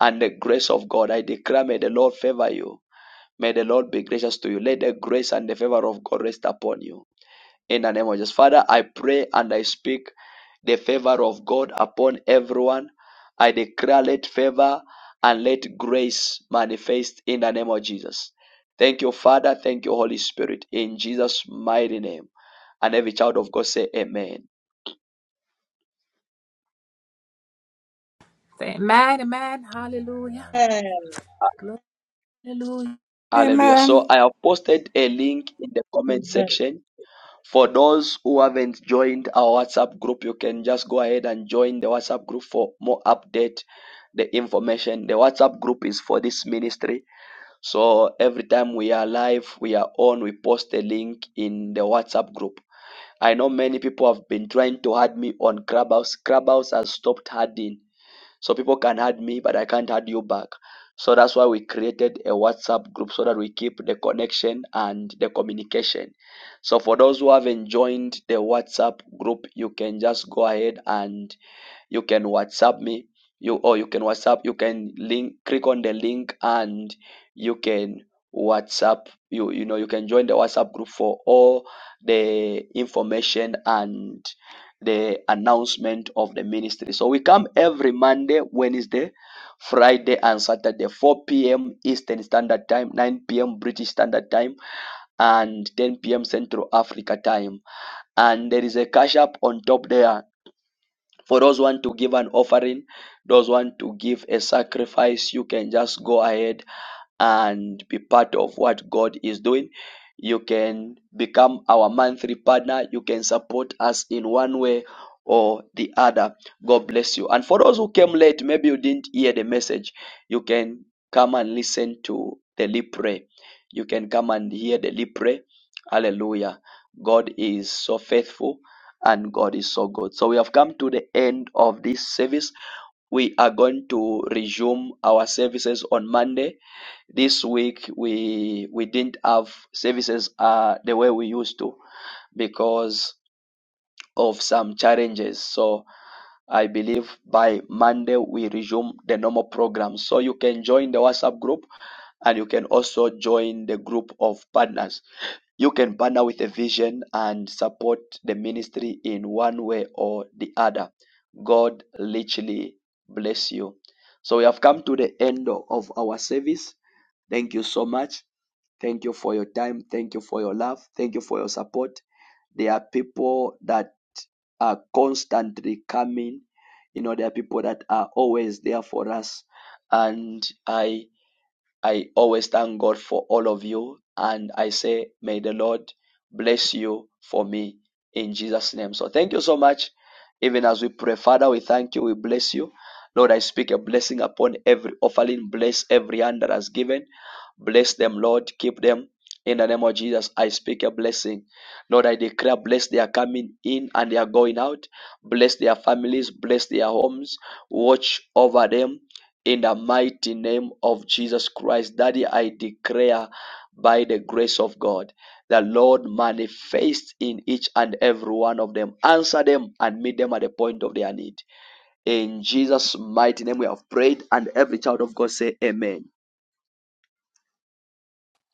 and the grace of God. I declare, may the Lord favor you. May the Lord be gracious to you. Let the grace and the favor of God rest upon you. In the name of Jesus. Father, I pray and I speak the favor of God upon everyone. I declare, let favor and let grace manifest in the name of Jesus. Thank you, Father. Thank you, Holy Spirit. In Jesus' mighty name. And every child of God say, Amen. Amen. Amen. mà Hallelujah. Yes. Glory. Hallelujah. Hallelujah. So Amen. I have posted a link in the comment section. For those who haven't joined our WhatsApp group, you can just go ahead and join the WhatsApp group for more update, the information. The WhatsApp group is for this ministry. So every time we are live, we are on, we post a link in the WhatsApp group. I know many people have been trying to add me on Clubhouse. Clubhouse has stopped adding so people can add me, but I can't add you back. So that's why we created a WhatsApp group so that we keep the connection and the communication. So for those who haven't joined the WhatsApp group, you can just go ahead and you can WhatsApp me. You or you can WhatsApp. You can link. Click on the link and you can WhatsApp. You you know you can join the WhatsApp group for all the information and the announcement of the ministry. So we come every Monday, Wednesday, Friday, and Saturday, 4 p.m. Eastern Standard Time, 9 p.m. British Standard Time, and 10 p.m. Central Africa Time. And there is a cash app on top there. For those want to give an offering, those want to give a sacrifice, you can just go ahead and be part of what God is doing. You can become our monthly partner. You can support us in one way or the other. God bless you. And for those who came late, maybe you didn't hear the message, you can come and listen to the lead prayer. You can come and hear the lead prayer. Hallelujah. God is so faithful and God is so good. So we have come to the end of this service. We are going to resume our services on Monday this week we we didn't have services uh, the way we used to because of some challenges. So I believe by Monday we resume the normal program. So you can join the WhatsApp group and you can also join the group of partners. You can partner with a vision and support the ministry in one way or the other. God literally bless you. So we have come to the end of our service. Thank you so much. Thank you for your time. Thank you for your love. Thank you for your support. There are people that are constantly coming. You know, there are people that are always there for us. And I I always thank God for all of you. And I say, may the Lord bless you for me in Jesus' name. So thank you so much. Even as we pray, Father, we thank you. We bless you. Lord, I speak a blessing upon every offering. Bless every hand that has given. Bless them, Lord. Keep them. In the name of Jesus, I speak a blessing. Lord, I declare, bless their coming in and their going out. Bless their families. Bless their homes. Watch over them in the mighty name of Jesus Christ, Daddy, I declare by the grace of God, the Lord manifest in each and every one of them. Answer them and meet them at the point of their need. In Jesus' mighty name, we have prayed, and every child of God say, Amen.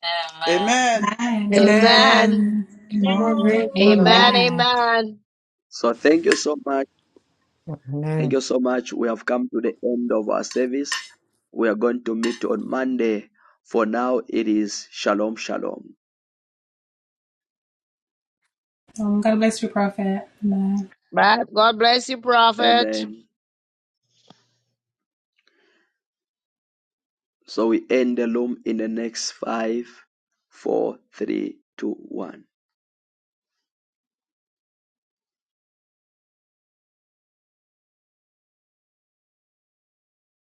Amen. Amen. Amen. Amen. Amen. More Amen. grace, man of Yes. Amen. God. Amen. Amen. So thank you so much. Amen. Thank you so much. We have come to the end of our service. We are going to meet on Monday. For now, it is Shalom, Shalom. Right. God bless you, prophet. Amen. So we end the loom in the next five, four, three, two, one.